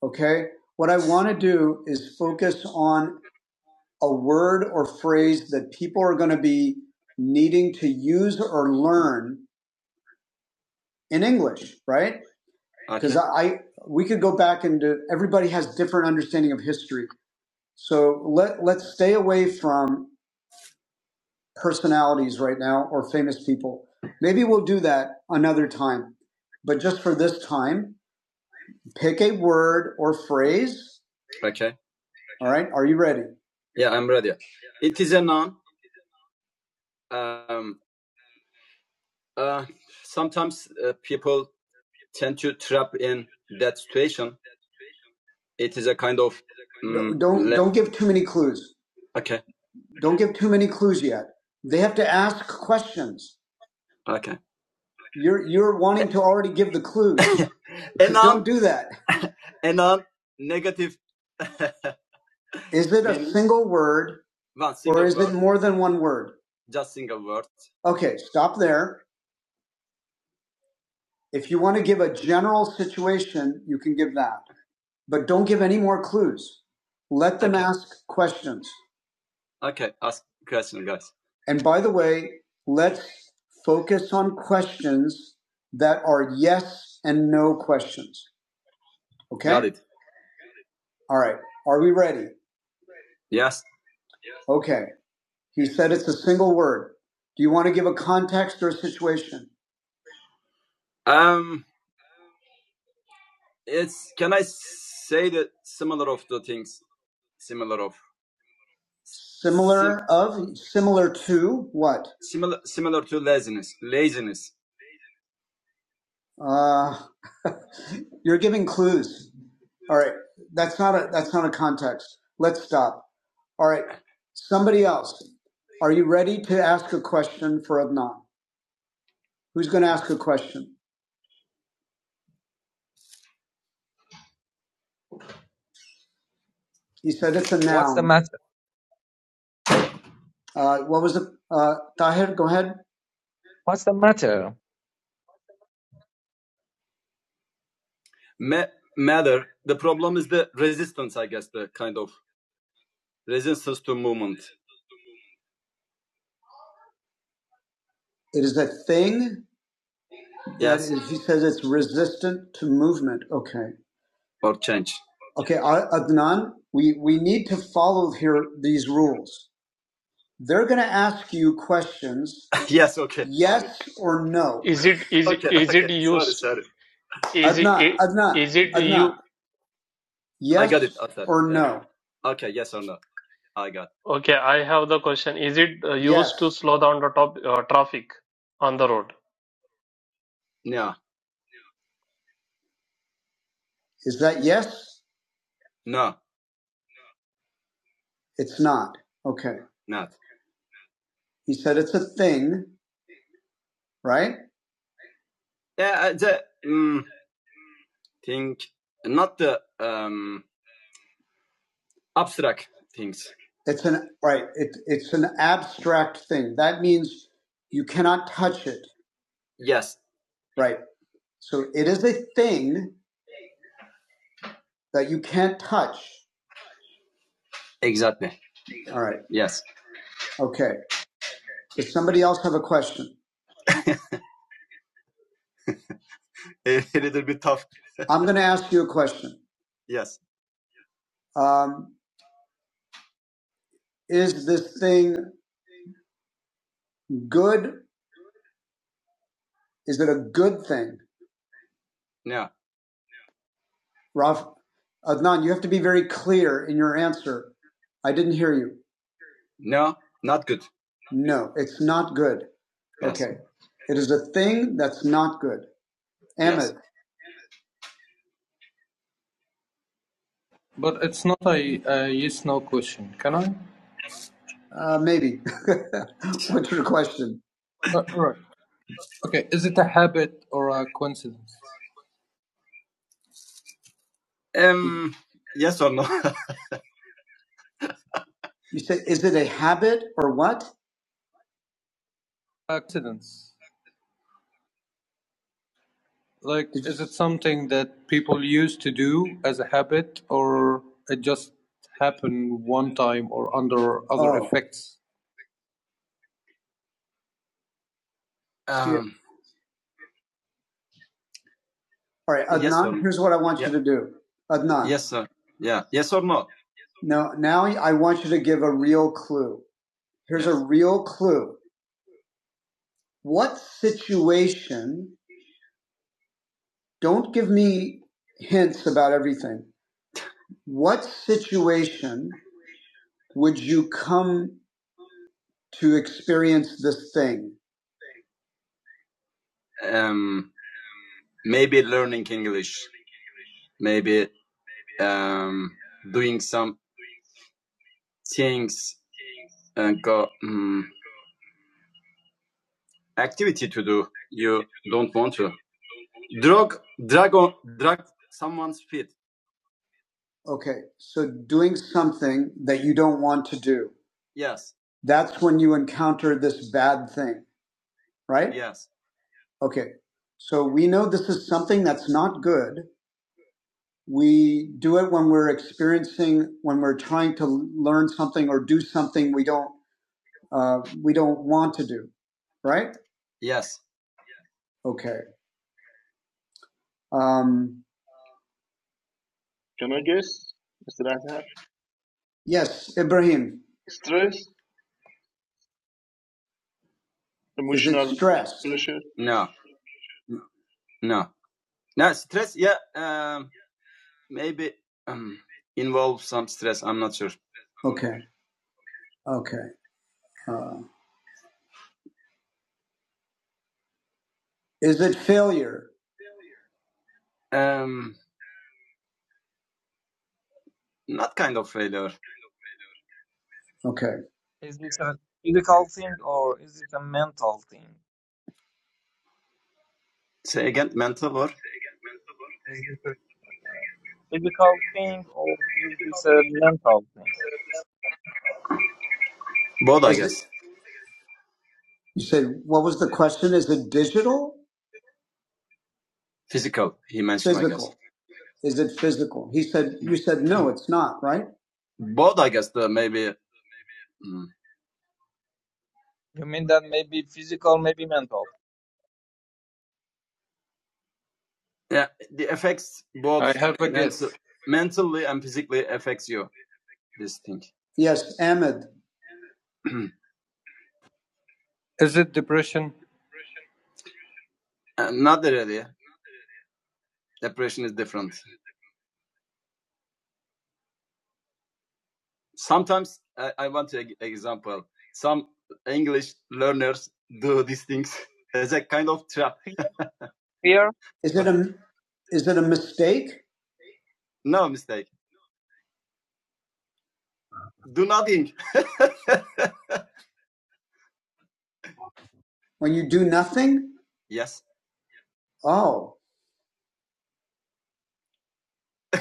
Okay? What I want to do is focus on a word or phrase that people are going to be needing to use or learn in English, right? Because okay. I, I we could go back into everybody has different understanding of history. So let let's stay away from personalities right now or famous people. Maybe we'll do that another time. But just for this time, pick a word or phrase. All right, are you ready? Don't give too many clues. Don't give too many clues yet. They have to ask questions You're you're wanting to already give the clues. Don't do that. Is it a single word? More than one word? Okay, stop there. If you want to give a general situation, you can give that, but don't give any more clues. Let them ask questions. And by the way, let's focus on questions that are yes and no questions. Okay. All right. Are we ready? Okay. He said it's a single word. Do you want to give a context or a situation? Similar of, similar to what? Uh, you're giving clues. All right. That's not a, that's not a context. Let's stop. All right. Somebody else. Are you ready to ask a question for Adnan? Who's going to ask a question? He said it's a
what's the
noun.
matter?
Uh, what was it? Uh, Tahir, go ahead.
What's the matter?
It is a thing. He says it's resistant to movement. Okay. Okay. Ad- Adnan, we, we need to follow here these rules. They're going to ask you questions, yes or no.
is it is is it used? Is
Adnan,
it
Adnan,
is it
Adnan.
you?
Yes,
Okay, I have the question. Is it uh, used to
yes.
slow down the top uh, traffic on the road?
Is that yes? It's not. Okay. He said it's a thing, right? It's an right. It, it's an abstract thing. That means you cannot touch it, right? So it is a thing that you can't touch. All right. Okay. Does somebody else have a question? I'm going to ask you a question. Um, is this thing good Is it a good thing? Raf, Adnan, you have to be very clear in your answer. I didn't hear you. No, it's not good. Okay. It is a thing that's not good. Ahmed, yes. uh, maybe. What's your question? You said, is it a habit or what? All right, here's what I want you to do. Adnan, Now, now I want you to give a real clue. Here's a real clue. What situation? Don't give me hints about everything. What situation would you come to experience this thing? Okay, so doing something that you don't want to do. That's when you encounter this bad thing, right? Okay, so we know this is something that's not good. We do it when we're experiencing, when we're trying to learn something or do something we don't, uh, we don't want to do, right? Okay. Um,
Can I guess? Mr. Azhar?
yes, Ibrahim,
Stress,
is it
emotional
stress?
pressure.
Okay. Okay. Uh, is it failure? Okay.
Is this a physical thing or is it a mental thing? Is this a physical thing or is this a mental thing?
You said, what was the question? Is it digital? Is it physical? He said, you said, no, it's not, right?
You mean that maybe physical, maybe mental?
Yes, Ahmed.
Fear? Fear?
Is it a, is it a mistake when you do nothing? Oh,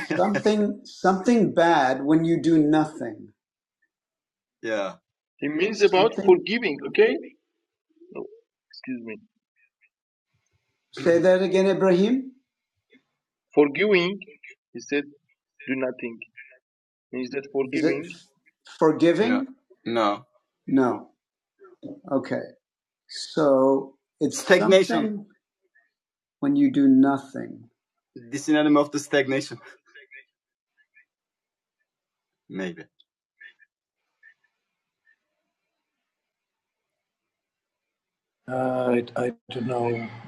something, something bad when you do nothing.
He means about
Something,
forgiving, okay? No, excuse me.
say that again, Ibrahim.
Forgiving, he said, do nothing. Means that
Is it
forgiving
forgiving? No. Okay. So it's when you do nothing.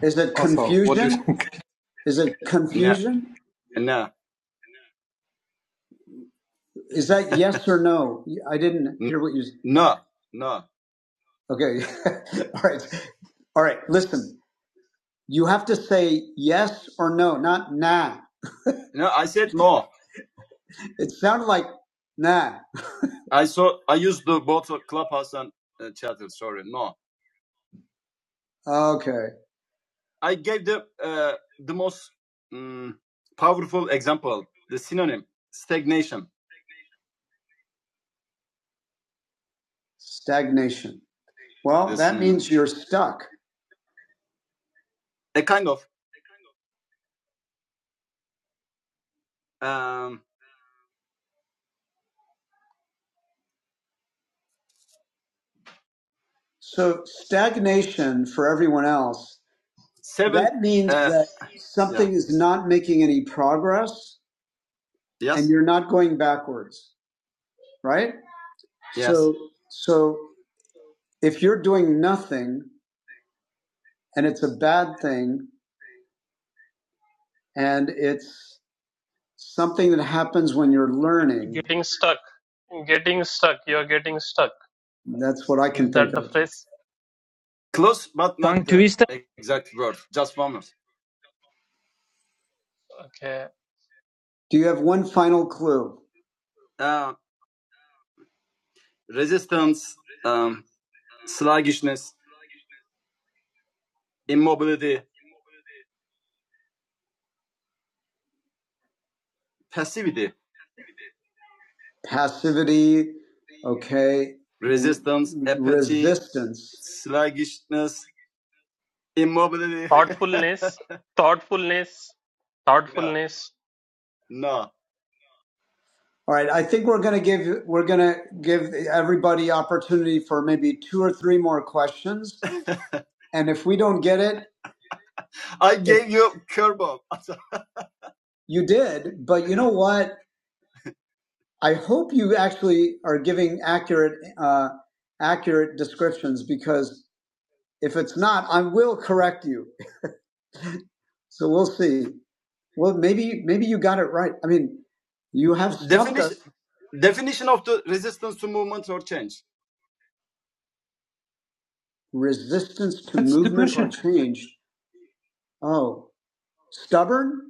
Is it confusing? Is it confusion? Is that yes or no? I didn't hear what you. said. Okay. All right. All right. Listen, you have to say yes or no, not nah. It sounded like nah. Okay. Stagnation. Well, means you're stuck. So stagnation for everyone else, that means that something is not making any progress. You're not going backwards, right? So if you're doing nothing and it's a bad thing and it's something that happens when you're learning
Getting stuck. Getting stuck. You're getting stuck
that's what i can
Is
think
that the
of
phrase?
Tongue twister?
Okay.
do you have one final clue passivity okay distance
Thoughtfulness, thoughtfulness, thoughtfulness.
all right i think we're going to give we're going to give everybody opportunity for maybe two or three more questions and if we don't get it you did but you know what i hope you actually are giving accurate uh, accurate descriptions because if it's not, I will correct you. So we'll see. Well, maybe maybe you got it right. I mean, you have resistance to change. Oh, stubborn.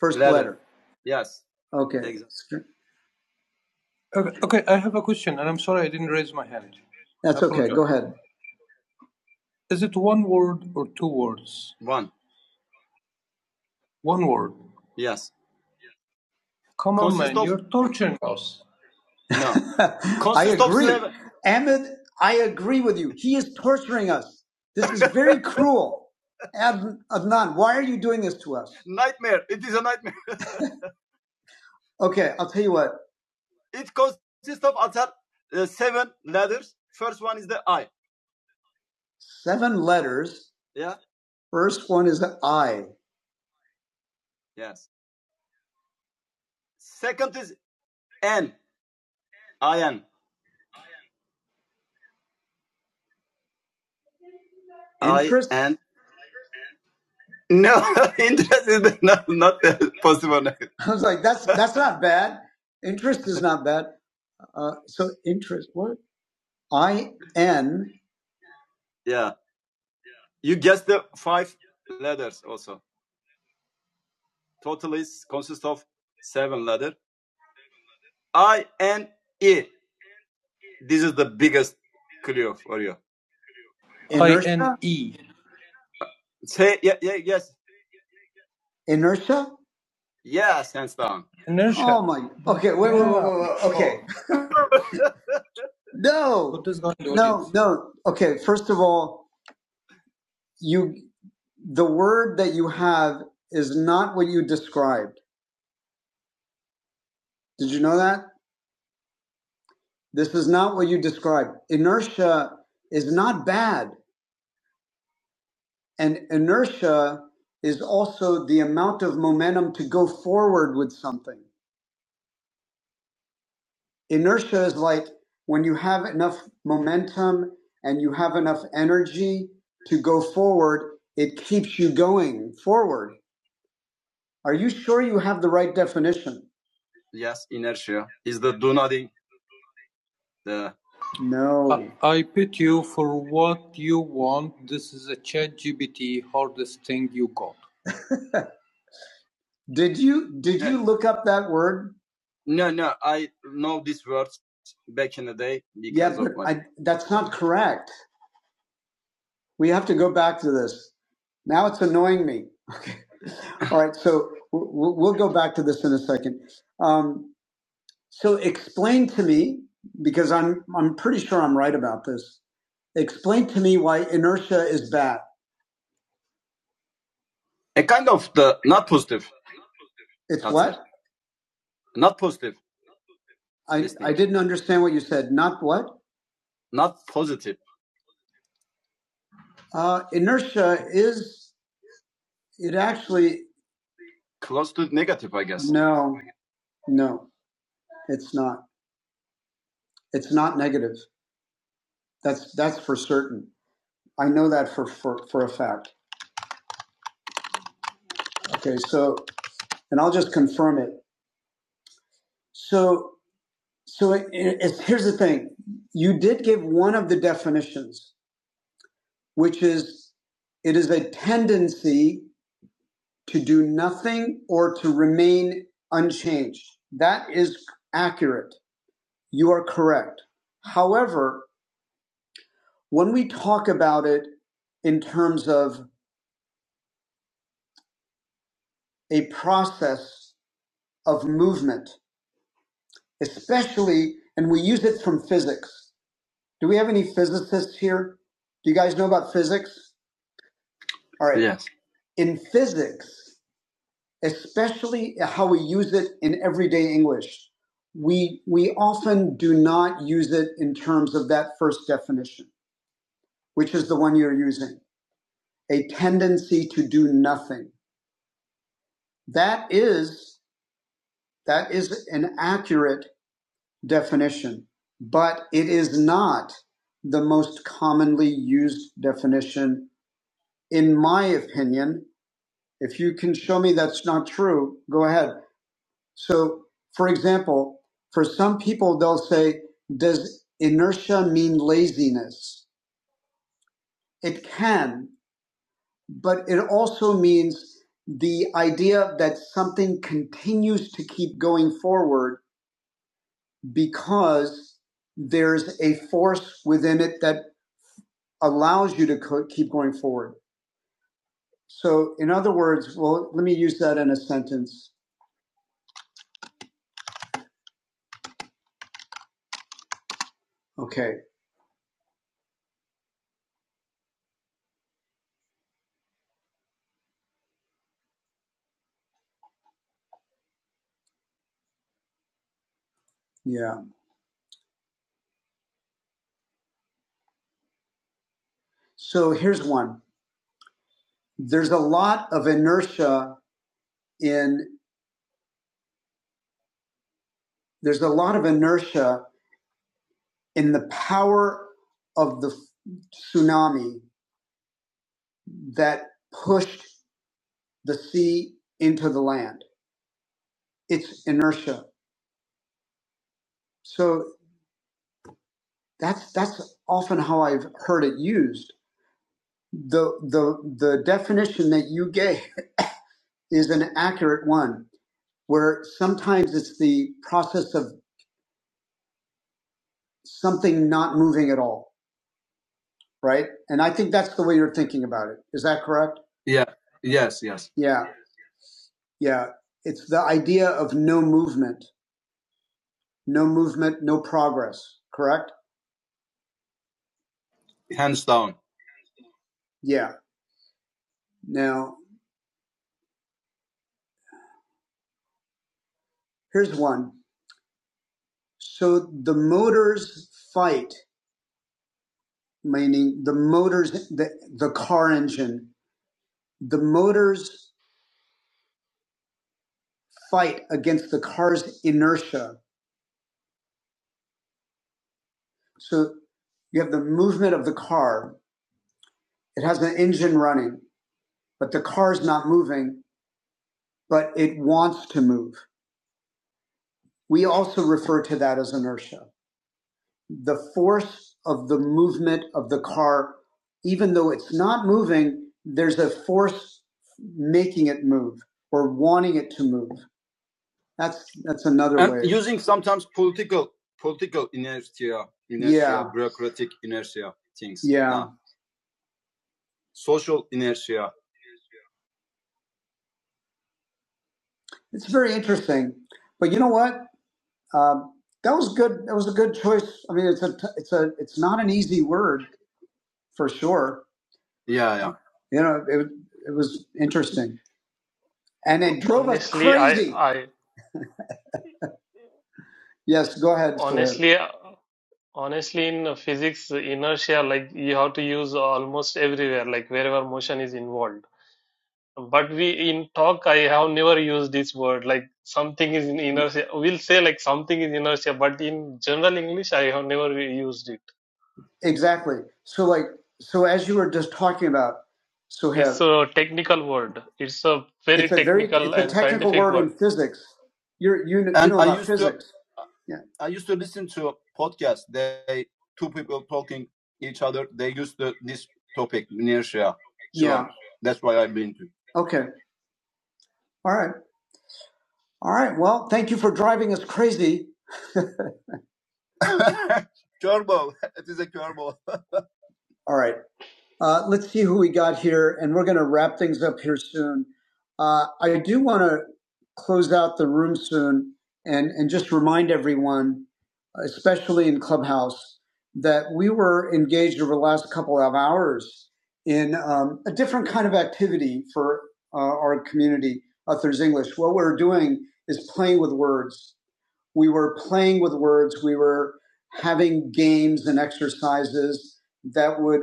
For okay, that's okay. Go ahead. Amit, I agree with you. He is torturing us. This is very cruel. Ad- Adnan, why are you doing this to us? Okay, I'll tell you what. Seven letters. First one is an I. I was like, that's that's not bad. Interest is not bad. Uh, so interest. What? I N inertia. my. Okay. Wait, okay. No. No. Okay. First of all, you the word that you have is not what you described. Did you know that? This is not what you described. Inertia is not bad, and inertia is also the amount of momentum to go forward with something. Inertia is like when you have enough momentum and you have enough energy to go forward, it keeps you going forward. Are you sure you have the right definition? No. Did you did you look up that word? That's not correct. We have to go back to this. Now it's annoying me. All right, so w- w- we'll go back to this in a second. Um, So explain to me, because I'm I'm pretty sure I'm right about this. Explain to me why inertia is bad. It's I didn't understand what you said. Not what? Uh, inertia is it actually no, no, it's not. It's not negative. That's that's for certain. I know that for for, for a fact. Okay, so and I'll just confirm it. So so it, it- it's, here's the thing. You did give one of the definitions which is it is a tendency to do nothing or to remain unchanged. That is accurate. You are correct. However, when we talk about it in terms of a process of movement, especially, and we use it from physics. Do we have any physicists here? Do you guys know about physics? All right. In physics, especially how we use it in everyday English. We, we often do not use it in terms of that first definition, which is the one you're using, a tendency to do nothing. That is, that is an accurate definition, but it is not the most commonly used definition. In my opinion, if you can show me that's not true, go ahead. So, for example, for some people, they'll say, Does inertia mean laziness? It can, but it also means the idea that something continues to keep going forward because there's a force within it that allows you to co- keep going forward. So, in other words, well, let me use that in a sentence. Okay, yeah. So, here's one there's a lot of inertia in. there's a lot of inertia in the power of the tsunami that pushed the sea into the land. It's inertia. So that's that's often how I've heard it used. The the the definition that you gave is an accurate one, where sometimes it's the process of something not moving at all, right? And I think that's the way you're thinking about it. Is that correct? Yeah. Yeah, it's the idea of no movement, no movement, no progress, correct? Yeah. Now, here's one. So the motors fight, meaning the motors, the, the car engine, the motors fight against the car's inertia. So you have the movement of the car. It has an engine running, but the car's not moving, but it wants to move. We also refer to that as inertia. the force of the movement of the car, even though it's not moving, there's a force making it move or wanting it to move. That's that's another. It's very interesting. But you know what? Um, that was good. That was a good choice. I mean, it's a it's a it's not an easy word for sure. You know, it it was interesting, and it drove us
Honestly, I,
crazy.
I
Yes, go ahead, Suhail.
honestly, uh, honestly, in physics, inertia, like you have to use almost everywhere, like wherever motion is involved. But we in talk, I have never used this word. Like something is in inertia. We'll say like something is inertia, but in general English, I have never used it.
Exactly. So like so as you were just talking about,
It's
Suhail,
a technical word. It's a
It's
very
a very
technical
it's a
and
technical
scientific
word
word.
in physics. Your unit. Yeah. Okay. All right. All right. Well, thank you for driving us crazy. All right. Uh, let's see who we got here, and we're going to wrap things up here soon. Uh, I do want to close out the room soon and, and just remind everyone, especially in Clubhouse, that we were engaged over the last couple of hours in um, a different kind of activity for uh, our community, Authors English. What we're doing is playing with words. We were playing with words, we were having games and exercises that would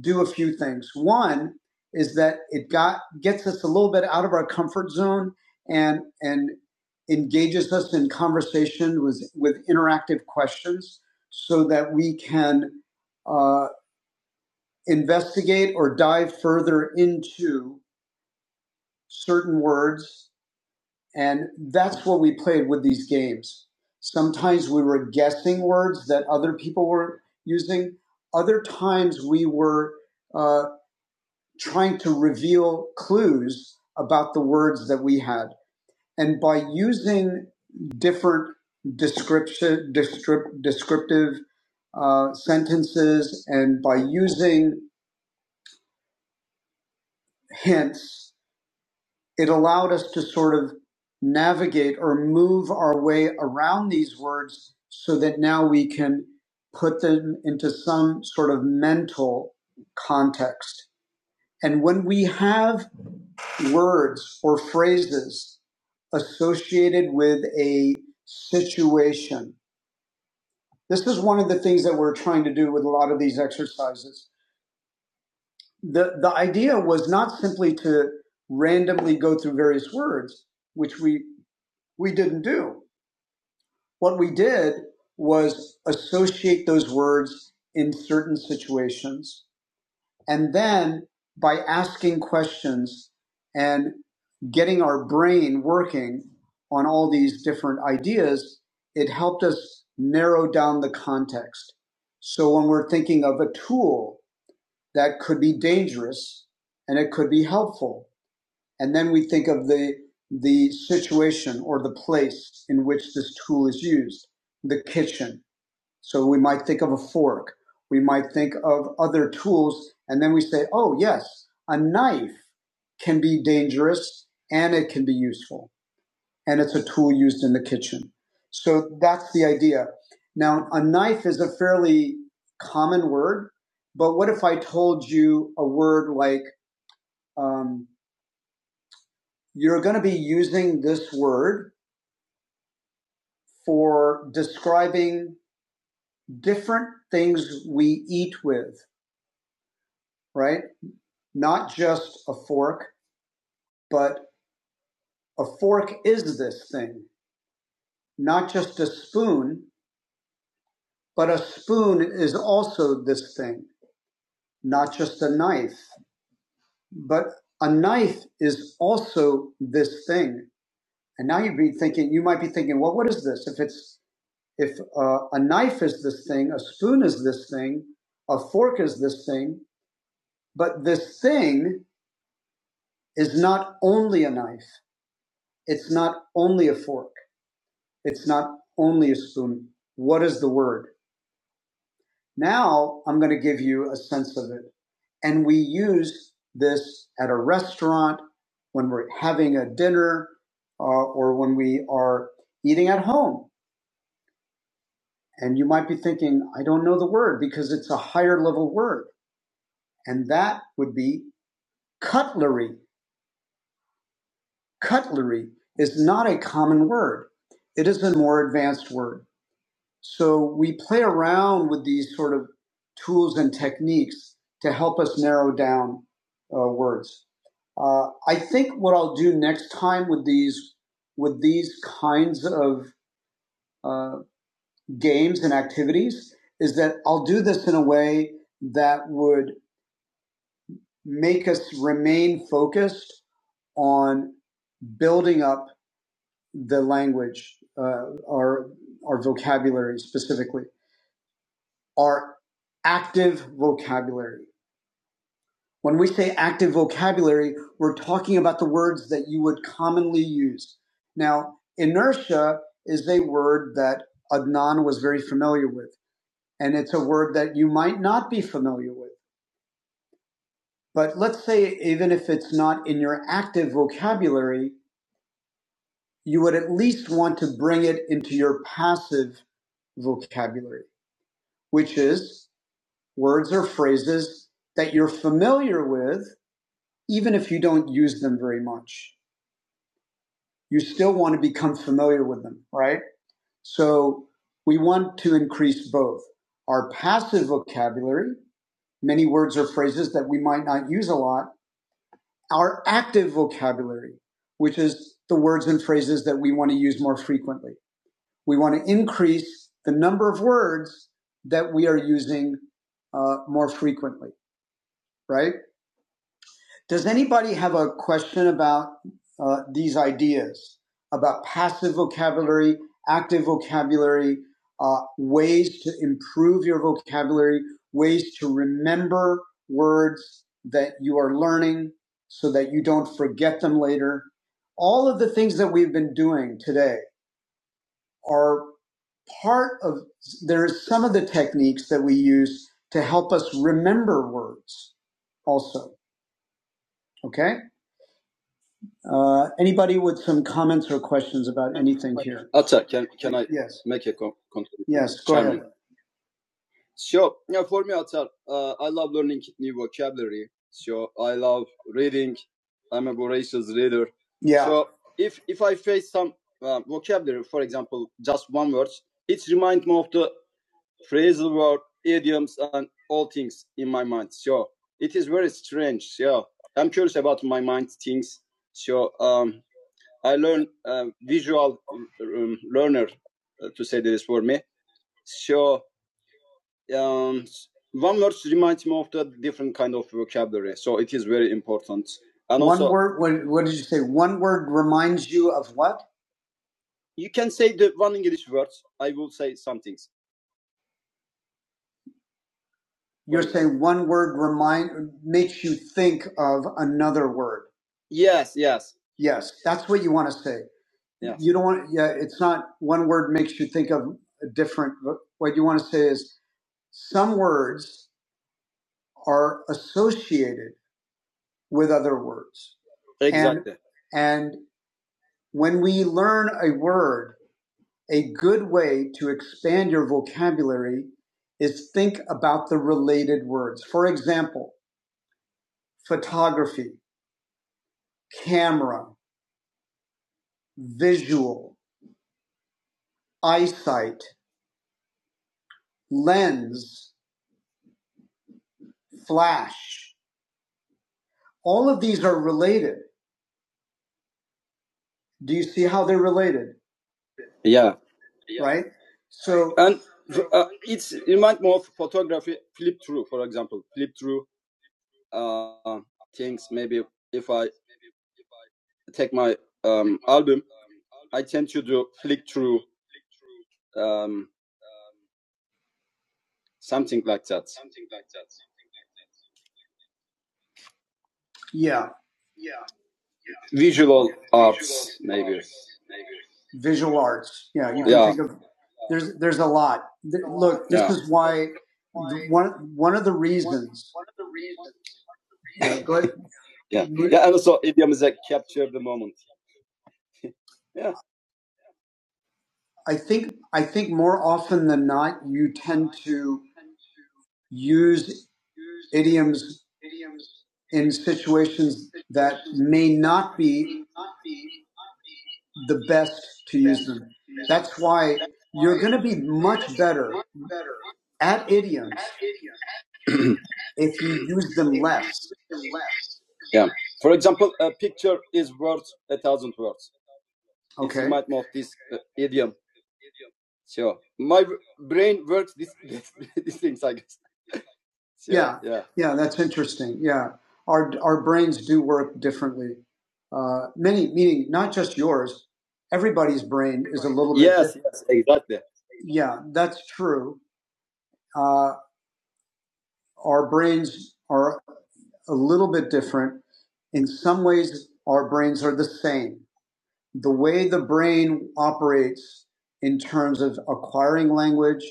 do a few things. One is that it got gets us a little bit out of our comfort zone and and engages us in conversation with with interactive questions so that we can uh, investigate or dive further into certain words and that's what we played with these games sometimes we were guessing words that other people were using other times we were uh, trying to reveal clues about the words that we had. And by using different description, descrip- descriptive uh, sentences and by using hints, it allowed us to sort of navigate or move our way around these words so that now we can put them into some sort of mental context. And when we have words or phrases associated with a situation, this is one of the things that we're trying to do with a lot of these exercises. The, the idea was not simply to randomly go through various words, which we, we didn't do. What we did was associate those words in certain situations And then by asking questions and getting our brain working on all these different ideas, it helped us narrow down the context. So when we're thinking of a tool that could be dangerous and it could be helpful, and then we think of the the situation or the place in which this tool is used, the kitchen so we might think of a fork. We might think of other tools. And then we say, oh, yes, a knife can be dangerous and it can be useful. And it's a tool used in the kitchen. So that's the idea. Now, a knife is a fairly common word. But what if I told you a word like, um, you're going to be using this word for describing different things we eat with, right? not just a fork, but a fork is this thing, not just a spoon, but a spoon is also this thing, not just a knife, but a knife is also this thing. And now you'd be thinking, you might be thinking, well, what is this? If it's if uh, a knife is this thing, a spoon is this thing, a fork is this thing, but this thing is not only a knife. It's not only a fork. It's not only a spoon. What is the word? Now I'm going to give you a sense of it. And we use this at a restaurant, when we're having a dinner, uh, or when we are eating at home. And you might be thinking, I don't know the word because it's a higher level word. And that would be cutlery. Cutlery is not a common word, it is a more advanced word. So we play around with these sort of tools and techniques to help us narrow down uh, words. Uh, I think what I'll do next time with these with these kinds of uh, games and activities is that I'll do this in a way that would make us remain focused on building up the language, uh, our our vocabulary specifically. are active vocabulary. When we say active vocabulary, we're talking about the words that you would commonly use. Now, inertia is a word that Adnan was very familiar with, and it's a word that you might not be familiar with. But let's say, even if it's not in your active vocabulary, you would at least want to bring it into your passive vocabulary, which is words or phrases that you're familiar with even if you don't use them very much, you still want to become familiar with them, right? So we want to increase both our passive vocabulary, many words or phrases that we might not use a lot, our active vocabulary, which is the words and phrases that we want to use more frequently. We want to increase the number of words that we are using uh, more frequently, right? Does anybody have a question about uh, these ideas about passive vocabulary, active vocabulary, uh, ways to improve your vocabulary, ways to remember words that you are learning so that you don't forget them later? All of the things that we've been doing today are part of, there are some of the techniques that we use to help us remember words also. Okay? Uh, anybody with some comments or questions about anything here? Yes, yes, yeah. What, what did you say? One word reminds you of what? You're saying one word remind makes you think of another word. Yes, that's what you want to say. You don't want. Yeah, it's not one word makes you think of a different. What you want to say is some words are associated with other words, and when we learn a word A good way to expand your vocabulary is think about the related words. For example, photography, camera, visual, eyesight, lens, flash. All of these are related. Do you see how they're related, right? So, yeah, yeah. visual arts. Yeah, you think there's there's a lot. Look, this is why one one of the reasons. Yeah, go ahead. I think I think more often than not, you tend to use idioms in situations that may not be the best to use them. That's why you're going to be much better at idioms if you use them less. Yeah, that's interesting. Yeah, our our brains do work differently. Uh, many, meaning not just yours, everybody's brain is a little. Yeah, that's true. Uh, our brains are a little bit different. In some ways, our brains are the same. The way the brain operates in terms of acquiring language,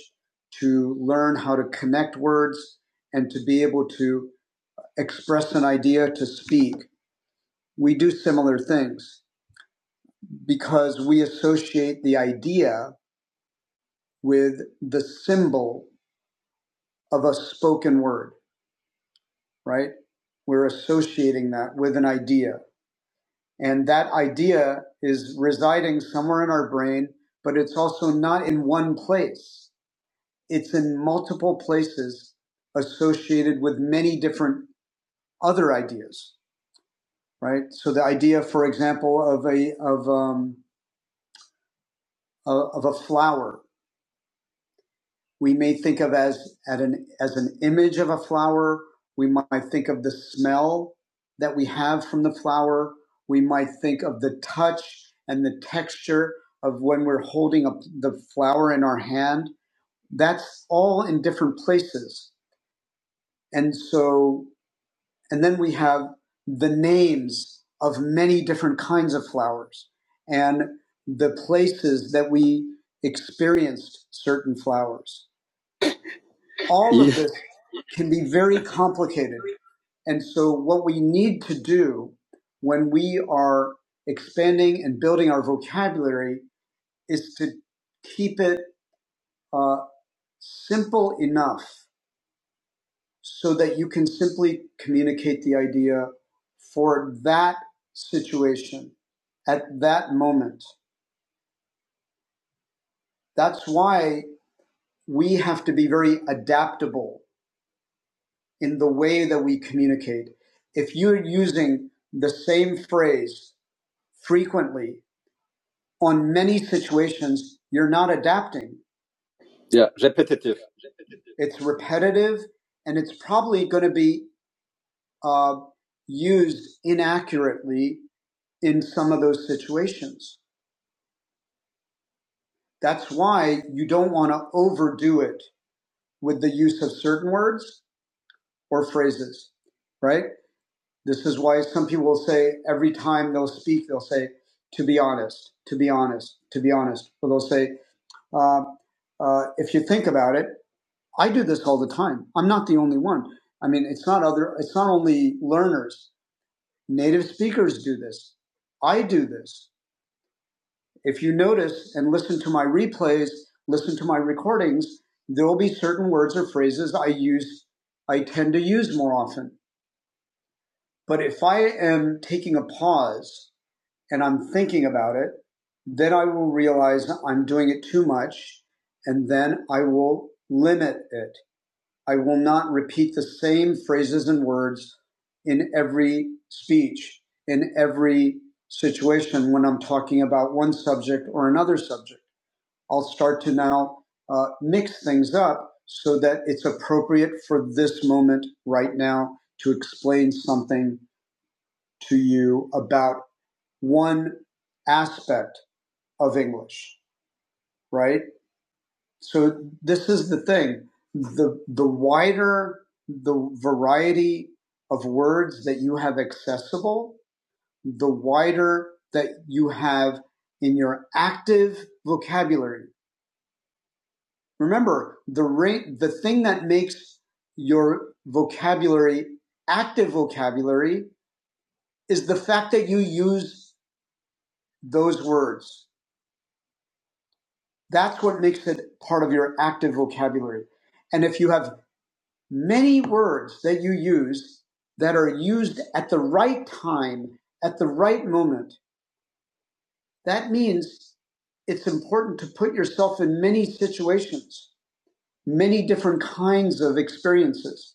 to learn how to connect words, and to be able to express an idea to speak, we do similar things because we associate the idea with the symbol of a spoken word right? We're associating that with an idea. And that idea is residing somewhere in our brain, but it's also not in one place. It's in multiple places associated with many different other ideas, right? So the idea, for example, of a, of, um, a- of a flower we may think of as at an as an image of a flower. We might think of the smell that we have from the flower. We might think of the touch and the texture of when we're holding up the flower in our hand. That's all in different places. And so and then we have the names of many different kinds of flowers and the places that we experienced certain flowers. All can be very complicated. And so, what we need to do when we are expanding and building our vocabulary is to keep it uh, simple enough so that you can simply communicate the idea for that situation at that moment. That's why we have to be very adaptable in the way that we communicate. If you're using the same phrase frequently on many situations, you're not adapting. It's repetitive and it's probably going to be uh, used inaccurately in some of those situations. That's why you don't want to overdo it with the use of certain words or phrases, right? This is why some people will say every time they'll speak, they'll say, to be honest, to be honest, to be honest. Or they'll say, uh, uh, if you think about it, I do this all the time. I'm not the only one. I mean, it's not other. It's not only learners. Native speakers do this. I do this. If you notice and listen to my replays, listen to my recordings, there will be certain words or phrases I use. I tend to use more often. But if I am taking a pause and I'm thinking about it, then I will realize I'm doing it too much, and then I will limit it. I will not repeat the same phrases and words in every speech, in every situation when I'm talking about one subject or another subject. I'll start to now uh, mix things up so that it's appropriate for this moment right now to explain something to you about one aspect of English, right? So this is the thing. The the wider the variety of words that you have accessible, the wider that you have in your active vocabulary. Remember, the rate the thing that makes your vocabulary active vocabulary is the fact that you use those words. That's what makes it part of your active vocabulary. And if you have many words that you use that are used at the right time, at the right moment. That means it's important to put yourself in many situations, many different kinds of experiences,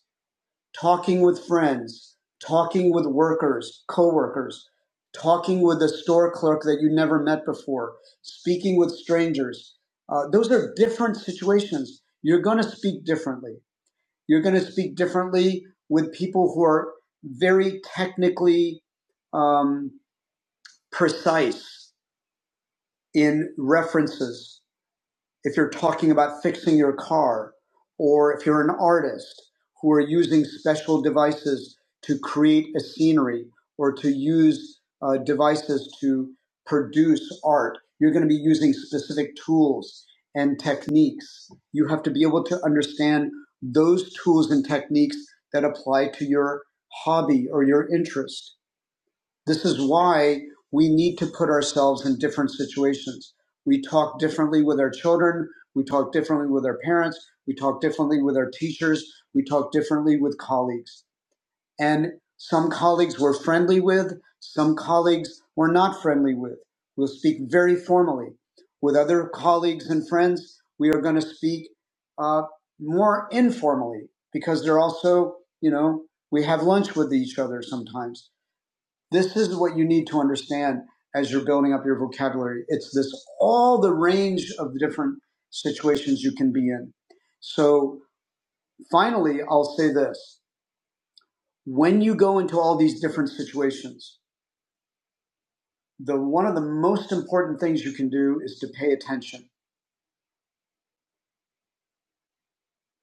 talking with friends, talking with workers, coworkers, talking with a store clerk that you never met before, speaking with strangers. Uh, those are different situations. You're going to speak differently. You're going to speak differently with people who are very technically um, precise in references if you're talking about fixing your car, or if you're an artist who are using special devices to create a scenery or to use uh, devices to produce art, you're going to be using specific tools and techniques. You have to be able to understand those tools and techniques that apply to your hobby or your interest. This is why we need to put ourselves in different situations. We talk differently with our children. We talk differently with our parents. We talk differently with our teachers. We talk differently with colleagues. And some colleagues we're friendly with, some colleagues we're not friendly with. We'll speak very formally. With other colleagues and friends, we are going to speak uh, more informally because they're also, you know, we have lunch with each other sometimes this is what you need to understand as you're building up your vocabulary. It's this all the range of the different situations you can be in. So finally, I'll say this. When you go into all these different situations, the one of the most important things you can do is to pay attention.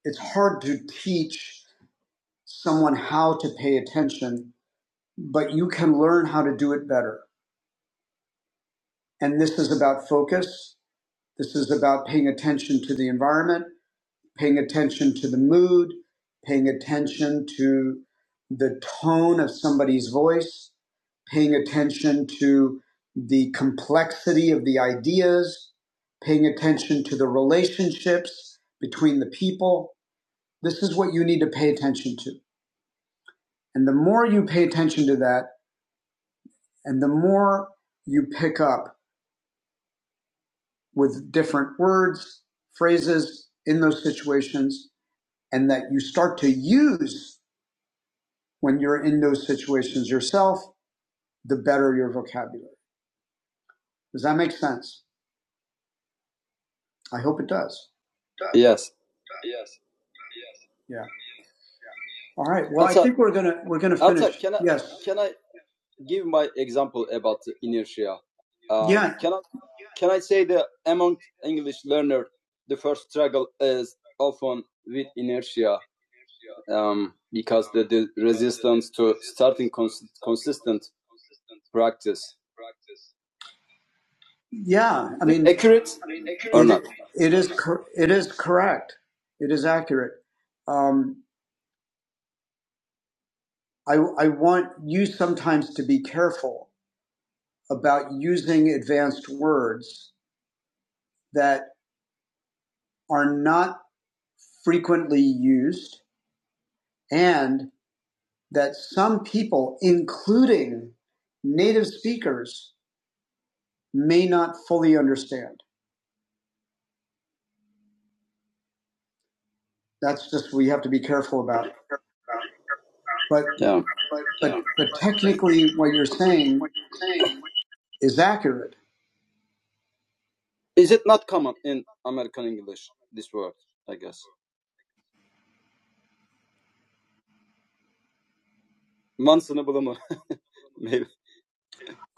It's hard to teach someone how to pay attention, but you can learn how to do it better. And this is about focus. This is about paying attention to the environment paying attention to the mood, paying attention to the tone of somebody's voice, paying attention to the complexity of the ideas, paying attention to the relationships between the people. This is what you need to pay attention to. And the more you pay attention to that, and the more you pick up with different words, phrases in those situations, and that you start to use when you're in those situations yourself, the better your vocabulary. Does that make sense? I hope it does. Yeah. All right. Well, think we're gonna we're gonna. Yeah. I mean, it is cor- it is correct. It is accurate. Um, I I want you sometimes to be careful about using advanced words that are not frequently used and that some people, including native speakers, may not fully understand. That's just we have to be careful about. But but but but technically, what you're saying is accurate.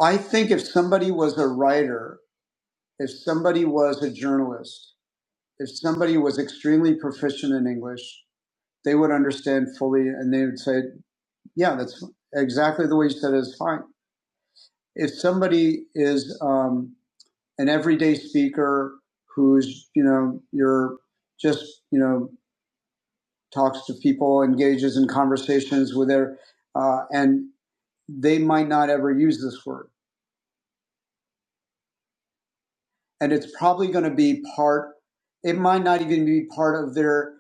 I think if somebody was a writer, if somebody was a journalist, if somebody was extremely proficient in English, they would understand fully, and they would say, "Yeah, that's exactly the way you said it is fine." If somebody is um, an everyday speaker who's you know you're just you know talks to people, engages in conversations with their, uh, and they might not ever use this word. And it's probably going to be part, it might not even be part of their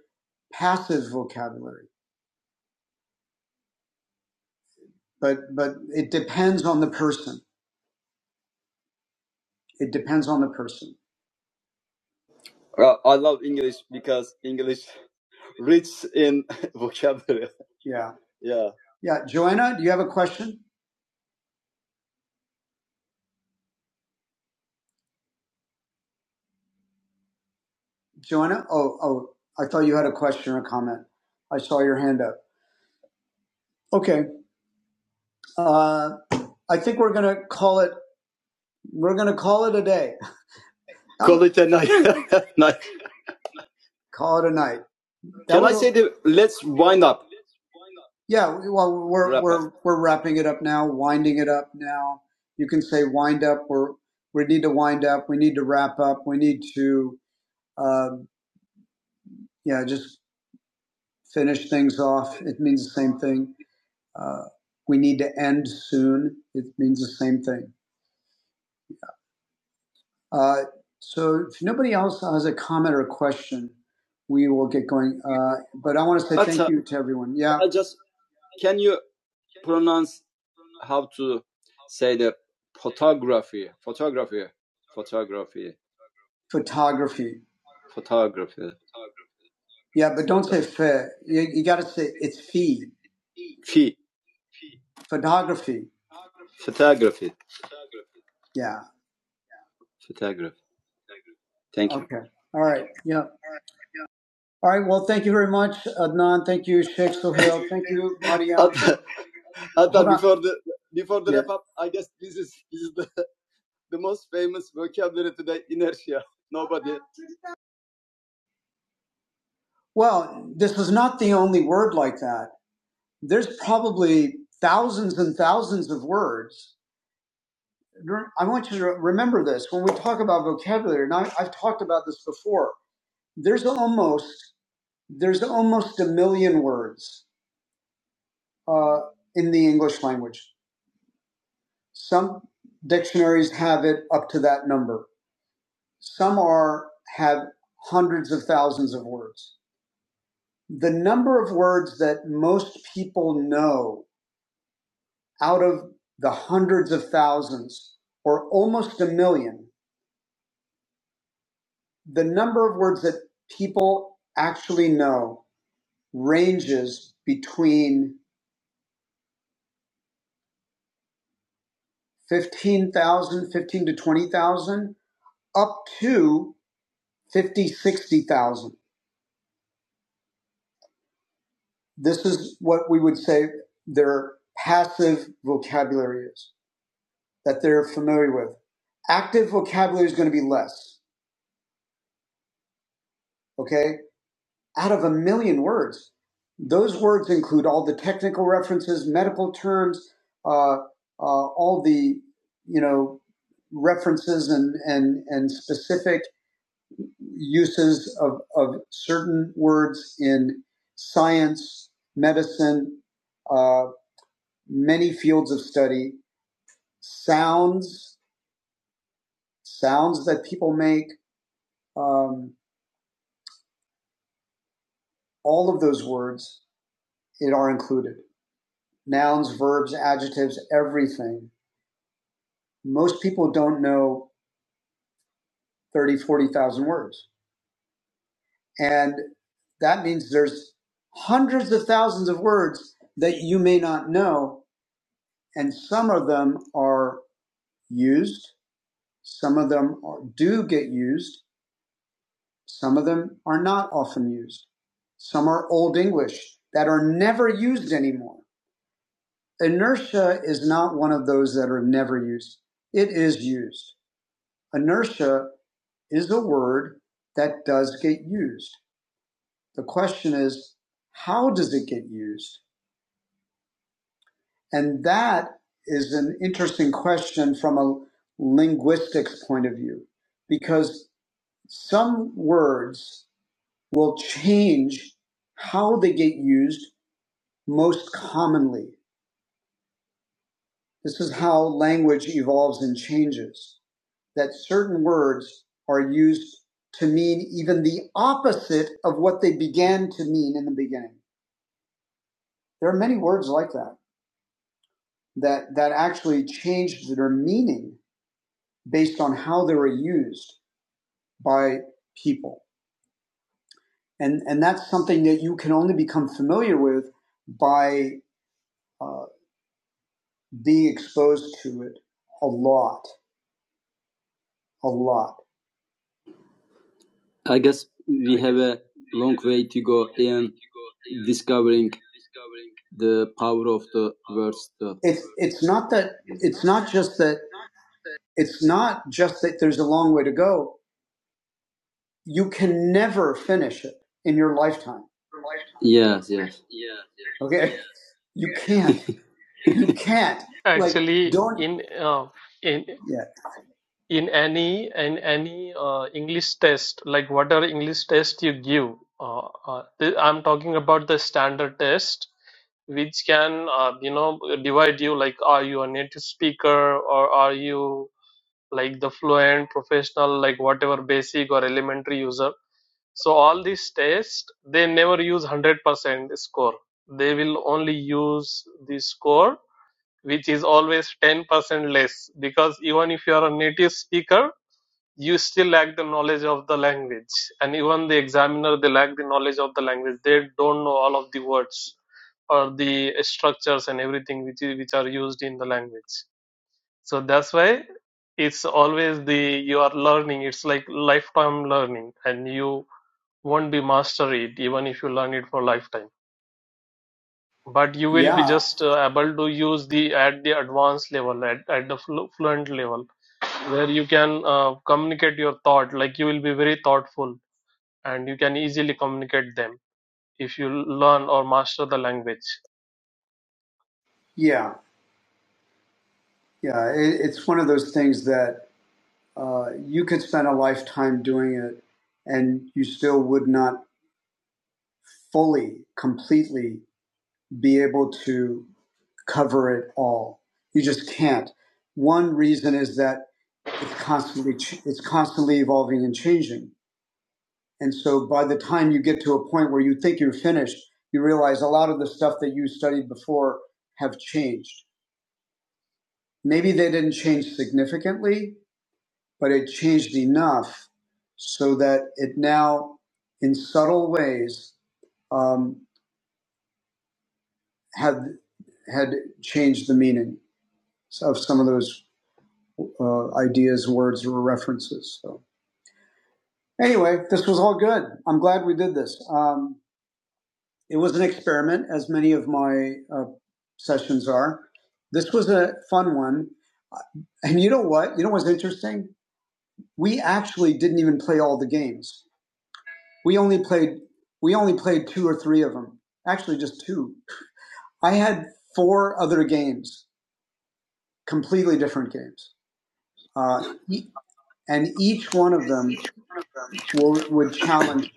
passive vocabulary, but, but it depends on the person. It depends on the person. Yeah. Yeah. Joanna, do you have a question? Joanna? Oh, oh, I thought you had a question or comment. I saw your hand up. Okay. Uh, I think we're going to call it, we're going to call it a day. call it a night. Yeah, well, we're we're wrapping it up now, winding it up now. You can say wind up. We're we need to wind up. We need to wrap up. We need to um, yeah, just finish things off. It means the same thing. Uh, we need to end soon. It means the same thing. Uh, so if nobody else has a comment or a question, we will get going. Uh, but I want to say thank you to everyone. Yeah, photography. Yeah, but don't say fe. You, you got to say it's fee photography Yeah. Okay. All right. Yeah. All right. Well, thank you very much, Adnan. Thank you, Sheikh Sohail. Thank you, Maria. Well, this is not the only word like that. There's probably thousands and thousands of words. I want you to remember this when we talk about vocabulary, and I, I've talked about this before. There's almost there's almost a million words uh, in the English language. Some dictionaries have it up to that number Some are have hundreds of thousands of words. The number of words that most people know out of the hundreds of thousands or almost a million, the number of words that people actually know ranges between 15,000, 15 to 20,000 up to 50, 60,000. This is what we would say their passive vocabulary is that they're familiar with. Active vocabulary is going to be less, okay? Out of a million words, those words include all the technical references, medical terms, uh, uh, all the, you know, references and, and, and specific uses of, of certain words in science, medicine, uh, many fields of study, sounds, sounds that people make. um, All of those words it are included. Nouns, verbs, adjectives, everything. Most people don't know 30, 40,000 words. And that means there's hundreds of thousands of words that you may not know. And some of them are used. Some of them are, do get used. Some of them are not often used. Some are Old English that are never used anymore. Inertia is not one of those that are never used. It is used. Inertia is a word that does get used. The question is, how does it get used? And that is an interesting question from a linguistics point of view, because some words will change how they get used most commonly. This is how language evolves and changes. that certain words are used to mean even the opposite of what they began to mean in the beginning. There are many words like that that, that actually changed their meaning based on how they were used by people. And, and that's something that you can only become familiar with by uh, being exposed to it a lot, a lot. It's, it's not that, it's not just that, it's not just that there's a long way to go you can never finish it in your lifetime. Okay. You can't. you can't. Like,
Actually,
don't.
in uh, in
Yeah.
in any in any uh, English test, like whatever English test you give, uh, uh, th- I'm talking about the standard test, which can uh, you know divide you like are you a native speaker or are you like the fluent professional, like whatever basic or elementary user. So all these tests, they never use 100% score. They will only use the score which is always 10% less because even if you are a native speaker you still lack the knowledge of the language and even the examiner they lack the knowledge of the language they don't know all of the words or the structures and everything which is, which are used in the language so that's why it's always the you are learning it's like lifetime learning and you won't be master it even if you learn it for lifetime but you will be
Yeah.
just uh, able to use the at the advanced level at, at the flu fluent level where you can uh, communicate your thought like you will be very thoughtful and you can easily communicate them if you learn or master the language
Yeah. Yeah. It, it's one of those things that uh, you could spend a lifetime doing it and you still would not fully, completely be able to cover it all. You just can't. One reason is that it's constantly it's constantly evolving and changing And so by the time you get to a point where you think you're finished, you realize a lot of the stuff that you studied before have changed. Maybe they didn't change significantly, but it changed enough so that it now, in subtle ways, um, had had changed the meaning of some of those uh, ideas, words, or references. So anyway, this was all good. I'm glad we did this. Um, It was an experiment, as many of my uh, sessions are. This was a fun one. And you know what? You know what's interesting? We actually didn't even play all the games. We only played we only played two or three of them. Actually, just two. I had four other games, completely different games, uh, e- and each one of them will, would challenge.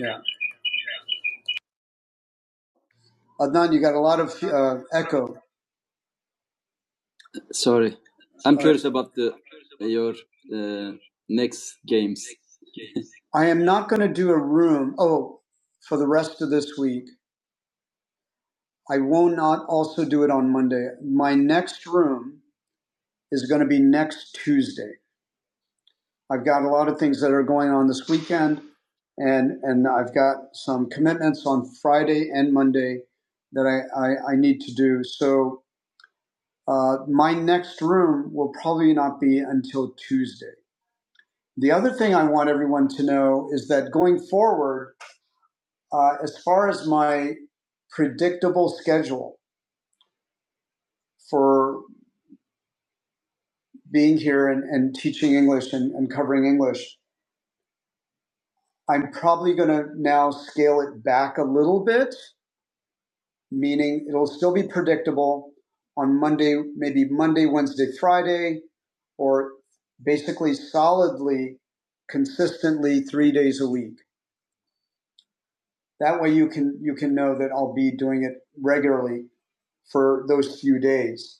Yeah, Adnan, you got a lot of uh, echo. I am not going to do a room. Oh, for the rest of this week, I will not also do it on Monday. My next room is going to be next Tuesday. I've got a lot of things that are going on this weekend, and and I've got some commitments on Friday and Monday that I I, I need to do. So uh, my next room will probably not be until Tuesday. The other thing I want everyone to know is that going forward Uh, as far as my predictable schedule for being here and, and teaching English and, and covering English, I'm probably going to now scale it back a little bit, meaning it'll still be predictable on Monday, maybe Monday, Wednesday, Friday, or basically solidly, consistently three days a week. That way you can you can know that I'll be doing it regularly for those few days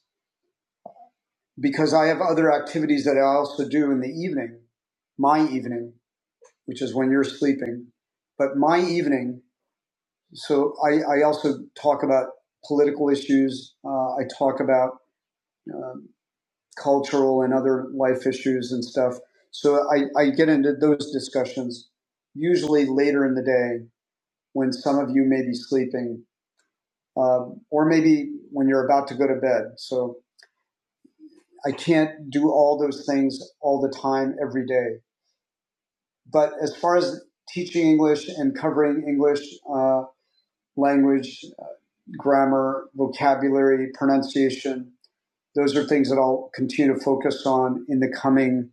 because I have other activities that I also do in the evening, my evening, which is when you're sleeping. But my evening, so I, I also talk about political issues. Uh, I talk about um cultural and other life issues and stuff. So I, I get into those discussions usually later in the day when some of you may be sleeping um, or maybe when you're about to go to bed. So I can't do all those things all the time every day But as far as teaching English and covering English uh, language, uh, grammar, vocabulary, pronunciation, those are things that I'll continue to focus on in the coming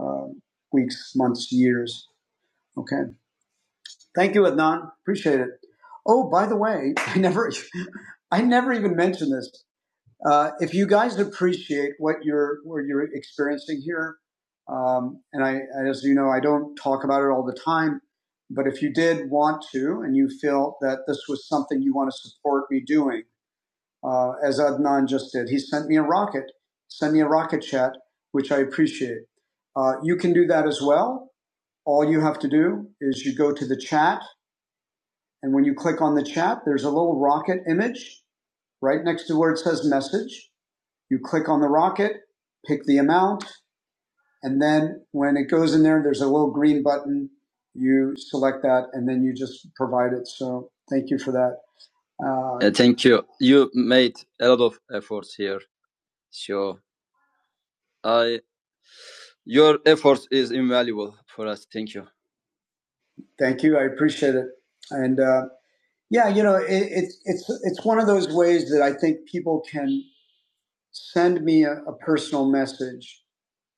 uh, weeks, months, years. Okay. Thank you, Adnan. Appreciate it. Oh, by the way, I never, I never even mentioned this. Uh, if you guys appreciate what you're what you're experiencing here, um, and I, as you know, I don't talk about it all the time, but if you did want to, and you feel that this was something you want to support me doing, uh, as Adnan just did, he sent me a rocket, send me a rocket chat, which I appreciate. Uh, you can do that as well. All you have to do is you go to the chat and when you click on the chat, there's a little rocket image right next to where it says message. You click on the rocket, pick the amount, and then when it goes in there, there's a little green button. You select that and then you just provide it. So thank you for that. Uh, thank you. I appreciate it. And uh, yeah, you know, it, it, it's, it's one of those ways that I think people can send me a, a personal message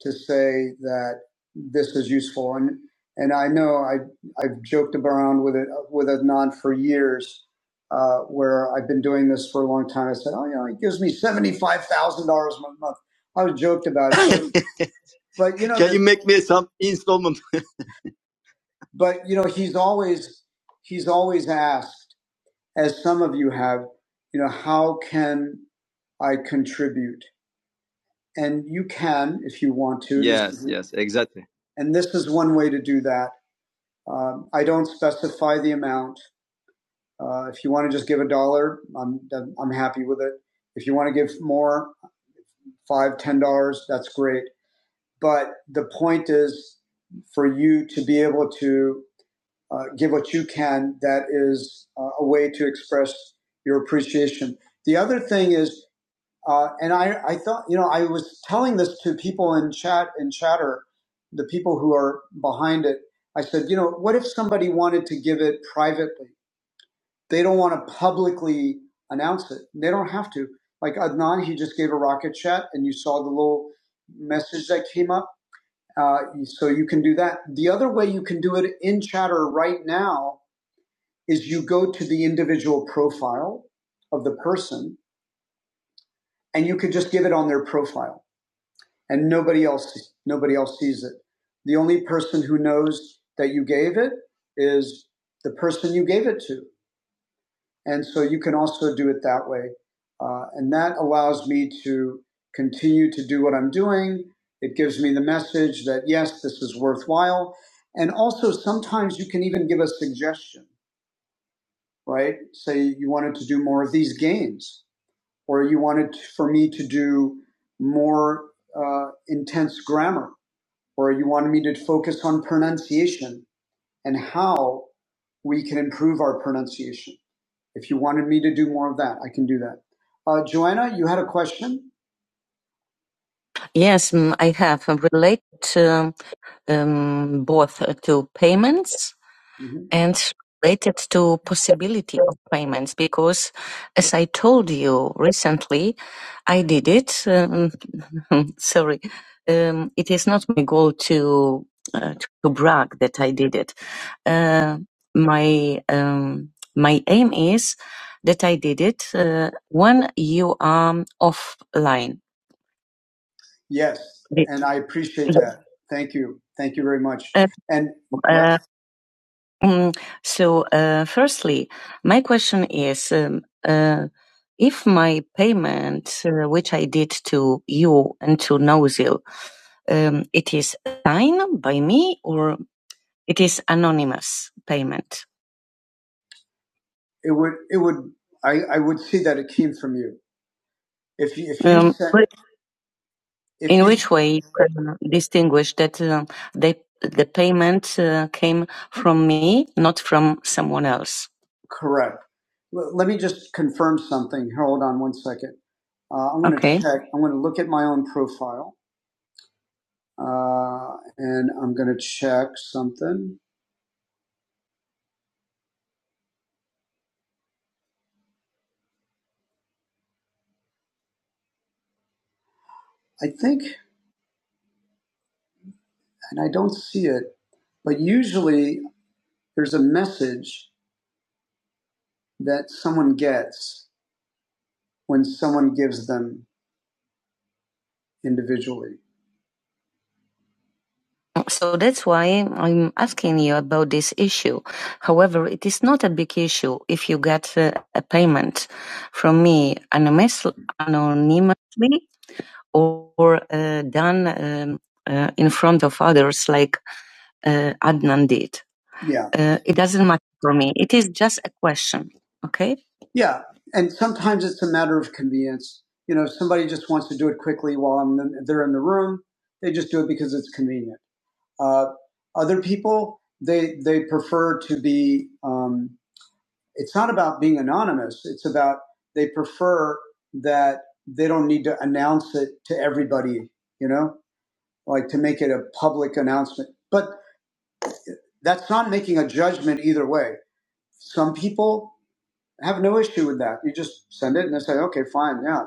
to say that this is useful. And and I know I I've joked around with it with Adnan for years, uh, where I've been doing this for a long time. I said, oh, you know, he gives me seventy five thousand dollars a month. I was joked about but you but you know, he's always he's always asked, as some of you have, you know, how can I contribute? And you can if you want to. And this is one way to do that Um, I don't specify the amount. Uh, if you want to just give a dollar, I'm I'm happy with it. If you want to give more, five, ten dollars, that's great. But the point is for you to be able to uh, give what you can. That is uh, a way to express your appreciation. The other thing is, uh, and I I thought you know I was telling this to people in chat and chatter, the people who are behind it. I said, you know, what if somebody wanted to give it privately? They don't want to publicly announce it. They don't have to. Like Adnan, he just gave a rocket chat, and you saw the little message that came up. Uh, so you can do that. The other way you can do it in Chatter right now is you go to the individual profile of the person, and you could just give it on their profile, and nobody else nobody else sees it. The only person who knows that you gave it is the person you gave it to. And so you can also do it that way. Uh, and that allows me to continue to do what I'm doing. It gives me the message that, yes, this is worthwhile. And also, sometimes you can even give a suggestion, right? Say you wanted to do more of these games, or you wanted for me to do more uh, intense grammar, or you wanted me to focus on pronunciation and how we can improve our pronunciation if you wanted me to do more of that, I can do that. Uh, Joanna, you had a question? Yes, mm, I have uh, related um, um, both uh, to payments hmm and related to possibility of payments because, as I told you recently, I did it. Um, sorry, um, it is not my goal to uh, to brag that I did it. Uh, my um, my aim is that I did it uh, when you are offline Yes, and I appreciate that. Thank you. Thank you very much. Uh, And yeah, uh, mm, so, uh, firstly, my question is um, uh, if my payment, uh, which I did to you and to Nozil, um, it is signed by me or it is anonymous payment? it would it would I, I would see that it came from you. If you if you Um, sent If In you which way you can distinguish that uh, they, the payment uh, came from me, not from someone else? correct, L- let me just confirm something. Hold on one second. Uh, I'm going to Okay. check. I'm going to look at my own profile, uh, and I'm going to check something. I think, and I don't see it, but usually there's a message that someone gets when someone gives them individually. So that's why I'm asking you about this issue. However, it is not a big issue if you get uh, a payment from me anonymously or uh, done um, uh, in front of others like uh, Adnan did. Yeah. Uh, it doesn't matter for me. It is just a question. Okay? Yeah. And sometimes it's a matter of convenience. You know, if somebody just wants to do it quickly while I'm in, they're in the room, they just do it because it's convenient. Uh, other people, they they prefer to be. Um, it's not about being anonymous. It's about they prefer that they don't need to announce it to everybody. You know, like to make it a public announcement. But that's not making a judgment either way. Some people I have no issue with that. You just send it and they say, okay, fine, yeah.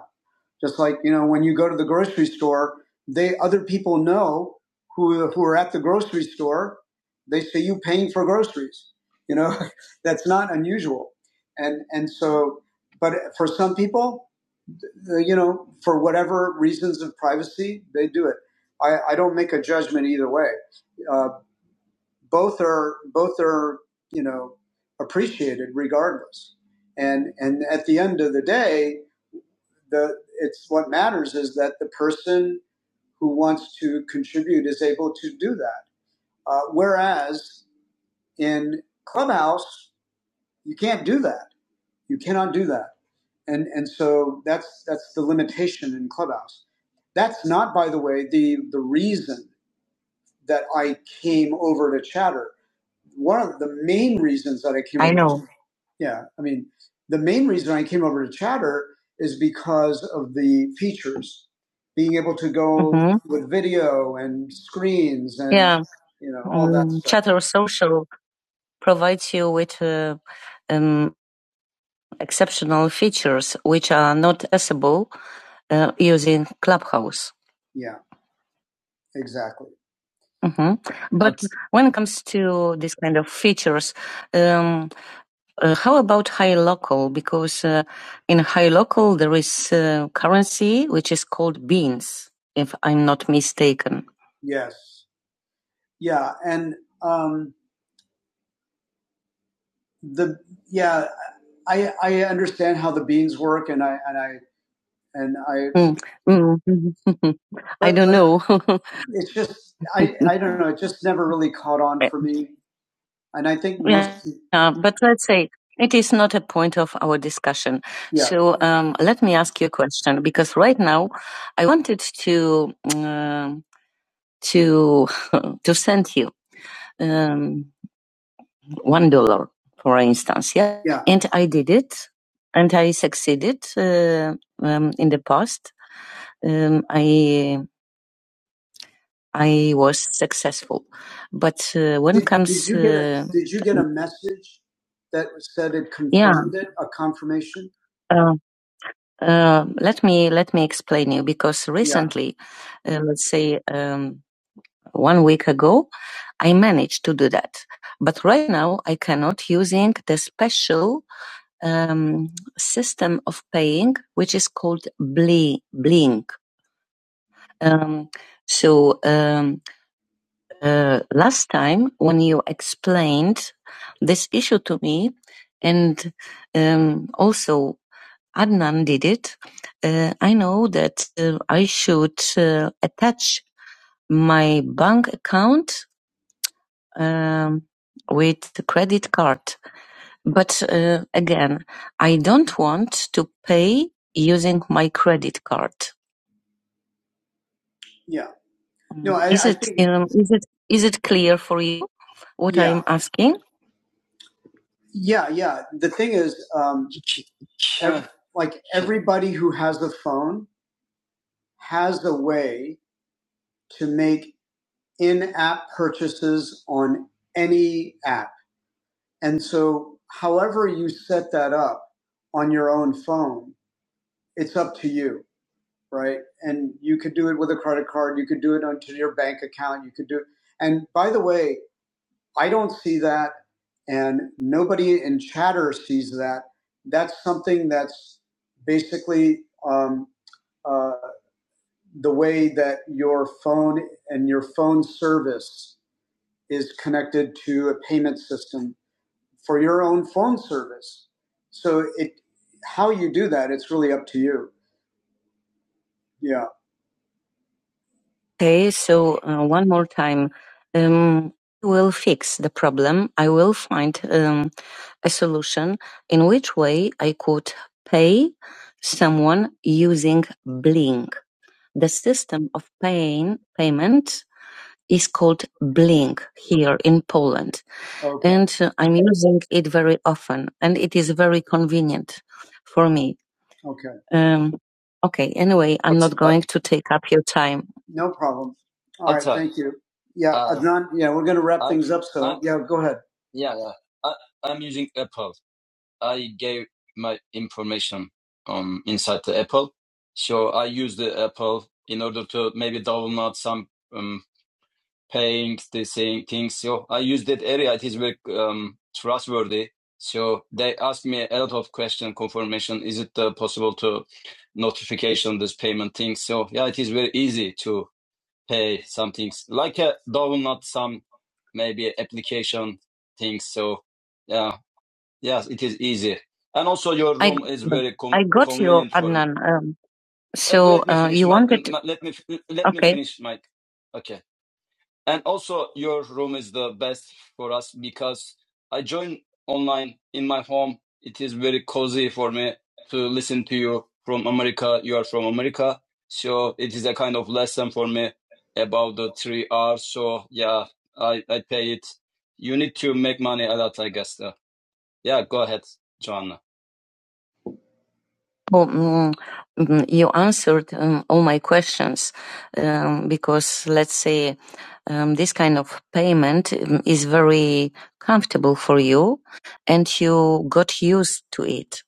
Just like, you know, when you go to the grocery store, they other people know who who are at the grocery store, they see you paying for groceries. You know, that's not unusual. And and so but for some people, uh, you know, for whatever reasons of privacy, they do it. I, I don't make a judgment either way. Uh, both are both are you know appreciated regardless and and at the end of the day the it's what matters is that the person who wants to contribute is able to do that uh, whereas in clubhouse you can't do that you cannot do that and and so that's that's the limitation in clubhouse that's not by the way the the reason that i came over to chatter one of the main reasons that I came I over. know. Yeah, I mean, the main reason I came over to Chatter is because of the features, being able to go hmm with video and screens and Yeah. you know all that Um, stuff. Chatter Social provides you with uh, um, exceptional features which are not accessible uh, using Clubhouse. Yeah, exactly. hmm But when it comes to this kind of features, Uh, how about high local? Because uh, in high local there is uh, currency which is called beans, if I'm not mistaken. Yes. Yeah. And um, the yeah, I I understand how the beans work, and I and I and I. Mm, mm, I don't know. it's just I I don't know. It just never really caught on for me. And I think most, Yeah, uh, but let's say it is not a point of our discussion. yeah, So um, let me ask you a question because right now I wanted to um to to send you um, one dollar, for instance. Yeah, yeah, and I did it, and I succeeded uh, um, in the past. Um, I I was successful. But uh, when Did, it comes, did you get a uh, Did you get a message that said it yeah, confirmed yeah. it? A confirmation? uh, uh, let me let me explain you because Yeah. recently, yeah. uh, let's say um, one week ago, I managed to do that. But right now, I cannot using the special um, system of paying, which is called Blink. Um, so. Um, uh, last time when you explained this issue to me, and um, also Adnan did it, uh, I know that uh, I should uh, attach my bank account um, with the credit card. But uh, again, I don't want to pay using my credit card. Yeah. Mm. No, I, Is I it think, um, is it is it clear for you what yeah. I'm asking? Yeah, yeah. The thing is, um, ev- like everybody who has a phone has a way to make in-app purchases on any app, and so however you set that up on your own phone, it's up to you, right? And you could do it with a credit card, you could do it onto your bank account, you could do. it. And by the way, I don't see that, and nobody in chatter sees that. That's something that's basically um, uh, the way that your phone and your phone service is connected to a payment system for your own phone service. So it, how you do that, it's really up to you. Yeah. Okay, so uh, one more time. Um, I will fix the problem. I will find um, a solution in which way I could pay someone using Blink. The system of paying payment is called Blink here in Poland, Okay. and uh, I'm using it very often, and it is very convenient for me. Okay. Um, okay, anyway, I'm What's going to take up your time. no problem you. Yeah, non, yeah, we're going to wrap up. So, yeah, go ahead. And, um, so mm, mm, you answered um, all my questions um, because let's say um, this kind of payment um, is very comfortable for you, and you got used to it.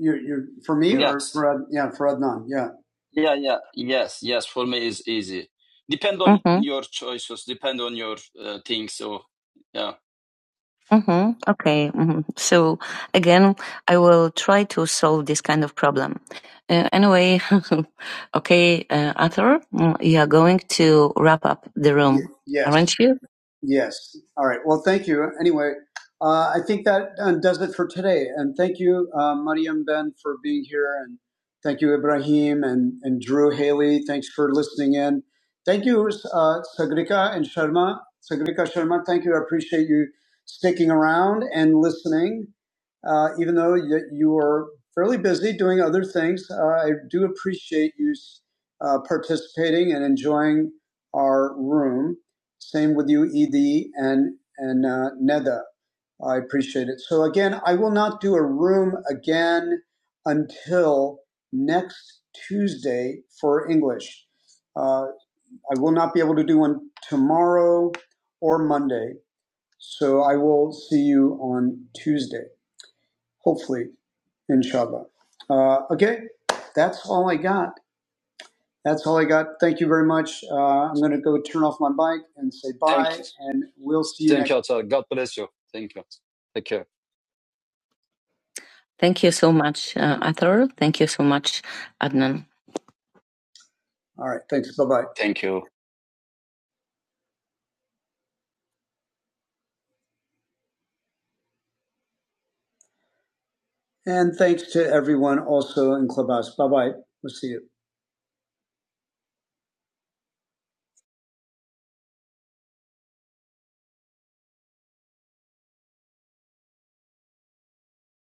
You, you, for me, for, yeah, for Adnan, yeah. hmm Okay. hmm So again, I will try to solve this kind of problem. Uh, anyway, okay, uh, Arthur, mm, you are going to wrap up the Y- room, Y- Yes. aren't you? Yes. All right. Well, thank you. Anyway, uh, I think that um, does it for today. And thank you, uh, Mariam Ben, for being here. And thank you, Ibrahim and, and Drew Haley. Thanks for listening in. Thank you, uh, Sagrika and Sharma. Sagrika Sharma, thank you. I appreciate you sticking around and listening, uh, even though you, you are fairly busy doing other things. Uh, I do appreciate you uh, participating and enjoying our room. Same with you, Ed and and uh, Neda. I appreciate it. So again, I will not do a room again until next Tuesday for English. Uh, I will not be able to do one tomorrow or Monday. So I will see you on Tuesday, hopefully, inshallah. Uh, okay, that's all I got. That's all I got. Thank you very much. Uh, I'm going to go turn off my bike and say, and we'll see. Thank you so much, uh, Athar. Thank you so much, Adnan. All right. Thanks. Bye bye. And thanks to everyone also in Clubhouse. Bye bye. We'll see you.